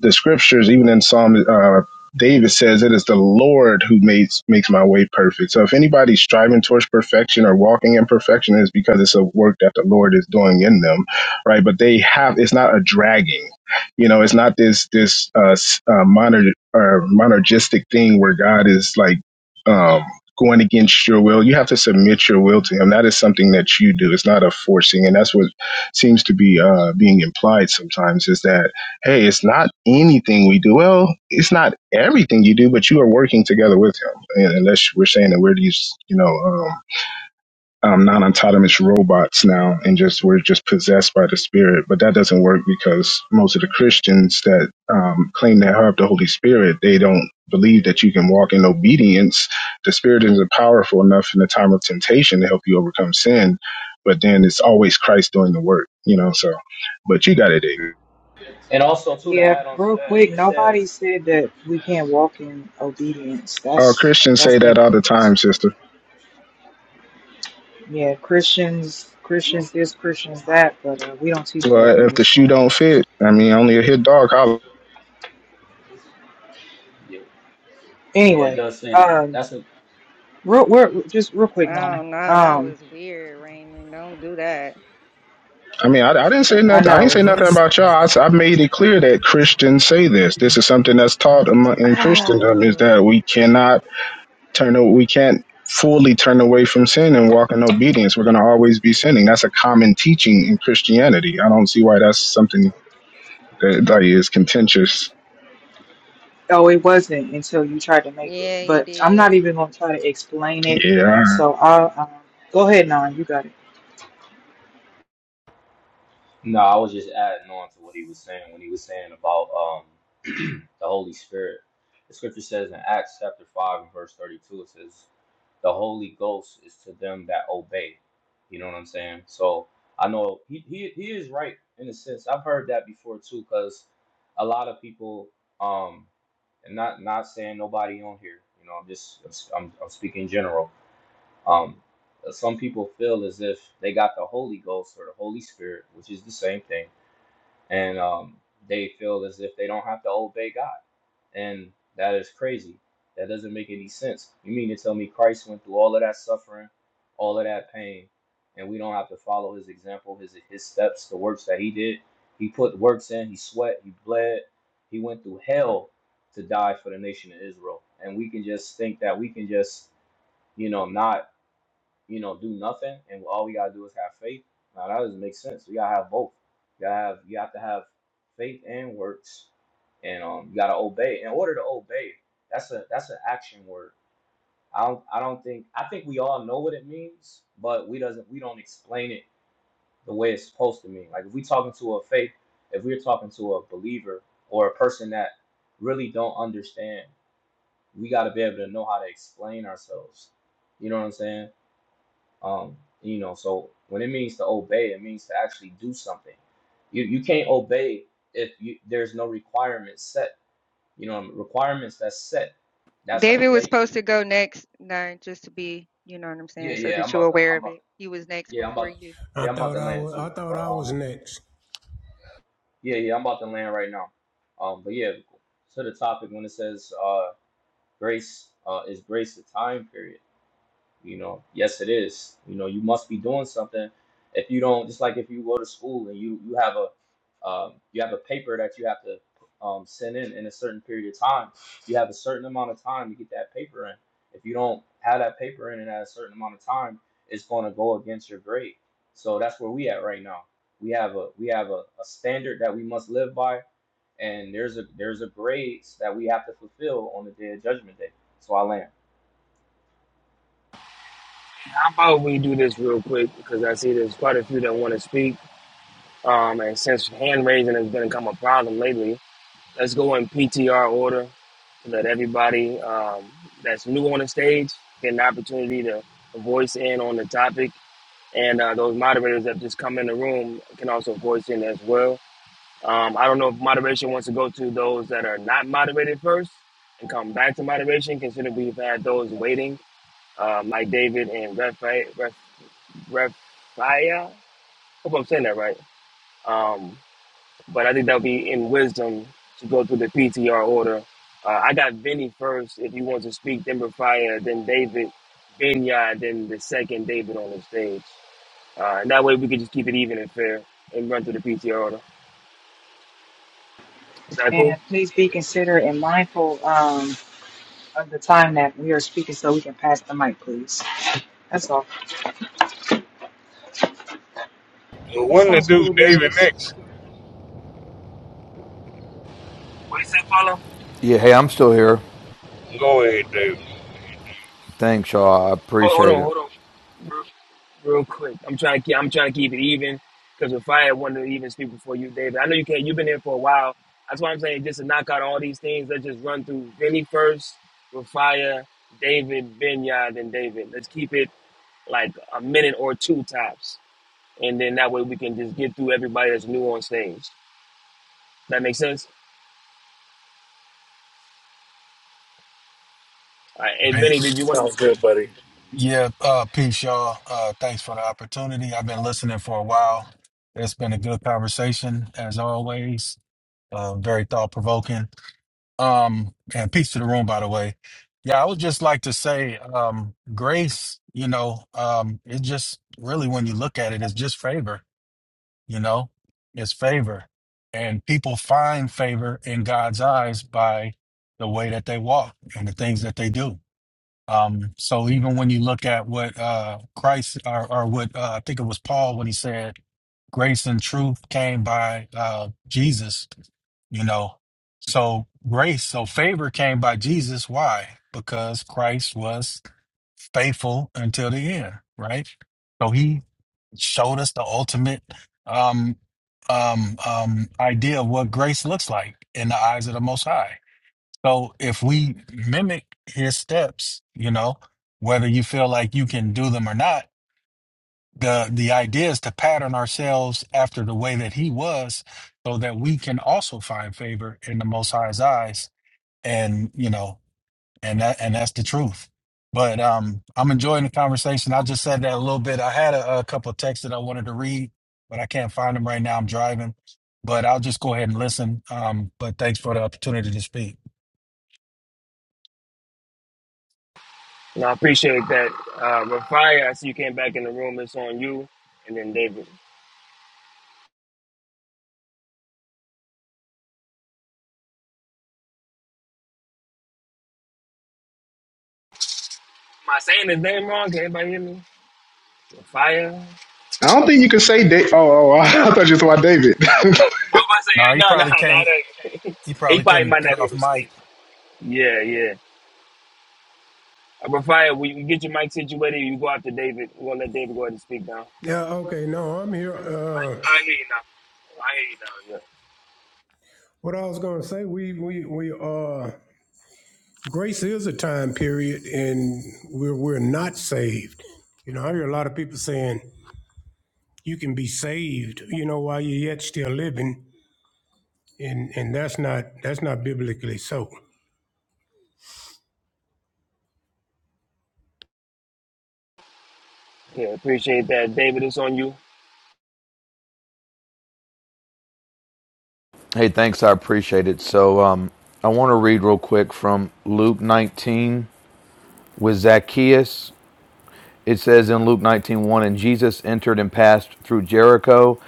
the scriptures, even in Psalm uh, David says, It is the Lord who makes makes my way perfect. So if anybody's striving towards perfection or walking in perfection, it's because it's a work that the Lord is doing in them. Right. But they have it's not a dragging. You know, it's not this this uh, s- uh moner or monergistic thing where God is like um going against your will. You have to submit your will to him. That is something that you do. It's not a forcing. And that's what seems to be uh being implied sometimes is that hey, it's not anything we do. Well, it's not everything you do, but you are working together with him. And unless we're saying that we're these, you know, um, um, non-autonomous robots now, and just we're just possessed by the Spirit. But that doesn't work because most of the Christians that um, claim they have the Holy Spirit, they don't believe that you can walk in obedience. The Spirit isn't powerful enough in the time of temptation to help you overcome sin. But then it's always Christ doing the work, you know. So, but you got it, David. and also too to Yeah, add on to real that, quick, it nobody says said that we can't walk in obedience. Oh, That's Christians that's say that all the incorrect. time, sister. Yeah, Christians Christians this, Christians that, but uh, we don't teach that Well, in if the this shoe one. don't fit, I mean, only a hit dog holler. yeah, yeah, it Anyway, does say that. um That's a real we're just real quick now. Oh no, that Um was weird, Raymond. Don't do that. I mean, I, I didn't say I nothing. I ain't know say nothing Grace, about y'all. I, s- I made it clear that Christians say this. This is something that's taught amo- in Christendom that. is that we cannot turn, a- we can't fully turn away from sin and walk in obedience. We're going to always be sinning. That's a common teaching in Christianity. I don't see why that's something that like, is contentious. oh it wasn't until you tried to make it, Yeah, he but I'm not did. even gonna try to explain it. Yeah. So I'll um, go ahead now, you got it. No, I was just adding on to what he was saying when he was saying about um the Holy Spirit. The scripture says in Acts chapter five and verse thirty two it says, The Holy Ghost is to them that obey. You know what I'm saying? So I know he he, he is right in a sense. I've heard that before too, because a lot of people um and not not saying nobody on here, you know, I'm just I'm, I'm speaking general um, some people feel as if they got the Holy Ghost or the Holy Spirit, which is the same thing, and um, they feel as if they don't have to obey God, and that is crazy. That doesn't make any sense. You mean to tell me Christ went through all of that suffering, all of that pain, and we don't have to follow His example, His His steps, the works that He did? He put works in. He sweat. He bled. He went through hell to die for the nation of Israel, and we can just think that we can just you know not you know, do nothing, and all we gotta do is have faith. Now that doesn't make sense. We gotta have both. You gotta have you have to have faith and works, and um, you gotta obey. In order to obey, that's a that's an action word. I don't I don't think I think we all know what it means, but we doesn't we don't explain it the way it's supposed to mean. Like if we talking to a faith, if we're talking to a believer or a person that really don't understand, we gotta be able to know how to explain ourselves. You know what I'm saying? Um, you know, so when it means to obey, it means to actually do something. You you can't obey if you there's no requirements set. You know, requirements that's set. That's like David yeah, was supposed to go next, Nine, just to be, you know what I'm yeah, saying, so yeah. I'm that you're about to, aware I'm of about, it. to, He was next yeah, I'm before about, to, you. I yeah, I'm about thought to I land was too. I thought But I was um, next. yeah, yeah, I'm about to land right now. Um, but yeah, to the topic when it says uh grace uh is grace a time period? You know, yes, it is. You know, you must be doing something. If you don't, just like if you go to school and you you have a um, you have a paper that you have to um, send in in a certain period of time. You have a certain amount of time to get that paper in. If you don't have that paper in in a certain amount of time, it's going to go against your grade. So that's where we at right now. We have a we have a, a standard that we must live by, and there's a there's a grades that we have to fulfill on the day of judgment day. So I land. How about we do this real quick because I see there's quite a few that want to speak, um, and since hand raising has been become a problem lately, Let's go in PTR order to let everybody um, that's new on the stage get an opportunity to voice in on the topic. And uh, those moderators that just come in the room can also voice in as well. Um, I don't know if moderation wants to go to those that are not moderated first and come back to moderation, considering we've had those waiting, um, like David and Refaia. Ref, Ref, Refaya? hope I'm saying that right. Um, but I think that'll be in wisdom to go through the PTR order. Uh, I got Vinny first, if you want to speak, then Rafia, then David, Benya, then the second David on the stage. Uh, and that way we can just keep it even and fair and run through the PTR order. Is that cool? And please be considerate and mindful um, of the time that we are speaking so we can pass the mic, please. That's all. The That one that sounds do cool, David Darius. next. What you say, follow? Yeah, hey, I'm still here. Go ahead, David. Thanks, y'all. I Hold, hold appreciate on, it. hold on. real quick. I'm trying to keep. I'm trying to keep it even because if I had wanted to even speak before you, David, I know you can't. You've been here for a while. That's why I'm saying just to knock out all these things. Let's just run through Vinny first, Rafia, David, Vineyard, and David. Let's keep it like a minute or two tops, and then that way we can just get through everybody that's new on stage. That makes sense. All right. Hey, Hey, Vinny, did you want? Sounds good, buddy. yeah, uh, peace, y'all. Uh, thanks for the opportunity. I've been listening for a while. It's been a good conversation, as always. Uh, very thought provoking. Um, and peace to the room, by the way. Yeah, I would just like to say, um, grace. You know, um, it just really, when you look at it, it's just favor. You know, it's favor, and people find favor in God's eyes by the way that they walk and the things that they do Um, so even when you look at what uh, Christ or, or what uh, I think it was Paul when he said, "Grace and truth came by uh, Jesus," you know. So grace, so favor came by Jesus. Why? Because Christ was faithful until the end, right? So he showed us the ultimate um, um, um, idea of what grace looks like in the eyes of the Most High so if we mimic his steps, you know, whether you feel like you can do them or not, the the idea is to pattern ourselves after the way that he was, so that we can also find favor in the Most High's eyes, and you know, and that and that's the truth. But um, I'm enjoying the conversation. I just said that a little bit. I had a, a couple of texts that I wanted to read, but I can't find them right now. I'm driving, but I'll just go ahead and listen. Um, but thanks for the opportunity to speak. to? No, I appreciate that. Uh, Rafia, I see you came back in the room. It's on you, and then David. Am I saying his name wrong? Can anybody hear me? Rafia. I don't think you can say, da- oh, oh, I thought you were talking about David. I'm about to No, say, he no, no, probably can't. no. no. He he probably probably couldn't might get not be off able to mic. speak. Yeah, yeah. Uh, Rafael, we, we get your mic situated. You go after David. We're going to let David go ahead and speak now. Yeah, okay, no, I'm here. I, Uh I hear you now. I hear you now. what I was gonna say, we we we uh grace is a time period and we're we're not saved. You know, I hear a lot of people saying you can be saved, you know, while you're yet still living, and and that's not that's not biblically so. Yeah. yeah, appreciate that. David, it's on you. Hey, thanks. I appreciate it. So, um, I want to read real quick from Luke 19 with Zacchaeus. It says in Luke 19:1, and Jesus entered and passed through Jericho,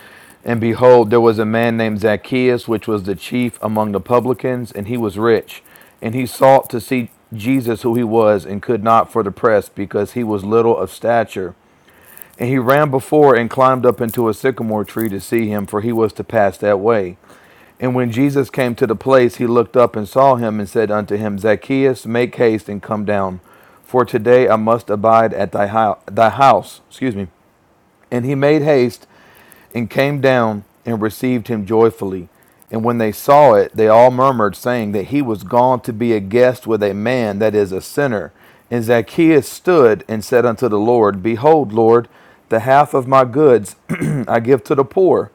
and behold, there was a man named Zacchaeus, which was the chief among the publicans, and he was rich, and he sought to see Jesus, who he was, and could not for the press, because he was little of stature. And he ran before and climbed up into a sycamore tree to see him, for he was to pass that way. And when Jesus came to the place, he looked up and saw him and said unto him, Zacchaeus, make haste and come down, for today I must abide at thy, hou- thy house. Excuse me. And he made haste and came down and received him joyfully. And when they saw it, they all murmured, saying that he was gone to be a guest with a man that is a sinner. And Zacchaeus stood and said unto the Lord, Behold, Lord, the half of my goods I give to the poor.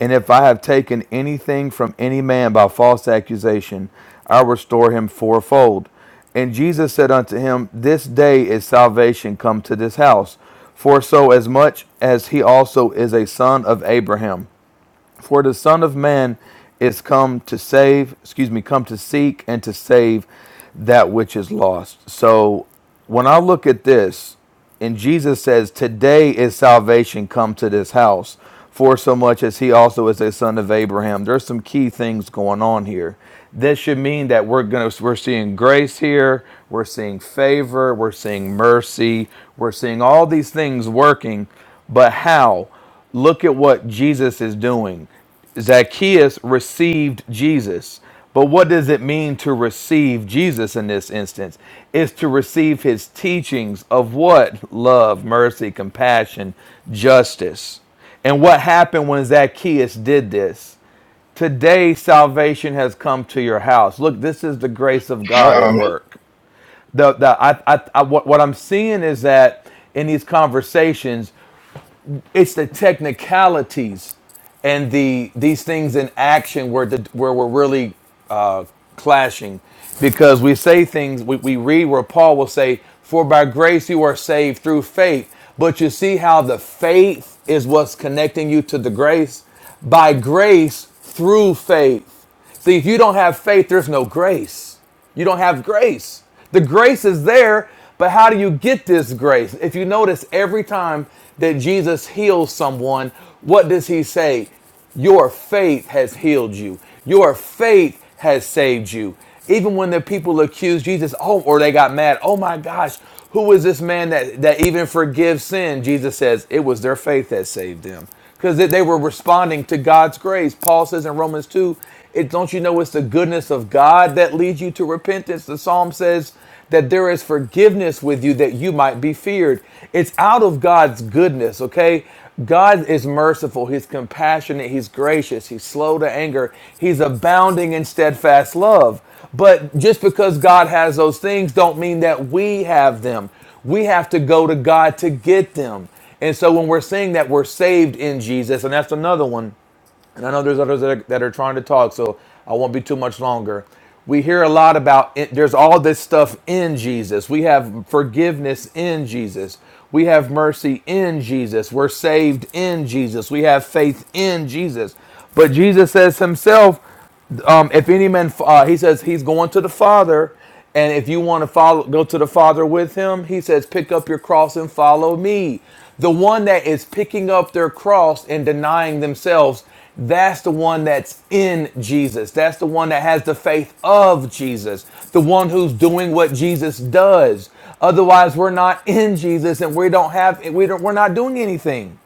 And if I have taken anything from any man by false accusation, I restore him fourfold. And Jesus said unto him, This day is salvation come to this house, for so as much as he also is a son of Abraham. For the Son of Man is come to save, excuse me, come to seek and to save that which is lost. So when I look at this, and Jesus says, Today is salvation come to this house, for so much as he also is a son of Abraham. There's some key things going on here. This should mean that we're gonna we're seeing grace here, we're seeing favor, we're seeing mercy, we're seeing all these things working, but how? Look at what Jesus is doing. Zacchaeus received Jesus. But what does it mean to receive Jesus in this instance? Is to receive his teachings of what? Love, mercy, compassion, justice. And what happened when Zacchaeus did this? Today, salvation has come to your house. Look, this is the grace of God at uh work. The, the, I, I, I, what, what I'm seeing is that in these conversations, it's the technicalities and the these things in action where the, where we're really uh, clashing because we say things we, we read where paul will say for by grace you are saved through faith but you see how the faith is what's connecting you to the grace by grace through faith see if you don't have faith there's no grace you don't have grace. The grace is there, but how do you get this grace? If you notice, every time that Jesus heals someone, what does he say? Your faith has healed you. Your faith has saved you. Even when the people accused Jesus, oh, or they got mad, oh my gosh, who is this man that, that even forgives sin? Jesus says, it was their faith that saved them because they they were responding to God's grace. Paul says in Romans 2 it don't you know it's the goodness of God that leads you to repentance. The psalm says that there is forgiveness with you that you might be feared. It's out of God's goodness, okay? God is merciful, he's compassionate, he's gracious, he's slow to anger, he's abounding in steadfast love. But just because God has those things don't mean that we have them. We have to go to God to get them. And so when we're saying that we're saved in Jesus, and that's another one and I know there's others that are, that are trying to talk, so I won't be too much longer. We hear a lot about it- there's all this stuff in Jesus. We have forgiveness in Jesus. We have mercy in Jesus. We're saved in Jesus. We have faith in Jesus. But Jesus says himself um, if any man, uh, he says he's going to the Father, and if you want to follow, go to the Father with him. He says, pick up your cross and follow me. The one that is picking up their cross and denying themselves, that's the one that's in Jesus. That's the one that has the faith of Jesus. The one who's doing what Jesus does. Otherwise, we're not in Jesus, and we don't have we don't we're not doing anything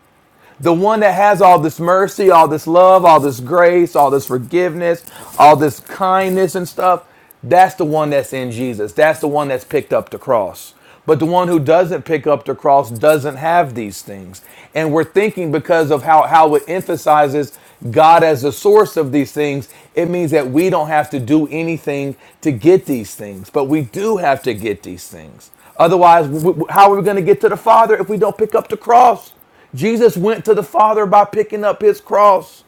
the one that has all this mercy, all this love, all this grace, all this forgiveness, all this kindness and stuff, that's the one that's in Jesus. That's the one that's picked up the cross. But the one who doesn't pick up the cross doesn't have these things. And we're thinking because of how, how it emphasizes God as the source of these things, it means that we don't have to do anything to get these things. But we do have to get these things. Otherwise, w- w- how are we going to get to the Father if we don't pick up the cross? Jesus went to the Father by picking up his cross.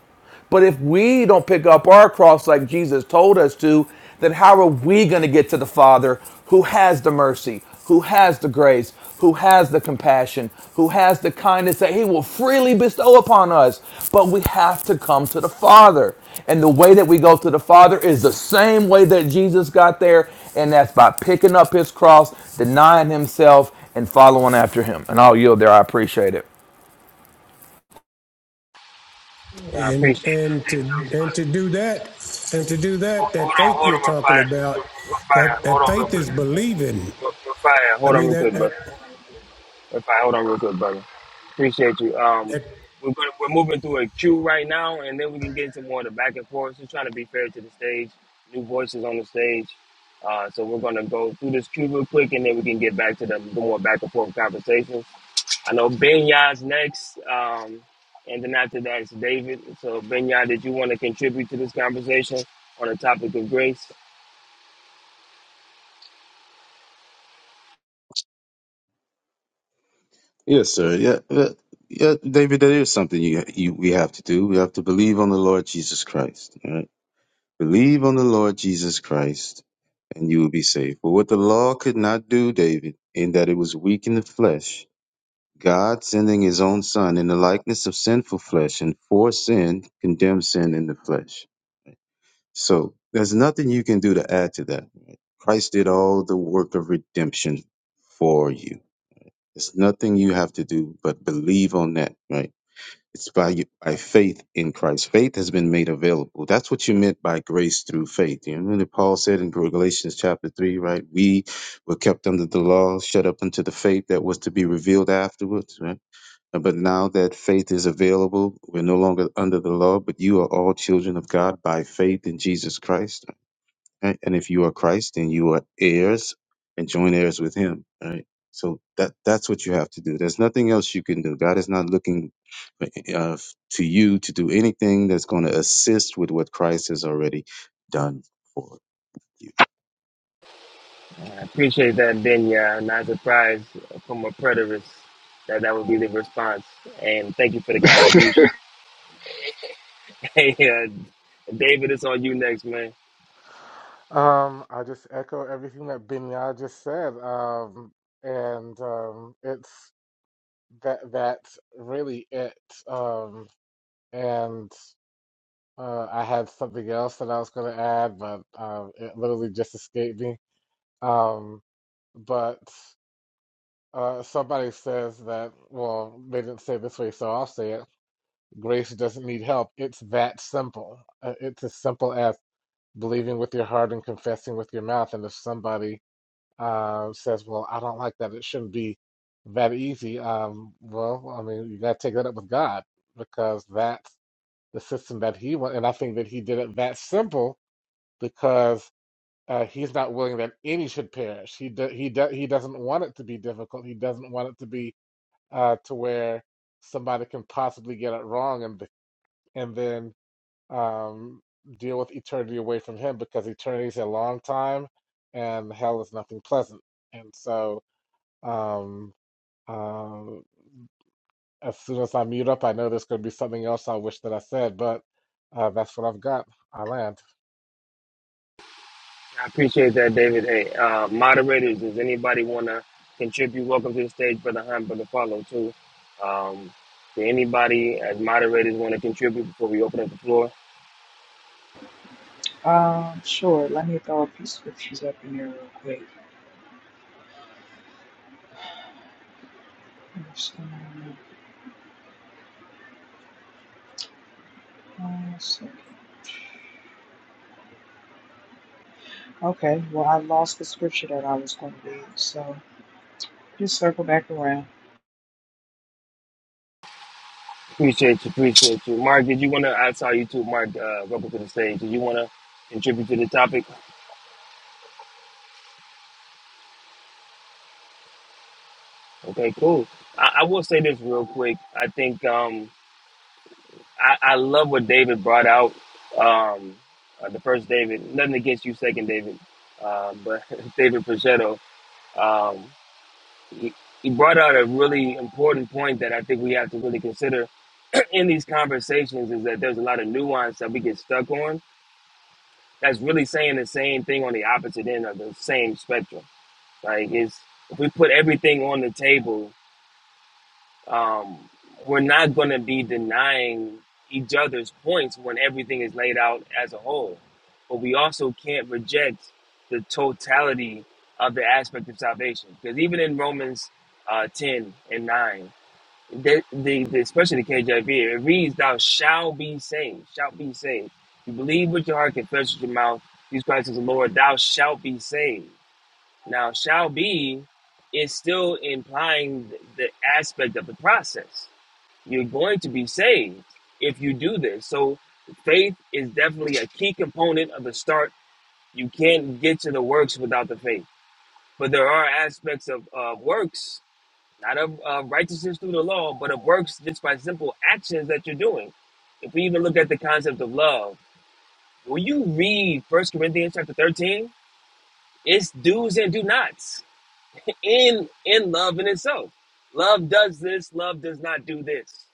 But if we don't pick up our cross like Jesus told us to, then how are we going to get to the Father who has the mercy, who has the grace, who has the compassion, who has the kindness that he will freely bestow upon us? But we have to come to the Father. And the way that we go to the Father is the same way that Jesus got there, and that's by picking up his cross, denying himself, and following after him. And I'll yield there. I appreciate it. I And appreciate that, and to David. That was and fun. to do that and to do Hold that, hold that on, faith hold you're on, talking about, Rafael. Rafael, that hold that on real faith quick. is believing. Rafael, I hold on mean real that quick, bro. that If I hold on real quick, brother. Appreciate you. Um, that we're gonna, we're moving through a queue right now, and then we can get into more of the back and forth. Just trying to be fair to the stage. New voices on the stage. Uh, so we're gonna go through this queue real quick, and then we can get back to the, the more back and forth conversations. I know Benya's next, um, and then after that it's David. So Benya, did you want to contribute to this conversation on the topic of grace? Yes, sir. Yeah, yeah, yeah, David. That is something you, you we have to do. We have to believe on the Lord Jesus Christ. all Right? Believe on the Lord Jesus Christ, and you will be saved. But what the law could not do, David, in that it was weak in the flesh, God sending His own Son in the likeness of sinful flesh, and for sin condemned sin in the flesh. So there's nothing you can do to add to that. right? Christ did all the work of redemption for you. There's nothing you have to do but believe on that, right? It's by by faith in Christ. Faith has been made available. That's what you meant by grace through faith. You remember that Paul said in Galatians chapter three, right? We were kept under the law, shut up unto the faith that was to be revealed afterwards, right? Uh, But now that faith is available, we're no longer under the law, but you are all children of God by faith in Jesus Christ right? And if you are Christ, then you are heirs and joint heirs with Him, right? So that that's what you have to do. There's nothing else you can do. God is not looking eh, uh, to you to do anything that's going to assist with what Christ has already done for you. Appreciate that, Benya. Not surprised from a preterist that that would be the response. And thank you for the oh. contribution. Hey, uh, David, it's on you next, man. Um, I just echo everything that Binya just said. Um, and um, it's that that's really it. Um, and uh, I had something else that I was going to add, but um, it literally just escaped me. Um, but uh, somebody says that, well, they didn't say it this way, so I'll say it. Grace doesn't need help. It's that simple. Uh, it's as simple as believing with your heart and confessing with your mouth. And if somebody uh, says, "Well, I don't like that. It shouldn't be that easy." Um, well, I mean, you got to take that up with God because that's the system that He went, and I think that He did it that simple because uh, He's not willing that any should perish. He do, He do, He doesn't want it to be difficult. He doesn't want it to be uh, to where somebody can possibly get it wrong and be- and then um, deal with eternity away from Him because eternity is a long time, and hell is nothing pleasant. And so um, uh, as soon as I mute up, I know there's going to be something else I wish that I said, but uh, that's what I've got. I land. I appreciate that, David. Hey, uh, moderators, does anybody want to contribute? Welcome to the stage, Brother Hunt, Brother Follow, too. Um, did anybody as moderators want to contribute before we open up the floor? Um, sure. Let me throw a few scriptures up in there real quick. First, um, one second. Okay, well, I lost the scripture that I was going to read, so just circle back around. Appreciate you, appreciate you. Mark, did you want to, I saw you too, Mark, uh, welcome to the stage. Did you want to contribute to the topic? Okay, cool. I, I will say this real quick. I think um, I, I love what David brought out. Um, uh, the first David, nothing against you, second David, uh, but David Pichetto, um, he, he brought out a really important point that I think we have to really consider in these conversations is that there's a lot of nuance that we get stuck on. That's really saying the same thing on the opposite end of the same spectrum. Like, it's if we put everything on the table um, we're not going to be denying each other's points when everything is laid out as a whole. But we also can't reject the totality of the aspect of salvation. Because even in Romans uh, 10 and 9, the, the, the, especially the KJV, it reads, Thou shalt be saved, shalt be saved. You believe with your heart, confess with your mouth, Jesus Christ is the Lord, thou shalt be saved. Now, shall be is still implying the, the aspect of the process you're going to be saved if you do this. So faith is definitely a key component of the start. You can't get to the works without the faith. But there are aspects of uh, works, not of uh, righteousness through the law, but of works just by simple actions that you're doing. If we even look at the concept of love, when you read First Corinthians chapter 13, it's do's and do nots in in love in itself. Love does this, love does not do this.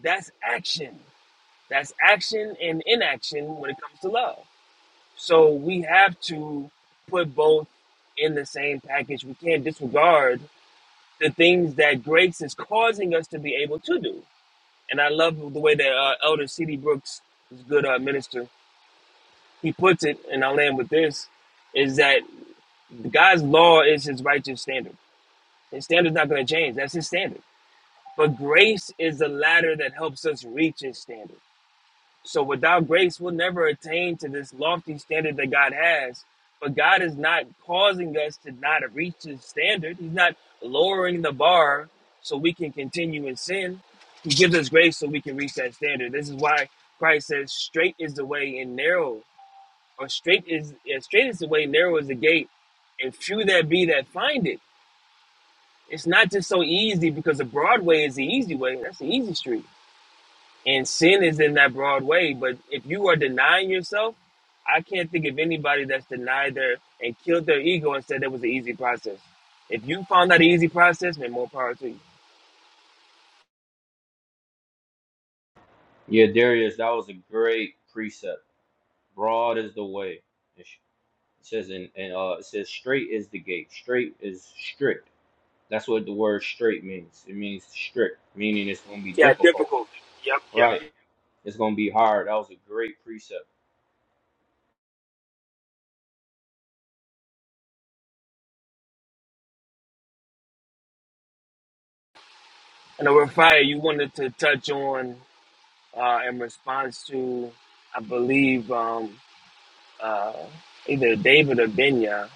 That's action. That's action and inaction when it comes to love. So we have to put both in the same package. We can't disregard the things that grace is causing us to be able to do. And I love the way that uh, Elder C.D. Brooks, this good uh, minister, he puts it, and I'll end with this, is that God's law is his righteous standard. His standard's not going to change. That's his standard. But grace is the ladder that helps us reach his standard. So without grace, we'll never attain to this lofty standard that God has. But God is not causing us to not reach His standard. He's not lowering the bar so we can continue in sin. He gives us grace so we can reach that standard. This is why Christ says, "Straight is the way and narrow, or straight is yeah, straight is the way, narrow is the gate, and few there be that find it." It's not just so easy because the broad way is the easy way. That's the easy street and sin is in that broad way. But if you are denying yourself, I can't think of anybody that's denied their and killed their ego and said that was an easy process. If you found that an easy process, then more power to you. Yeah, Darius, that was a great precept. Broad is the way. It sh- it says in, and uh, it says straight is the gate. Straight is strict. That's what the word straight means. It means strict, meaning it's going to be Yeah, difficult. difficult. Yep, yep. Right. yep. It's going to be hard. That was a great precept. And over fire, you wanted to touch on uh, in response to, I believe, um, uh, either David or Benya.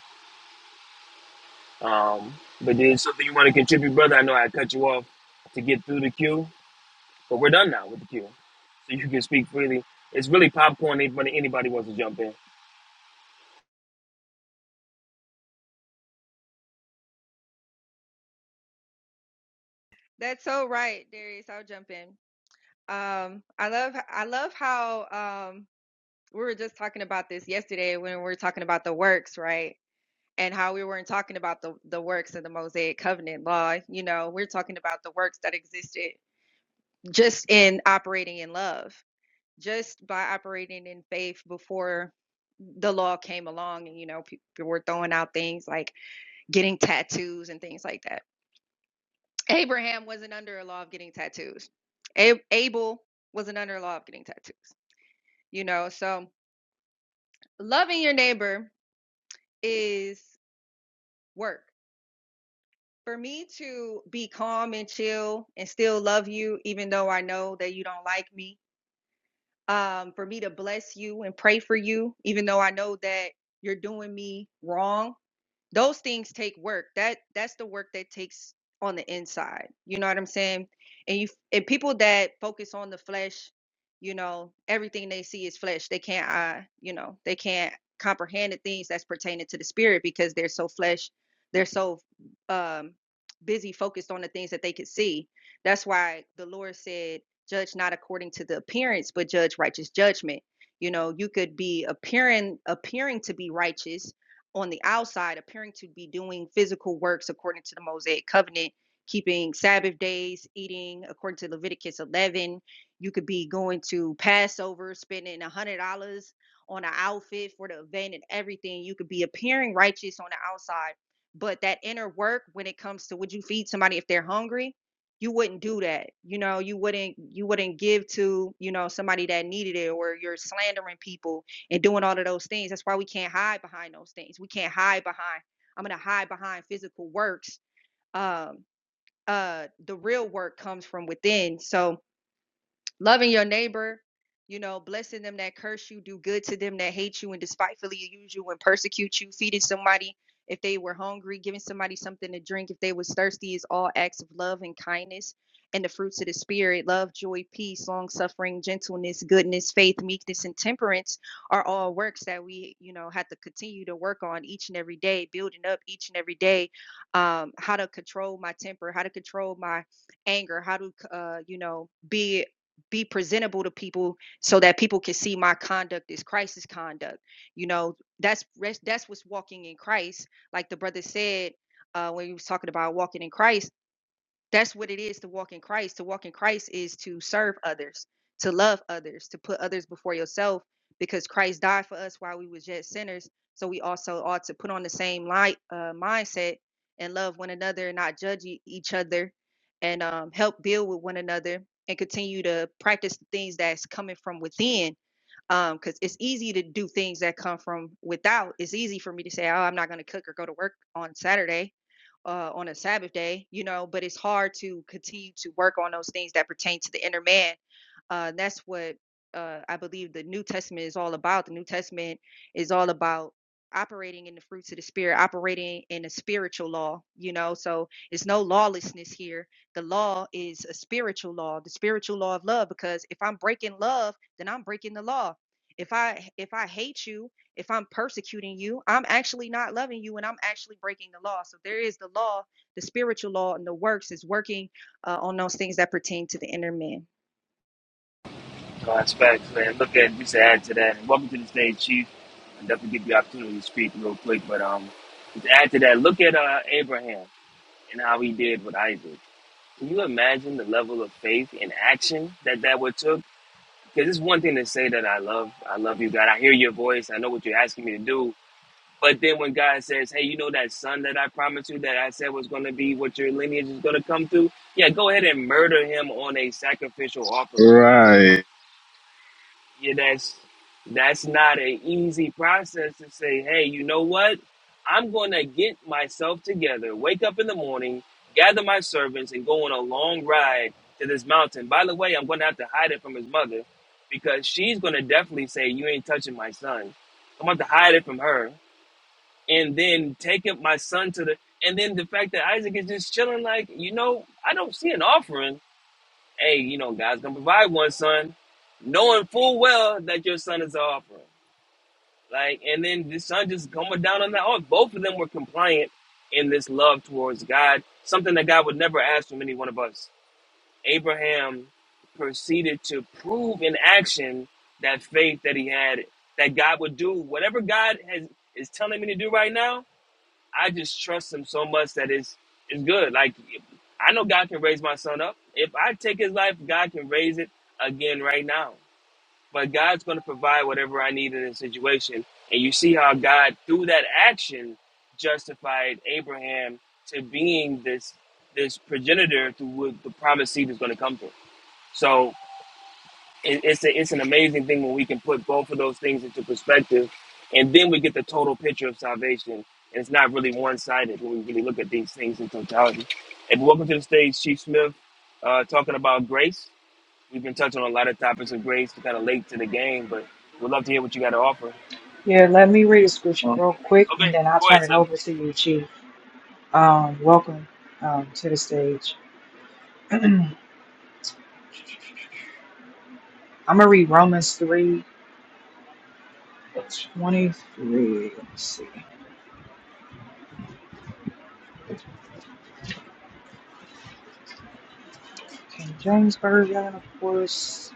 Um, but there's something you want to contribute, brother. I know I cut you off to get through the queue. But we're done now with the queue. So you can speak freely. It's really popcorn. Anybody, anybody wants to jump in. That's so right, Darius. I'll jump in. Um, I love, I love how um, we were just talking about this yesterday when we were talking about the works, right? And how we weren't talking about the the works of the Mosaic Covenant law. You know, we're talking about the works that existed just in operating in love just by operating in faith before the law came along and you know people were throwing out things like getting tattoos and things like that abraham wasn't under a law of getting tattoos A- abel wasn't under a law of getting tattoos you know so loving your neighbor is work for me to be calm and chill and still love you even though i know that you don't like me um, for me to bless you and pray for you even though i know that you're doing me wrong Those things take work. That that's the work that takes on the inside. You know what I'm saying? And you and people that focus on the flesh, you know, everything they see is flesh. They can't uh, you know, they can't comprehend the things that's pertaining to the spirit because they're so flesh, they're so um busy focused on the things that they could see. That's why the Lord said, judge not according to the appearance, but judge righteous judgment. You know, you could be appearing appearing to be righteous on the outside appearing to be doing physical works according to the Mosaic covenant, keeping Sabbath days, eating according to Leviticus 11. You could be going to Passover, spending $100 on an outfit for the event and everything. You could be appearing righteous on the outside, but that inner work when it comes to would you feed somebody if they're hungry? You wouldn't do that. You know, you wouldn't you wouldn't give to, you know, somebody that needed it or you're slandering people and doing all of those things. That's why we can't hide behind those things. We can't hide behind. I'm gonna hide behind physical works. Um, uh, the real work comes from within. So loving your neighbor, you know, blessing them that curse you, do good to them that hate you and despitefully use you and persecute you, feeding somebody if they were hungry, giving somebody something to drink if they was thirsty is all acts of love and kindness and the fruits of the spirit love joy peace long suffering gentleness goodness faith meekness and temperance are all works that we you know have to continue to work on each and every day building up each and every day um, how to control my temper how to control my anger how to uh, you know be be presentable to people so that people can see my conduct is Christ's conduct. You know, that's that's what's walking in Christ. Like the brother said uh, when he was talking about walking in Christ that's what it is to walk in Christ. To walk in Christ is to serve others, to love others, to put others before yourself, because Christ died for us while we was yet sinners. So we also ought to put on the same light uh, mindset and love one another, and not judge e- each other, and um, help build with one another, and continue to practice the things that's coming from within um because it's easy to do things that come from without it's easy for me to say oh i'm not going to cook or go to work on saturday uh, on a sabbath day you know but it's hard to continue to work on those things that pertain to the inner man uh, that's what uh, I believe the New Testament is all about. The New Testament is all about operating in the fruits of the Spirit, operating in a spiritual law, you know. So it's no lawlessness here. The law is a spiritual law, the spiritual law of love, because if I'm breaking love, then I'm breaking the law. If I if I hate you, if I'm persecuting you, I'm actually not loving you and I'm actually breaking the law. So there is the law, the spiritual law and the works is working uh, on those things that pertain to the inner man. No, that's facts, man. Look at just to add to that. And welcome to the stage, Chief. I definitely give you the opportunity to speak real quick. But um, to add to that, look at uh, Abraham and how he did with Isaac. Can you imagine the level of faith and action that that would took? Because it's one thing to say that I love, I love you, God. I hear your voice. I know what you're asking me to do But then when God says, hey, you know that son that I promised you that I said was going to be what your lineage is going to come through? Yeah, go ahead and murder him on a sacrificial offering. Right. Yeah, that's that's not an easy process to say, hey, you know what? I'm going to get myself together, wake up in the morning, gather my servants, and go on a long ride to this mountain. By the way, I'm going to have to hide it from his mother because she's going to definitely say, you ain't touching my son. I'm going to have to hide it from her and then taking my son to the and then the fact that Isaac is just chilling like, you know, I don't see an offering. Hey, you know, God's gonna provide one son, knowing full well that your son is an offering. Like, and then the son just coming down on that Oh, Both of them were compliant in this love towards God, something that God would never ask from any one of us. Abraham proceeded to prove in action that faith that he had, that God would do whatever God has is telling me to do right now. I just trust him so much that it's it's good. Like I know God can raise my son up. If I take his life, God can raise it again right now. But God's going to provide whatever I need in the situation. And you see how God, through that action, justified Abraham to being this this progenitor through who the promised seed is going to come through. So it, it's a, it's an amazing thing when we can put both of those things into perspective, and then we get the total picture of salvation. And it's not really one sided when we really look at these things in totality. And welcome to the stage, Chief Smith, uh, talking about grace. We've been touching on a lot of topics of grace. We're kind of late to the game, but we'd love to hear what you got to offer. Yeah, let me read the scripture real quick and Okay, then I'll go ahead, turn it sir. over to you, Chief. Um, welcome um, to the stage. I'm going to read Romans 3 23. Let's see. King James Version, of course.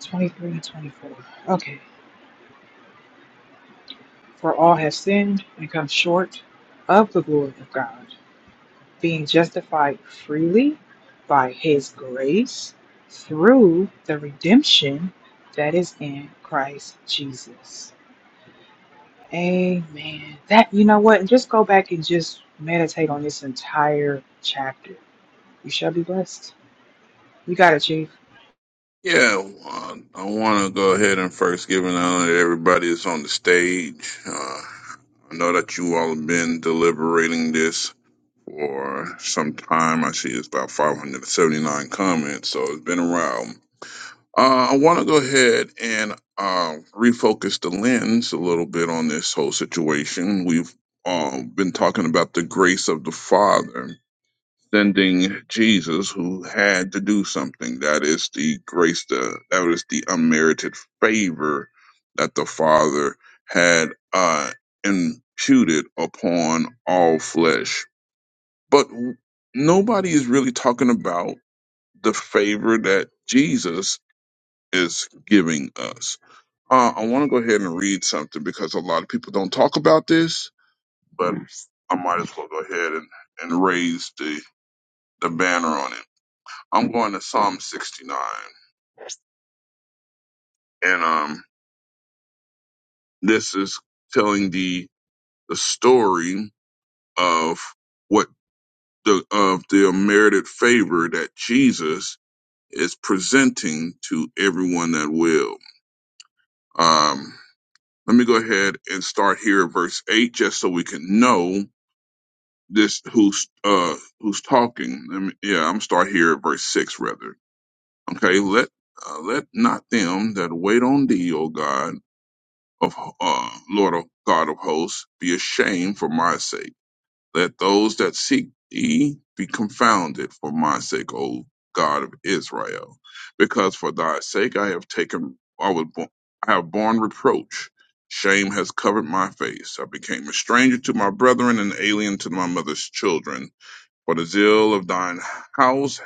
23 and 24. Okay. For all have sinned and come short of the glory of God, being justified freely by his grace through the redemption that is in Christ Jesus. Amen. That, you know what? Just go back and just meditate on this entire chapter. You shall be blessed. You got it, Chief. Yeah, uh, I want to go ahead and first give an honor to everybody that's on the stage. Uh, I know that you all have been deliberating this for some time. I see it's about 579 comments, so it's been around. Uh, I want to go ahead and uh, refocus the lens a little bit on this whole situation. We've uh, been talking about the grace of the Father sending Jesus, who had to do something. That is the grace, the, that is the unmerited favor that the Father had uh, imputed upon all flesh. But nobody is really talking about the favor that Jesus is giving us. Uh, I want to go ahead and read something because a lot of people don't talk about this, but I might as well go ahead and, and raise the, the banner on it. I'm going to Psalm 69, and um, this is telling the the story of what the of the unmerited favor that Jesus is presenting to everyone that will. Um, let me go ahead and start here at verse eight, just so we can know this who's uh who's talking. Let me, yeah, I'm gonna start here at verse six rather. Okay, let uh, let not them that wait on thee, O God of uh, Lord of God of hosts, be ashamed for my sake. Let those that seek thee be confounded for my sake, O God of Israel, because for thy sake I have taken I was born, I have borne reproach. Shame has covered my face. I became a stranger to my brethren and alien to my mother's children for the zeal of thine house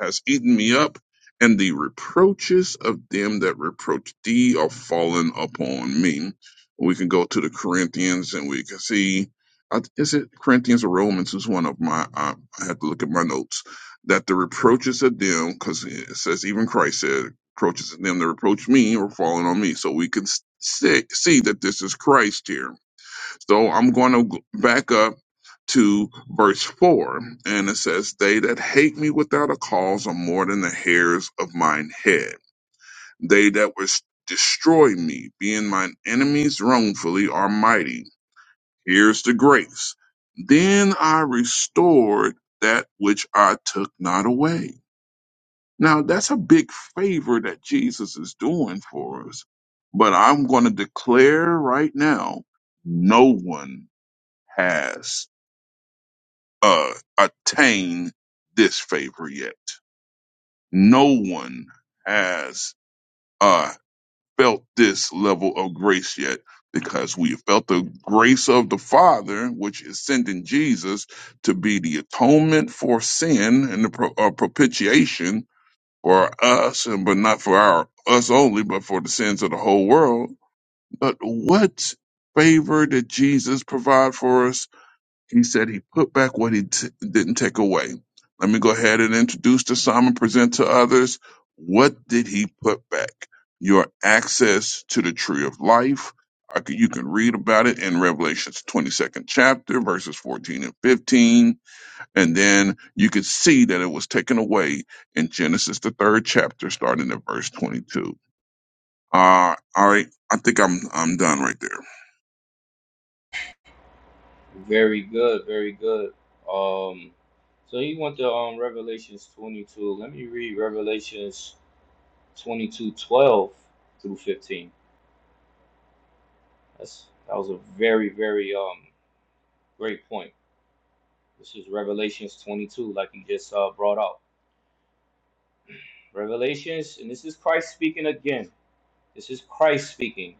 has eaten me up, and the reproaches of them that reproach thee are fallen upon me. We can go to the Corinthians and we can see, I is it Corinthians or Romans? Is one of my, I, I have to look at my notes, that the reproaches of them, because it says even Christ said, reproaches of them that reproach me are fallen on me. So we can s- say, see that this is Christ here so I'm going to g- back up to verse 4, and it says, They that hate me without a cause are more than the hairs of mine head. They that was destroy me, being mine enemies wrongfully, are mighty. Here's the grace. Then I restored that which I took not away. Now, that's a big favor that Jesus is doing for us. But I'm going to declare right now no one has. uh, attain this favor yet. No one has uh, felt this level of grace yet because we have felt the grace of the Father, which is sending Jesus to be the atonement for sin and the pro- uh, propitiation for us, and but not for our us only, but for the sins of the whole world. But what favor did Jesus provide for us he said he put back what he t- didn't take away. Let me go ahead and introduce the psalm and present to others. What did he put back? Your access to the tree of life. I c- You can read about it in Revelation's 22nd chapter, verses 14 and 15. And then you could see that it was taken away in Genesis, the third chapter, starting at verse 22. Uh, all right. I think I'm, I'm done right there. Very good. Very good. Um, so you went to um Revelations 22. Let me read Revelations 22 12 through 15. That's that was a very very um great point. This is Revelations 22, like you just uh, brought out. Revelations, and this is Christ speaking again. This is Christ speaking.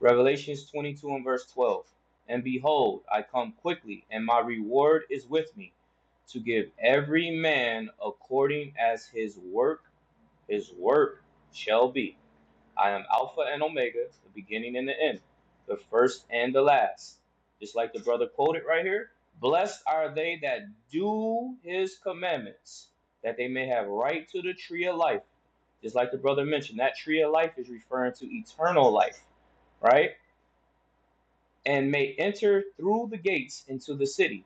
Revelations 22 and verse 12. And behold, I come quickly, and my reward is with me to give every man according as his work, his work shall be. I am Alpha and Omega, the beginning and the end, the first and the last. Just like the brother quoted right here Blessed are they that do his commandments, that they may have right to the tree of life. Just like the brother mentioned, that tree of life is referring to eternal life, right? and may enter through the gates into the city.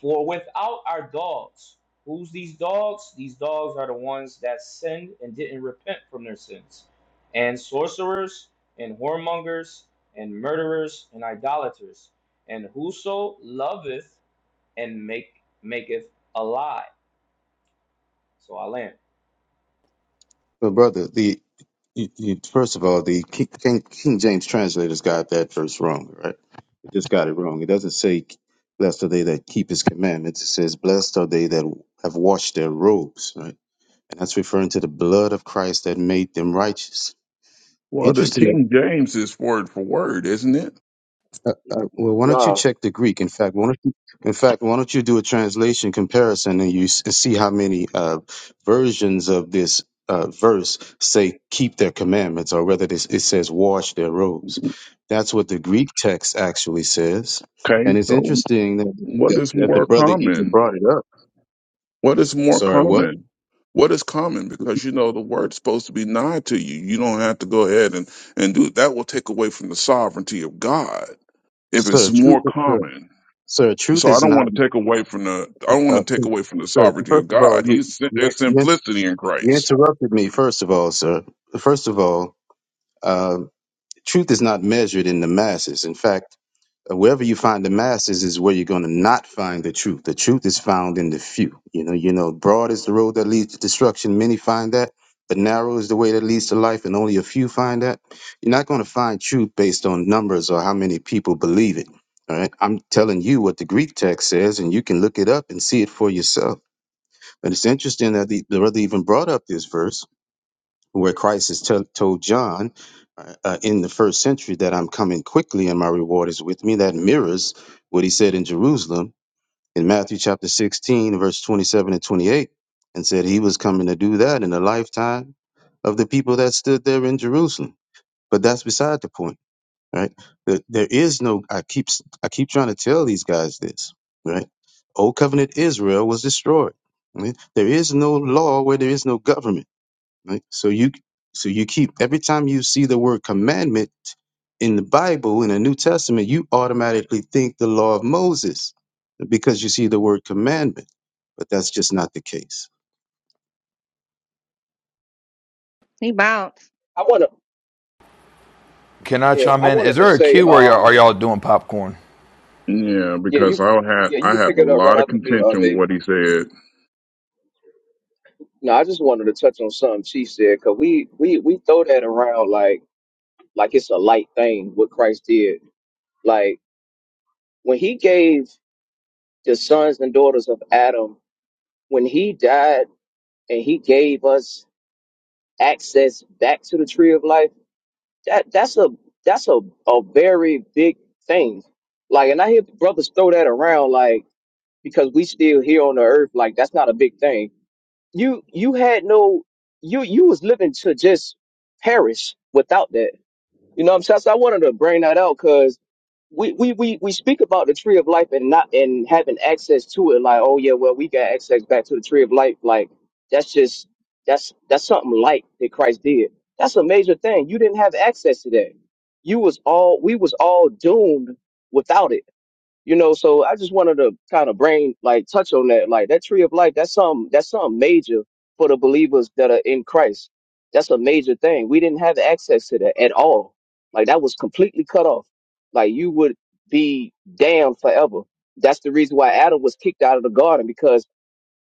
For without our dogs, who's these dogs? These dogs are the ones that sinned and didn't repent from their sins, and sorcerers, and whoremongers, and murderers, and idolaters, and whoso loveth and make maketh a lie. So I land. So, brother, the you, you, first of all, the King, King King James translators got that verse wrong, right? They just got it wrong. It doesn't say, "Blessed are they that keep His commandments." It says, "Blessed are they that have washed their robes," right? and that's referring to the blood of Christ that made them righteous. Well, the Interesting. King James is word for word, isn't it? Uh, uh, well, why don't you No, check the Greek? In fact, why don't you, in fact, why don't you do a translation comparison and you s- see how many uh, versions of this uh, verse say "keep their commandments" or whether this, it says "wash their robes." That's what the Greek text actually says, Okay. and it's So interesting that, What that, is that the more brother even common? brought it up. What is more Sorry, what? common? What is common? Because you know the word's supposed to be nigh to you. You don't have to go ahead and, and do it. That will take away from the sovereignty of God if it's Sir, truth, more is, sir, common. sir, truth So I is don't not. want to take away from the I don't Uh, want to take away from the sir, sovereignty first of of all, God. you, He's si, you there's you simplicity in you Christ. interrupted me. First of all, sir. First of all, um, truth is not measured in the masses. In fact, uh, wherever you find the masses is where you're going to not find the truth. The truth is found in the few. You know, you know, broad is the road that leads to destruction. Many find that, but narrow is the way that leads to life, and only a few find that. You're not going to find truth based on numbers or how many people believe it. All right, I'm telling you what the Greek text says, and you can look it up and see it for yourself. And it's interesting that the, the brother even brought up this verse where Christ has tell told John uh, uh, in the first century that I'm coming quickly and my reward is with me. That mirrors what he said in Jerusalem in Matthew chapter 16, verse 27 and 28, and said he was coming to do that in the lifetime of the people that stood there in Jerusalem. But that's beside the point right? That there is no. I keep I keep trying to tell these guys this, right? Old covenant Israel was destroyed. right? There is no law where there is no government. Right? So you so you keep every time you see the word commandment in the Bible in the New Testament, you automatically think the law of Moses because you see the word commandment, but that's just not the case He bowed. I wanna. Can I Yeah, chime I in? Is wanted to there a say. queue or are y'all, are Um, y'all doing popcorn? Yeah, yeah, because you. I had Yeah, you I can had pick a it up right lot of after me, uh, contention with David. what he said. No, I just wanted to touch on something she said because we we we throw that around like like it's a light thing what Christ did. Like when he gave the sons and daughters of Adam, when he died and he gave us access back to the tree of life. That that's a that's a a very big thing. Like, and I hear brothers throw that around like. because we still here on the earth like that's not a big thing you you had no you you was living to just perish without that you know what i'm saying so i wanted to bring that out because we, we we we speak about the tree of life and not and having access to it like oh yeah well we got access back to the tree of life like that's just that's that's something light that christ did that's a major thing you didn't have access to that you was all we was all doomed without it you know, so I just wanted to kind of brain like touch on that. Like that tree of life, that's something that's something major for the believers that are in Christ. That's a major thing. We didn't have access to that at all. Like that was completely cut off. Like you would be damned forever. That's the reason why Adam was kicked out of the garden because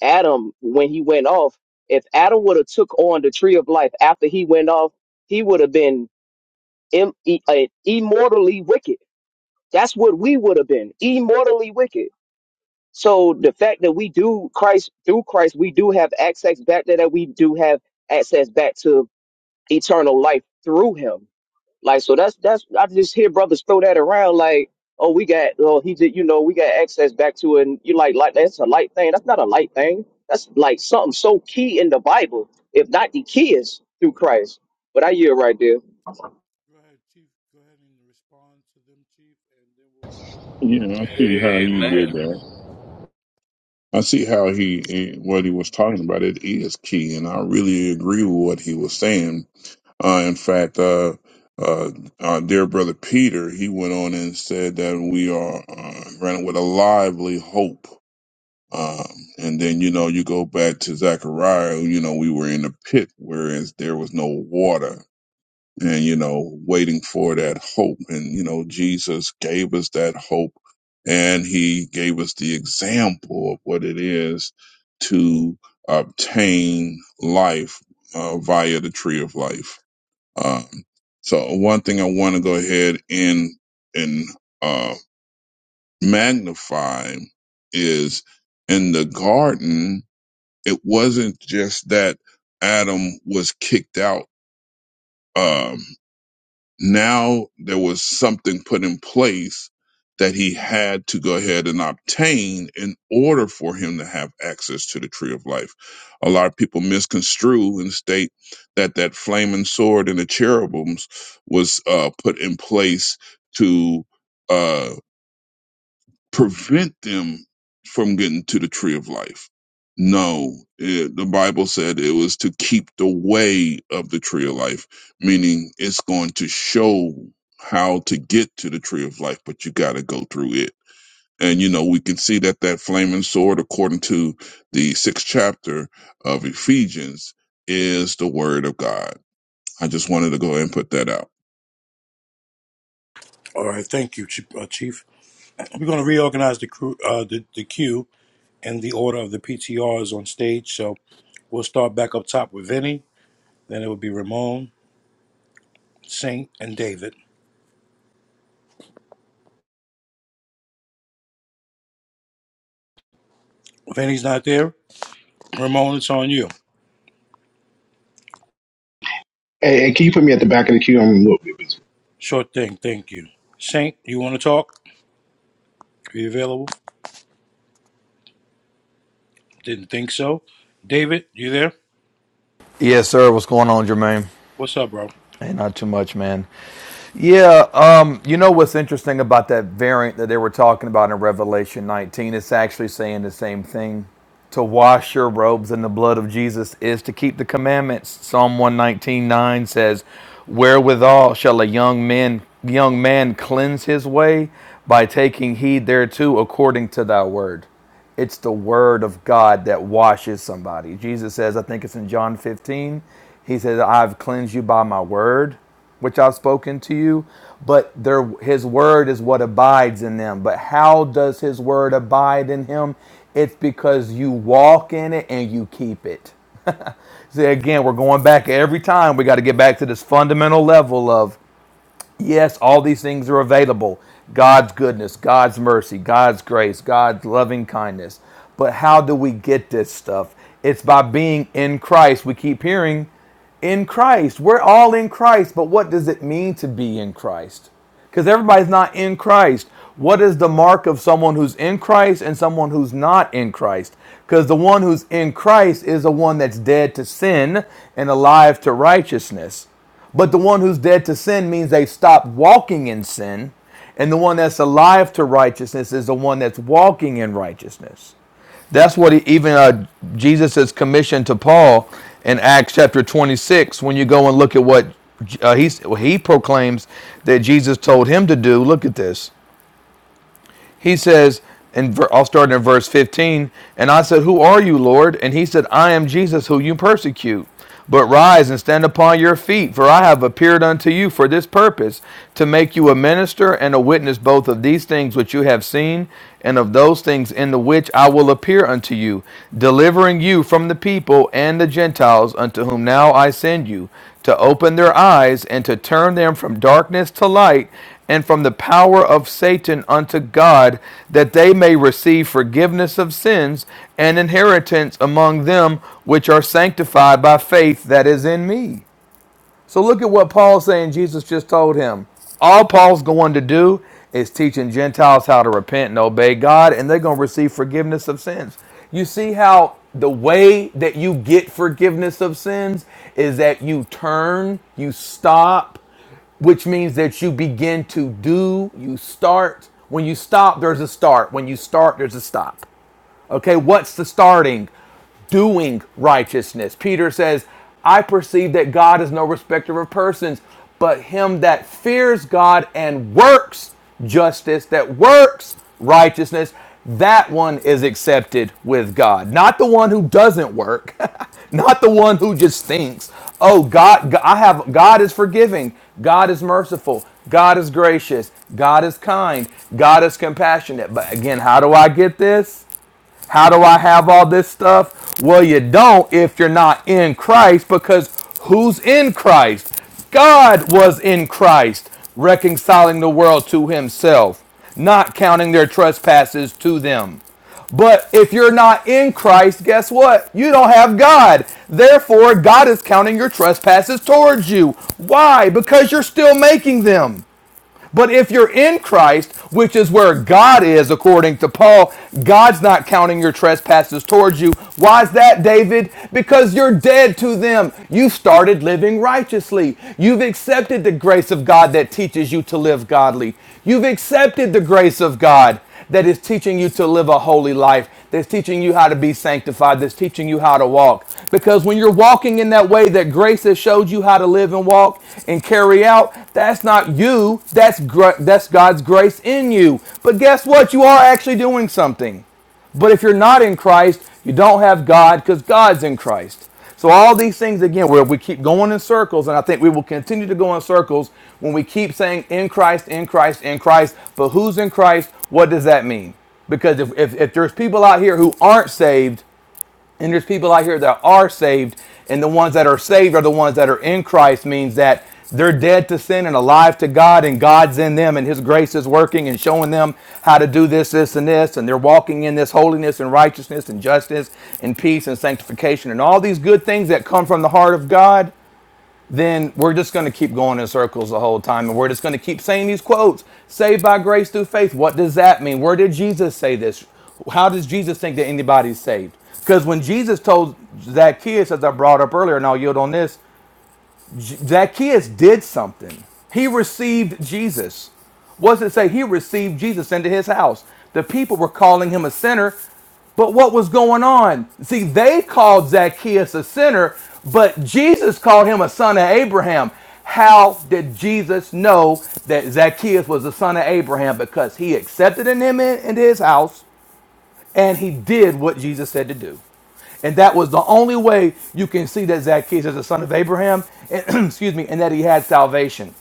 Adam, when he went off, if Adam would have took on the tree of life after he went off, he would have been Im- e- uh, immortally wicked. That's what we would have been, immortally wicked so the fact that we do Christ through Christ, we do have access back there, that we do have access back to eternal life through Him. Like so, that's that's I just hear brothers throw that around like, oh, we got, oh, he did, you know, we got access back to, it. and you like, like that's a light thing. That's not a light thing. That's like something so key in the Bible, if not the key is through Christ. But I hear right there. Go ahead, Chief. Go ahead and respond to them, Chief, and then we'll we'll get Yeah, I back see to how you Amen. did that. I see how he eh, what he was talking about. It is key, and I really agree with what he was saying. Uh, in fact, uh, uh, our dear brother Peter, he went on and said that we are uh, running with a lively hope. Um, and then you know you go back to Zechariah. You know we were in a pit, whereas there was no water and you know waiting for that hope and you know jesus gave us that hope and he gave us the example of what it is to obtain life uh, via the tree of life um, so one thing i want to go ahead and and uh, magnify is in the garden it wasn't just that adam was kicked out Um, now there was something put in place that he had to go ahead and obtain in order for him to have access to the tree of life. A lot of people misconstrue and state that that flaming sword and the cherubims was uh, put in place to. uh, prevent them from getting to the tree of life. No, it, the Bible said it was to keep the way of the tree of life, meaning it's going to show how to get to the tree of life, but you got to go through it. And you know, we can see that that flaming sword, according to the sixth chapter of Ephesians, is the word of God. I just wanted to go ahead and put that out. All right, thank you, Chief. Uh, Chief. We're going to reorganize the crew, uh, the, the queue, and the order of the PTRs on stage. So we'll start back up top with Vinny. Then it would be Ramon, Saint, and David. Vinny's not there. Ramon, it's on you. Hey, hey, can you put me at the back of the queue? I'm a little bit busy. Short thing. Thank you. Saint, you want to talk? Are you available? Didn't think so. David, you there? Yes, sir. What's going on, Jermaine? What's up, bro? Ain't not too much, man. Yeah, um, you know what's interesting about that variant that they were talking about in Revelation 19? It's actually saying the same thing. To wash your robes in the blood of Jesus is to keep the commandments. Psalm 119:9 says, "Wherewithal shall a young man young man cleanse his way by taking heed thereto according to thy word." It's the word of God that washes somebody. Jesus says, I think it's in John 15, he says, "I've cleansed you by my word." which I've spoken to you, but their his word is what abides in them. But how does his word abide in him? It's because you walk in it and you keep it. See, again, we're going back every time. We got to get back to this fundamental level of. Yes, all these things are available God's goodness, God's mercy, God's grace, God's loving kindness. But how do we get this stuff? It's by being in Christ. We keep hearing in Christ. We're all in Christ, but what does it mean to be in Christ? Because everybody's not in Christ. What is the mark of someone who's in Christ and someone who's not in Christ? Because the one who's in Christ is the one that's dead to sin and alive to righteousness. But the one who's dead to sin means they've stopped walking in sin. And the one that's alive to righteousness is the one that's walking in righteousness. That's what he, even uh, Jesus is commissioned to Paul in Acts chapter 26. When you go and look at what uh, he, he proclaims that Jesus told him to do, look at this. He says, and I'll start in verse 15. And I said, Who are you, Lord? And he said, I am Jesus, who you persecute. But rise and stand upon your feet, for I have appeared unto you for this purpose, to make you a minister and a witness both of these things which you have seen, and of those things in the which I will appear unto you, delivering you from the people and the Gentiles unto whom now I send you, to open their eyes and to turn them from darkness to light, and from the power of Satan unto God, that they may receive forgiveness of sins and inheritance among them which are sanctified by faith that is in me. So look at what Paul's saying Jesus just told him. All Paul's going to do is teaching Gentiles how to repent and obey God, and they're going to receive forgiveness of sins. You see how the way that you get forgiveness of sins is that you turn, you stop, which means that you begin to do, you start. When you stop, there's a start. When you start, there's a stop. Okay, what's the starting? Doing righteousness. Peter says, I perceive that God is no respecter of persons, but him that fears God and works justice, that works righteousness, that one is accepted with God. Not the one who doesn't work, not the one who just thinks, "Oh God, I have God is forgiving, God is merciful, God is gracious, God is kind, God is compassionate." But again, how do I get this? How do I have all this stuff? Well, you don't if you're not in Christ, because who's in Christ? God was in Christ, reconciling the world to himself, not counting their trespasses to them. But if you're not in Christ, guess what? You don't have God. Therefore, God is counting your trespasses towards you. Why? Because you're still making them. But if you're in Christ, which is where God is, according to Paul, God's not counting your trespasses towards you. Why is that, David? Because you're dead to them. You started living righteously. You've accepted the grace of God that teaches you to live godly. You've accepted the grace of God that is teaching you to live a holy life, that's teaching you how to be sanctified, that's teaching you how to walk. Because when you're walking in that way that grace has showed you how to live and walk and carry out, that's not you, that's, gr- that's God's grace in you. But guess what? You are actually doing something. But if you're not in Christ, you don't have God because God's in Christ. So all these things again, where we keep going in circles, and I think we will continue to go in circles when we keep saying in Christ, in Christ, in Christ. But who's in Christ? What does that mean? Because if, if, if there's people out here who aren't saved, and there's people out here that are saved, and the ones that are saved are the ones that are in Christ, means that they're dead to sin and alive to God, and God's in them, and His grace is working and showing them how to do this, this, and this, and they're walking in this holiness and righteousness and justice and peace and sanctification and all these good things that come from the heart of God then we're just going to keep going in circles the whole time. And we're just going to keep saying these quotes saved by grace through faith. What does that mean? Where did Jesus say this? How does Jesus think that anybody's saved? Because when Jesus told Zacchaeus, as I brought up earlier, and I'll yield on this, Zacchaeus did something. He received Jesus. What does it say? He received Jesus into his house. The people were calling him a sinner, but what was going on? See, they called Zacchaeus a sinner, but Jesus called him a son of Abraham. How did Jesus know that Zacchaeus was the son of Abraham? Because he accepted him into his house and he did what Jesus said to do. And that was the only way you can see that Zacchaeus is a son of Abraham, and, excuse me, and that he had salvation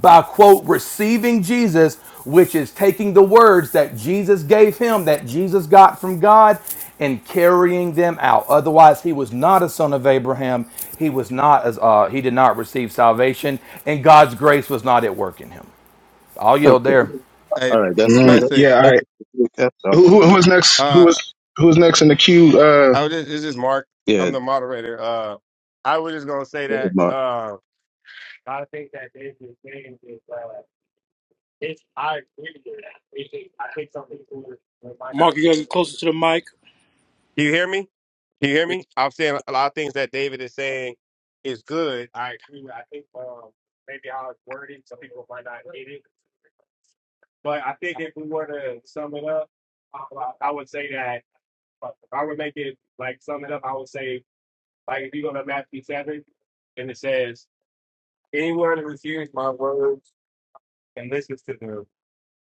by quote receiving Jesus, which is taking the words that Jesus gave him, that Jesus got from God, and carrying them out. Otherwise, he was not a son of Abraham. He was not as uh, he did not receive salvation, and God's grace was not at work in him. I'll yield Okay. there. Hey, All right. That's just Mm, that, yeah. blessings. All that's right. just that's Who, who awful. who is next? Who Uh, was who was next in the queue? Uh. I was just, this is Mark. I'm Yeah. the moderator. Uh, I was just gonna say that. Mark. Uh, I was saying is, uh, it's, I agree with you. It's just- I think some people they might not Mark, you gotta get get it. closer to the mic. Can you hear me? Can you hear me? I'm saying a lot of things that David is saying is good. I agree. with- I think um, maybe how it's worded, some people might not get it. But I think if we were to sum it up, I, I would say that if I would make it like sum it up, I would say Like if you go to Matthew 7, and it says, Anyone who hears my words and listens to them,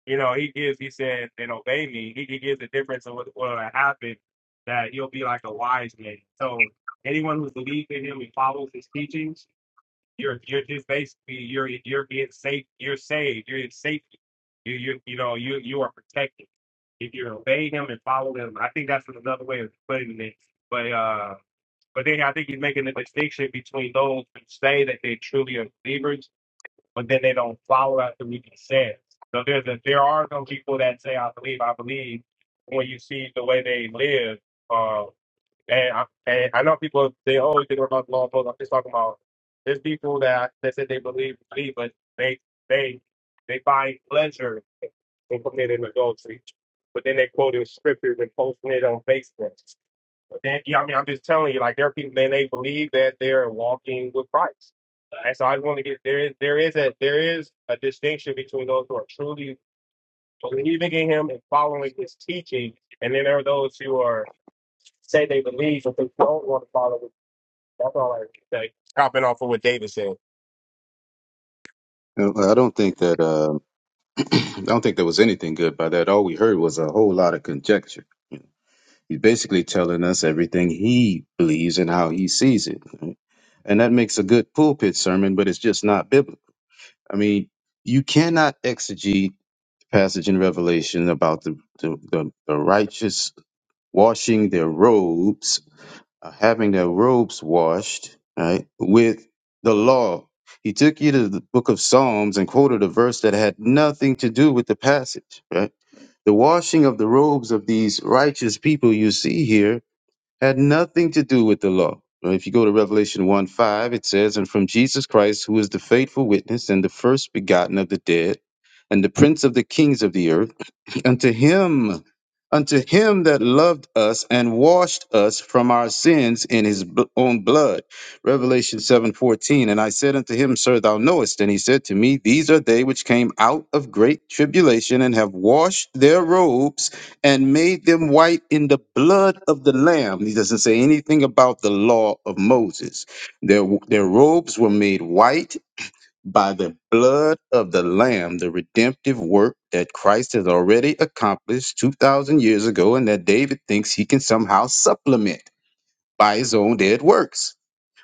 you know, he gives, he said, and obey me. He, he gives the difference of what will happen that you'll be like a wise man. So anyone who believes in him and follows his teachings, you're you're just basically you're you're being safe, you're saved, you're in safety. You you you know, you you are protected. If you obey him and follow him, I think that's another way of putting it. But uh but then I think he's making the distinction between those who say that they truly are believers, but then they don't follow after what he says. So there's a, there are some people that say, I believe, I believe, when you see the way they live. Uh, and, I, and I know people, they always think about the law and I'm just talking about there's people that, that say they believe, believe, but they, they, they find pleasure in committing adultery. But then they quote in scriptures and posting it on Facebook. Then, yeah, I mean, I'm just telling you, like there are people, then they believe that they're walking with Christ. And so I just want to get there is there is a there is a distinction between those who are truly believing in Him and following His teaching, and then there are those who are say they believe but they don't want to follow. Him. That's all I can say. Copping off of what David said. Uh, I don't think that uh, I don't think there was anything good by that. All we heard was a whole lot of conjecture. He's basically telling us everything he believes and how he sees it. right? And that makes a good pulpit sermon, but it's just not biblical. I mean, you cannot exegete passage in Revelation about the, the, the, the righteous washing their robes, uh, having their robes washed, right, with the law. He took you to the book of Psalms and quoted a verse that had nothing to do with the passage, right? The washing of the robes of these righteous people you see here had nothing to do with the law. Right? If you go to Revelation 1 5, it says, And from Jesus Christ, who is the faithful witness and the first begotten of the dead, and the prince of the kings of the earth unto him unto him that loved us and washed us from our sins in his b- own blood revelation 7:14 and i said unto him sir thou knowest and he said to me these are they which came out of great tribulation and have washed their robes and made them white in the blood of the lamb he doesn't say anything about the law of moses their their robes were made white by the blood of the Lamb, the redemptive work that Christ has already accomplished 2,000 years ago, and that David thinks he can somehow supplement by his own dead works.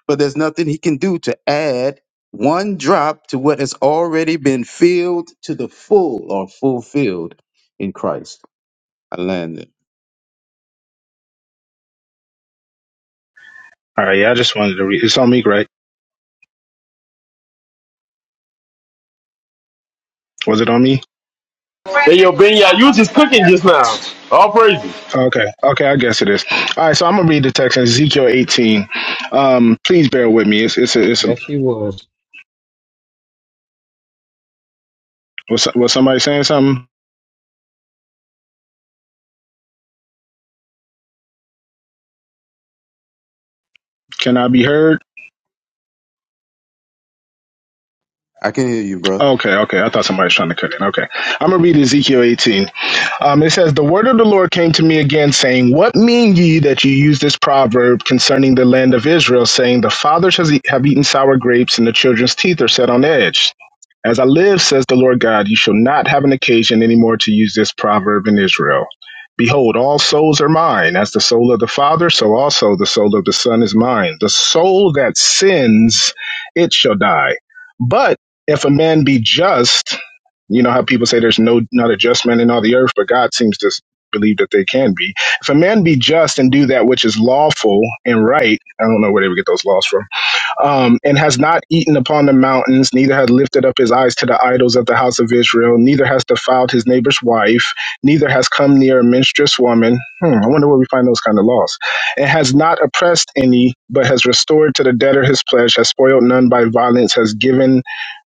But there's nothing he can do to add one drop to what has already been filled to the full or fulfilled in Christ. I landed. All right. Yeah. I just wanted to read. It's on me, right? Was it on me? Then yo, Benya, you was just cooking just now. All praises. Okay. Okay. I guess it is. All right. So I'm gonna read the text in Ezekiel 18. Um. Please bear with me. It's it's a, it's a, Yes, he was. was was somebody saying something? Can I be heard? I can hear you, bro. Okay. Okay. I thought somebody was trying to cut in. Okay. I'm gonna read Ezekiel 18. Um, it says, The word of the Lord came to me again, saying, What mean ye that you use this proverb concerning the land of Israel, saying, The fathers has e- have eaten sour grapes, and the children's teeth are set on edge? As I live, says the Lord God, you shall not have an occasion any more to use this proverb in Israel. Behold, all souls are mine. As the soul of the Father, so also the soul of the Son is mine. The soul that sins, it shall die. But if a man be just, you know how people say there's no not a just man in all the earth, but God seems to s- believe that they can be. If a man be just and do that which is lawful and right, I don't know where they would get those laws from, um, and has not eaten upon the mountains, neither has lifted up his eyes to the idols of the house of Israel, neither has defiled his neighbor's wife, neither has come near a menstruous woman. Hmm, I wonder where we find those kind of laws. And has not oppressed any, but has restored to the debtor his pledge, has spoiled none by violence, has given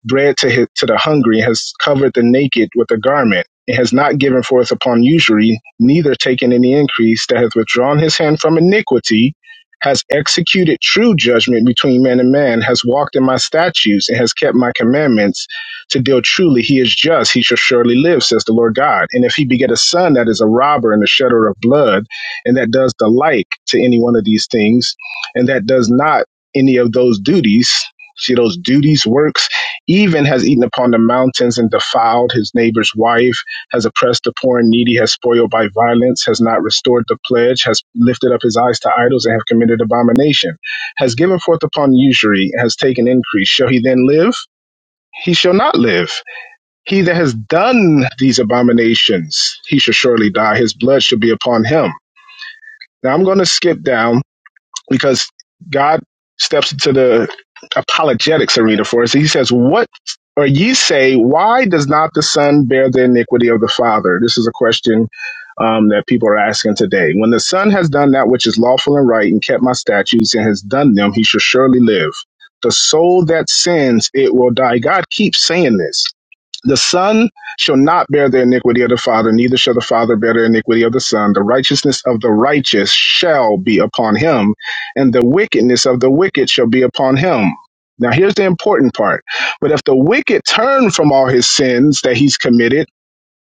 bread to, his, to the hungry, has covered the naked with a garment, and has not given forth upon usury, neither taken any increase, that hath withdrawn his hand from iniquity, has executed true judgment between man and man, has walked in my statutes, and has kept my commandments to deal truly. He is just, he shall surely live, says the Lord God. And if he beget a son that is a robber and a shedder of blood, and that does the like to any one of these things, and that does not any of those duties, see those duties, works, even has eaten upon the mountains and defiled his neighbor's wife, has oppressed the poor and needy, has spoiled by violence, has not restored the pledge, has lifted up his eyes to idols, and have committed abomination, has given forth upon usury, has taken increase. Shall he then live? He shall not live. He that has done these abominations, he shall surely die. His blood shall be upon him. Now I'm going to skip down because God steps into the apologetics arena for us. He says, What or ye say, why does not the Son bear the iniquity of the Father? This is a question um, that people are asking today. When the Son has done that which is lawful and right and kept my statutes and has done them, he shall surely live. The soul that sins, it will die. God keeps saying this. The Son shall not bear the iniquity of the Father, neither shall the Father bear the iniquity of the Son. The righteousness of the righteous shall be upon him, and the wickedness of the wicked shall be upon him. Now, here's the important part. But if the wicked turn from all his sins that he's committed,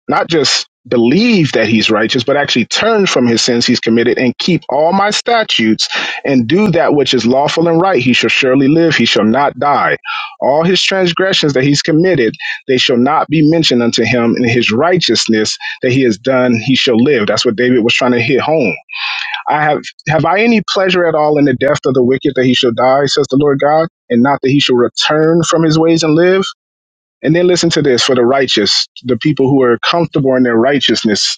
not just believe that he's righteous, but actually turn from his sins he's committed and keep all my statutes and do that which is lawful and right, he shall surely live, he shall not die. All his transgressions that he's committed, they shall not be mentioned unto him in his righteousness that he has done, he shall live. That's what David was trying to hit home. I have have I any pleasure at all in the death of the wicked that he shall die, says the Lord God, and not that he shall return from his ways and live? And then listen to this for the righteous, the people who are comfortable in their righteousness.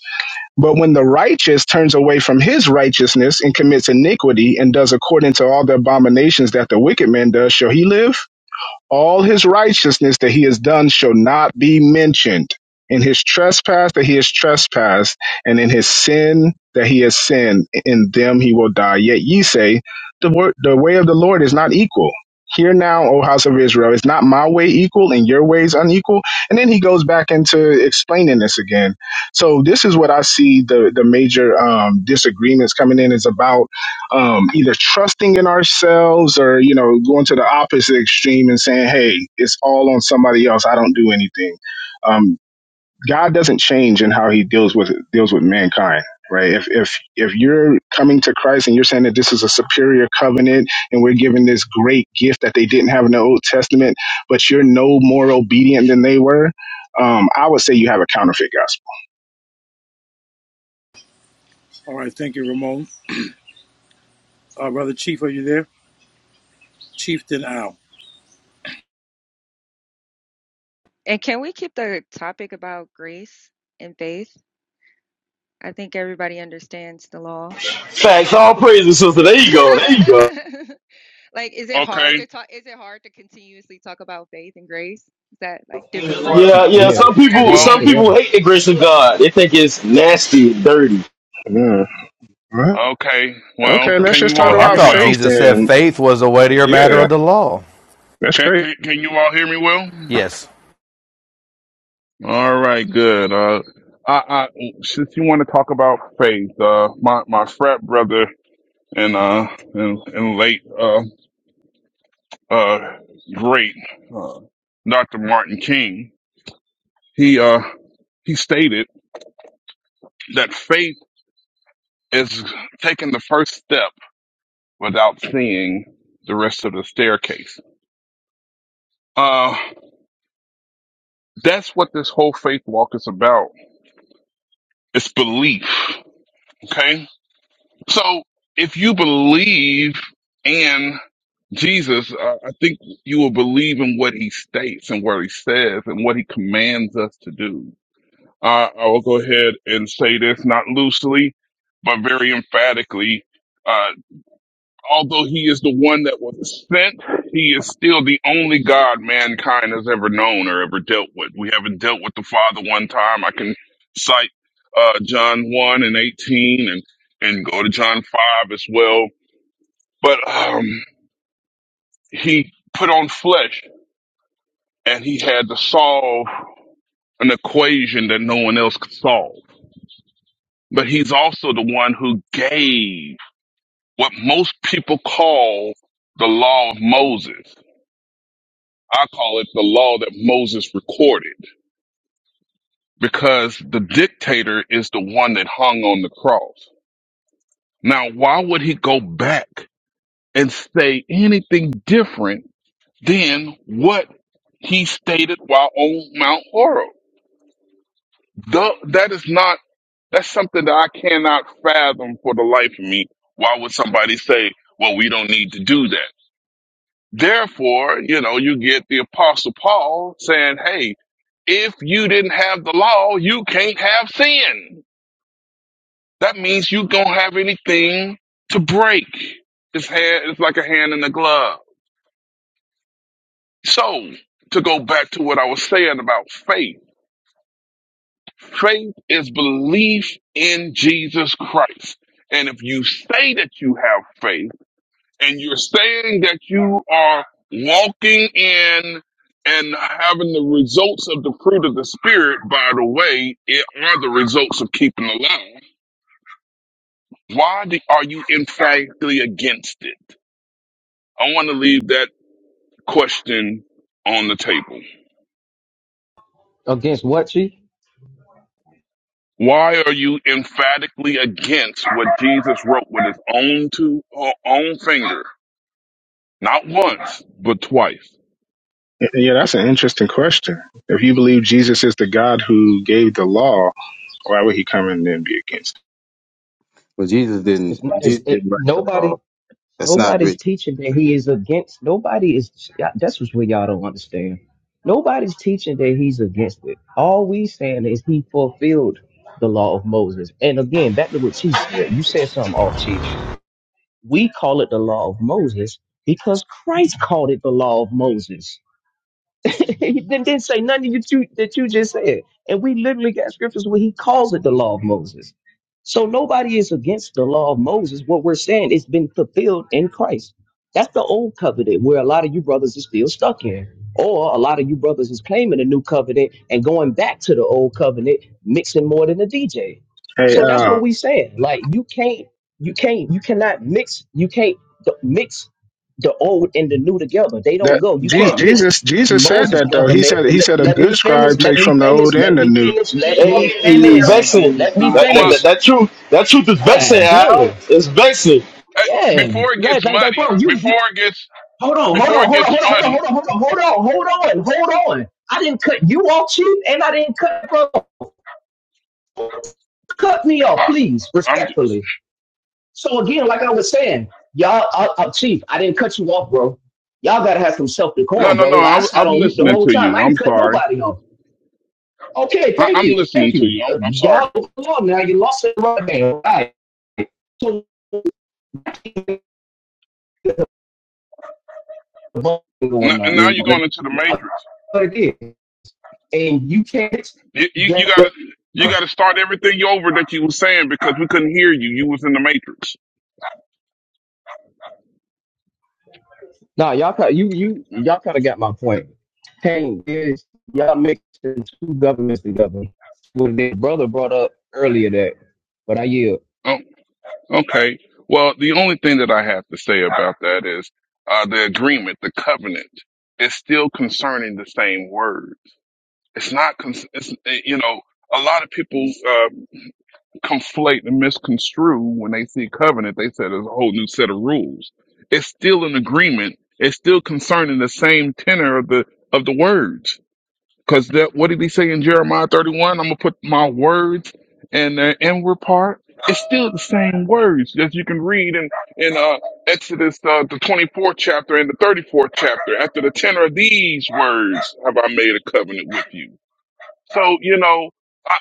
But when the righteous turns away from his righteousness and commits iniquity and does according to all the abominations that the wicked man does, shall he live? all his righteousness that he has done shall not be mentioned. In his trespass that he has trespassed, and in his sin that he has sinned, in them he will die. Yet ye say, the, wor- the way of the Lord is not equal. Hear now, O house of Israel, is not my way equal and your ways unequal? And then he goes back into explaining this again. So this is what I see the, the major um, disagreements coming in is about um, either trusting in ourselves or you know going to the opposite extreme and saying hey it's all on somebody else i don't do anything um, god doesn't change in how he deals with deals with mankind right if if if you're coming to christ and you're saying that this is a superior covenant and we're given this great gift that they didn't have in the old testament but you're no more obedient than they were um, i would say you have a counterfeit gospel All right, thank you, Ramon. Uh, Brother Chief, are you there? Chieftain Al. And can we keep the topic about grace and faith? I think everybody understands the law. Facts, all praises, sister. There you go. There you go. like, is it hard Okay. to talk? Is it hard to continuously talk about faith and grace? Is that like difficult? Yeah, yeah. Yeah, Some it people, is Well, some to people them. hate the grace of God. They think it's nasty and dirty, yeah. All right. okay. Well, okay let's can just you talk all Well, hear I me about thought well? faith Jesus said Then, faith was a weightier matter yeah of the law. that's Can, crazy can can you all hear me well? Yes. All right, good. Uh, I, I since you want to talk about faith, uh, my my frat brother and uh and, and late uh uh great uh, Dr. Martin King, he uh he stated that faith is taking the first step without seeing the rest of the staircase. Uh, that's what this whole faith walk is about. It's belief. Okay, so if you believe. and Jesus, I I think you will believe in what he states and what he says and what he commands us to do. Uh, I will go ahead and say this not loosely, but very emphatically. Uh, although he is the one that was sent, he is still the only God mankind has ever known or ever dealt with. We haven't dealt with the Father one time. I can cite uh, John 1 and 18 and, and go to John 5 as well. But um, he put on flesh and he had to solve an equation that no one else could solve. But he's also the one who gave what most people call the law of Moses. I call it the law that Moses recorded because the dictator is the one that hung on the cross. Now, why would he go back and say anything different than what he stated while on Mount Horeb? The, that is not That's something that I cannot fathom for the life of me. Why would somebody say, well, we don't need to do that? Therefore, you know, you get the apostle Paul saying, hey, if you didn't have the law, you can't have sin. That means you don't have anything to break. It's, hand, it's like a hand in a glove. So to go back to what I was saying about faith, faith is belief in Jesus Christ. And if you say that you have faith, and you're saying that you are walking in and having the results of the fruit of the spirit by the way it are the results of keeping the law why do, are you emphatically against it i want to leave that question on the table Against what, Chief? why are you emphatically against what jesus wrote with his own two uh, own finger not once but twice Yeah, that's an interesting question. If you believe Jesus is the God who gave the law, why would he come in and be against? But Jesus It's, didn't. it's Jesus it, didn't write the nobody. law. That's not Nobody's written. teaching that he is against. Nobody is. y'all- That's what's what y'all don't understand. Nobody's teaching that he's against it. All we saying is he fulfilled the law of Moses. And again, back to what Chief said. You said something off, Chief. We call it the law of Moses because Christ called it the law of Moses. he didn't, didn't say nothing that you that you just said. And we literally got scriptures where he calls it the law of Moses. So nobody is against the law of Moses. What we're saying it's been fulfilled in Christ. That's the old covenant where a lot of you brothers is still stuck in. Or a lot of you brothers is claiming the new covenant and going back to the old covenant, mixing more than a DJ. it? Hey, So that's what uh, we saying. Like you can't, you can't, you cannot mix, you can't d- mix the old and the new together. They don't that go. You Je- can't what? mix Jesus, Jesus said Moses' that though. He government. said he Let, said a let me good finish. scribe Let takes me from the old finish. and Let the me new. finish. It- Let me it- it's finish. in vexing. with Let me you. That, that well that finish. that truth, that truth is Ah vexing, Al. dang. It's vexing. eh, Yeah. before it Like, gets like, like muddy, bro, you, you, before it gets hold on, hold Before on, it hold on, gets hold on, hold on, muddy, hold on, hold on, hold on, hold on, hold on. I didn't cut you off, chief, and I didn't cut, bro. Cut me off, I, please, I'm just, respectfully. So again, like I was saying, y'all, uh, uh, chief, I didn't cut you off, bro. Y'all gotta have some self no, decorum, no, bro. no. Like I I, sat I'm on mute the listening whole to time. you. I I'm ain't cut sorry. nobody off. Okay, I, thank I'm you, thank listening to you. you. I'm, Uh, I'm sorry. y'all now. You lost it right there, right? So what's N- going and on? now You you're going into the I matrix. what it is, and you can't You, you, go. you gotta, you gotta start everything over that you were saying because we couldn't hear you. You was in the matrix. Nah, y'all kind you you y'all kind of got my point. Pain is y'all mixing two governments together. What their brother brought up earlier that, but I yield. Oh, okay. Well, the only thing that I have to say about that is, uh, the agreement, the covenant is still concerning the same word. It's not, con- it's, eh, you know, a lot of people. uh, conflate and misconstrue when they see covenant. They said there's a whole new set of rules. It's still an agreement. It's still concerning the same tenor of the of the words. Because that what did he say in Jeremiah 31? I'm gonna put my words in the inward part. It's still the same words that you can read in in uh, Exodus uh, the 24th chapter and the 34th chapter. After the tenor of these words, have I made a covenant with you? So you know, I,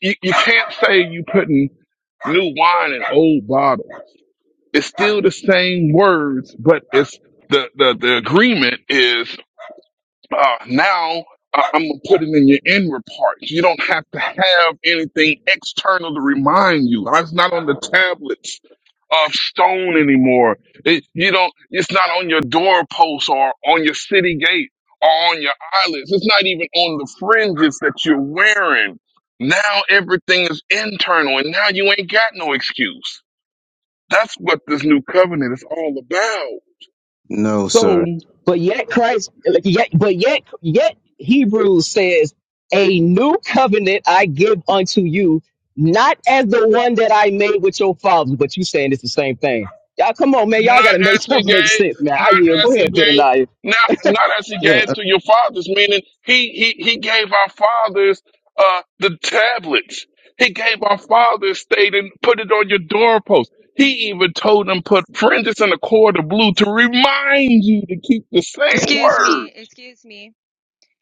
you you can't say you putting new wine and old bottle. It's still the same words, but it's the the, the agreement is uh, now uh, I'm gonna put it in your inward parts. You don't have to have anything external to remind you. Uh, It's not on the tablets of stone anymore. It, you don't. It's not on your doorpost or on your city gate or on your eyelids. It's not even on the fringes that you're wearing. Now everything is internal, and now you ain't got no excuse. That's what this new covenant is all about. no, So sir. But yet Christ, like, yet, but yet, yet Hebrews says, a new covenant I give unto you, not as the one that I made with your fathers. But you saying it's the same thing. Y'all, come on, man. Y'all got not to make as he stuff make gave, sense, man. I not yield. as Go he ahead, gave, Bitter not not as he Yeah, gave to your fathers, meaning he he he gave our fathers uh the tablets. He gave our fathers stayed and put it on your doorpost. He even told them put prentice in a cord of blue to remind you to keep the same Excuse word. me. Excuse me.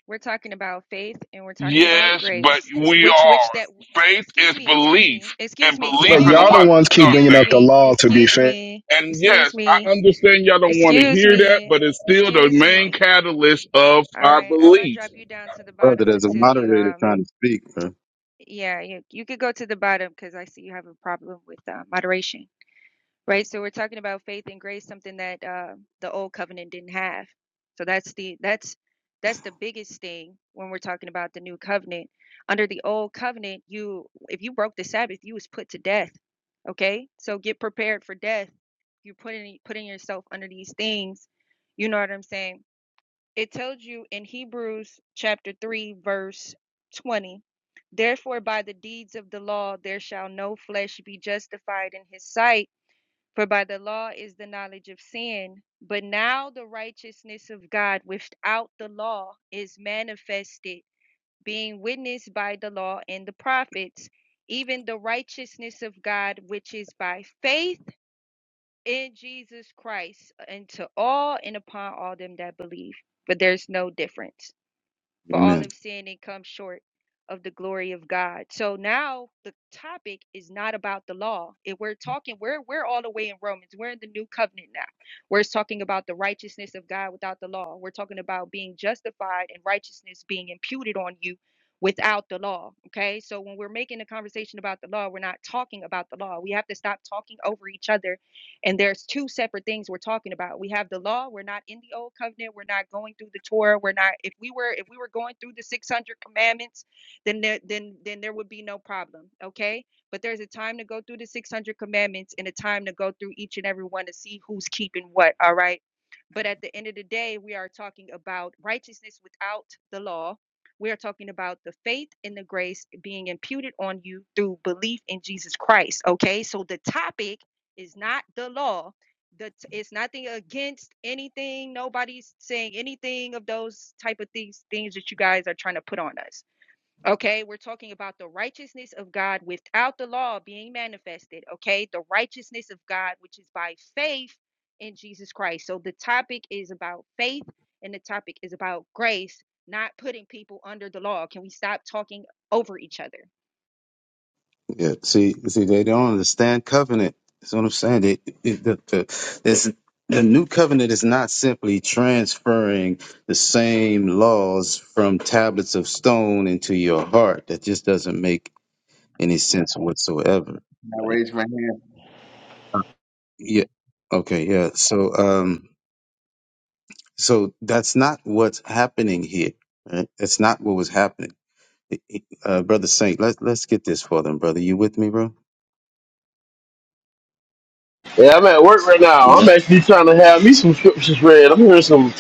We're talking about faith and we're talking about Yes, but grace. we Which, which that, are. Faith excuse is me, excuse me, belief. excuse And me, belief But in excuse y'all the what? me, ones keep bringing Something. excuse up the me, law to be excuse fair. me, And excuse yes, I me, understand y'all don't want to excuse hear that, me, but it's still the excuse main me. catalyst of All our right, I'm gonna belief. drop you down to the brother. bottom There's a until you moderator um trying to speak, bro. yeah, you you could go to the bottom because I see you have a problem with uh, moderation, right? So we're talking about faith and grace, something that uh, the old covenant didn't have. So that's the that's that's the biggest thing when we're talking about the new covenant. Under the old covenant, you if you broke the Sabbath, you was put to death. Okay, so get prepared for death. You're putting putting yourself under these things. You know what I'm saying? it tells you in Hebrews chapter 3, verse 20 Therefore, by the deeds of the law, there shall no flesh be justified in his sight, for by the law is the knowledge of sin. But now the righteousness of God without the law is manifested, being witnessed by the law and the prophets, even the righteousness of God which is by faith in Jesus Christ unto all and upon all them that believe. But there's no difference. For all Amen. have sinned and come short of the glory of God. So now the topic is not about the law. If we're talking, we're we're all the way in Romans. We're in the new covenant now. We're talking about the righteousness of God without the law. We're talking about being justified and righteousness being imputed on you without the law. Okay. So when we're making a conversation about the law, we're not talking about the law. We have to stop talking over each other and there's two separate things we're talking about. We have the law. We're not in the old covenant. We're not going through the Torah. We're not. If we were, if we were going through the 600 commandments, then there, then then there would be no problem. Okay. But there's a time to go through the 600 commandments and a time to go through each and every one to see who's keeping what. All right. But at the end of the day, we are talking about righteousness without the law. We are talking about the faith and the grace being imputed on you through belief in Jesus Christ. Okay. So the topic it's not the law. The, it's nothing against anything. Nobody's saying anything of those type of things, things that you guys are trying to put on us. Okay, we're talking about the righteousness of God without the law being manifested. Okay, the righteousness of God, which is by faith in Jesus Christ. So the topic is about faith and the topic is about grace, not putting people under the law. Can we stop talking over each other? Yeah. See, see, they don't understand covenant. That's what I'm saying. They, it, the, the, this, the new covenant is not simply transferring the same laws from tablets of stone into your heart. That just doesn't make any sense whatsoever. I Right? raise my hand. Uh, Yeah. Okay. Yeah. So, um, so that's not what's happening here. Right? That's not what was happening. Uh, brother Saint, let's let's get this for them, brother. You with me, bro? Yeah, I'm at work right now. Yeah. I'm actually trying to have me some scriptures read. I'm hearing some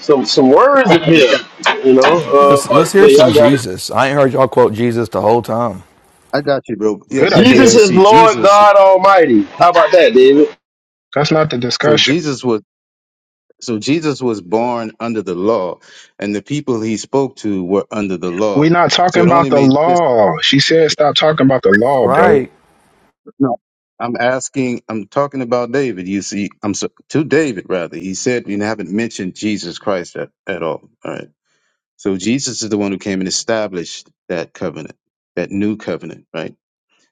some some words in here. You know, uh, Let's let's but hear yeah, some y'all got it. Jesus. I ain't heard y'all quote Jesus the whole time. I got you, bro. Yeah, Good because Jesus idea. you is see, Lord Jesus. God Almighty. How about that, David? That's not the So discussion. Jesus was. So Jesus was born under the law, and the people he spoke to were under the We're law. not So talking it about only the made sense. law. She said stop talking about the law, bro. Right. No, I'm asking. I'm talking about David. You see, I'm so, to David rather. He said you haven't mentioned Jesus Christ at, at all. All right. So Jesus is the one who came and established that covenant, that new covenant, right?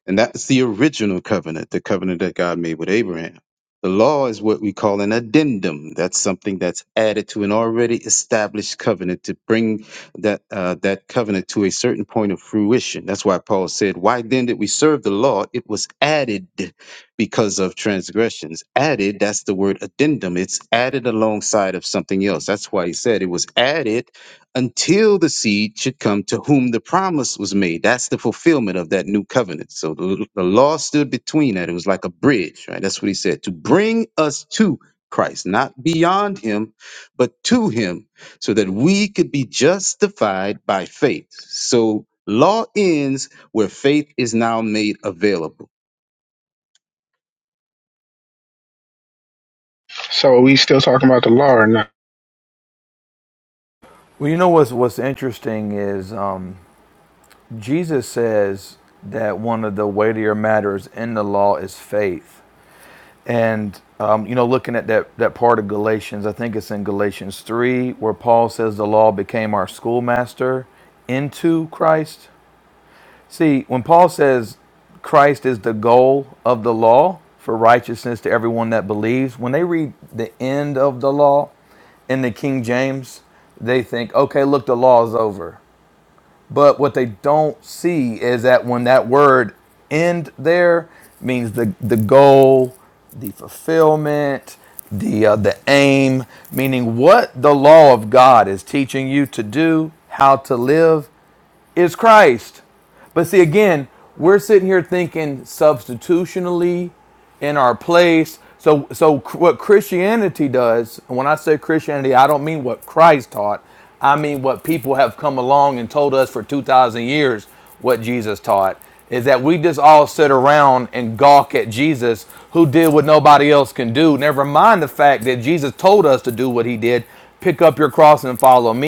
And that's the original covenant, the covenant that God made with Abraham. The law is what we call an addendum. That's something that's added to an already established covenant to bring that uh, that covenant to a certain point of fruition. That's why Paul said, "Why then did we serve the law? It was added because of transgressions. Added. That's the word addendum. It's added alongside of something else. That's why he said it was added until the seed should come to whom the promise was made. That's the fulfillment of that new covenant. So the, the law stood between that. It was like a bridge, right? That's what he said to bring us to Christ, not beyond him, but to him, so that we could be justified by faith. So law ends where faith is now made available. So are we still talking about the law or not? Well, you know what's what's interesting is um, Jesus says that one of the weightier matters in the law is faith, and um, you know, looking at that that part of Galatians, I think it's in Galatians three where Paul says the law became our schoolmaster into Christ. See, when Paul says Christ is the goal of the law for righteousness to everyone that believes, when they read the end of the law in the King James, they think, okay, look, the law is over. But what they don't see is that when that word end there means the, the goal, the fulfillment, the, uh, the aim, meaning what the law of God is teaching you to do, how to live, is Christ. But see, again, we're sitting here thinking substitutionally in our place. So, so what Christianity does, and when I say Christianity, I don't mean what Christ taught. I mean what people have come along and told us for 2,000 years what Jesus taught, is that we just all sit around and gawk at Jesus who did what nobody else can do. Never mind the fact that Jesus told us to do what he did pick up your cross and follow me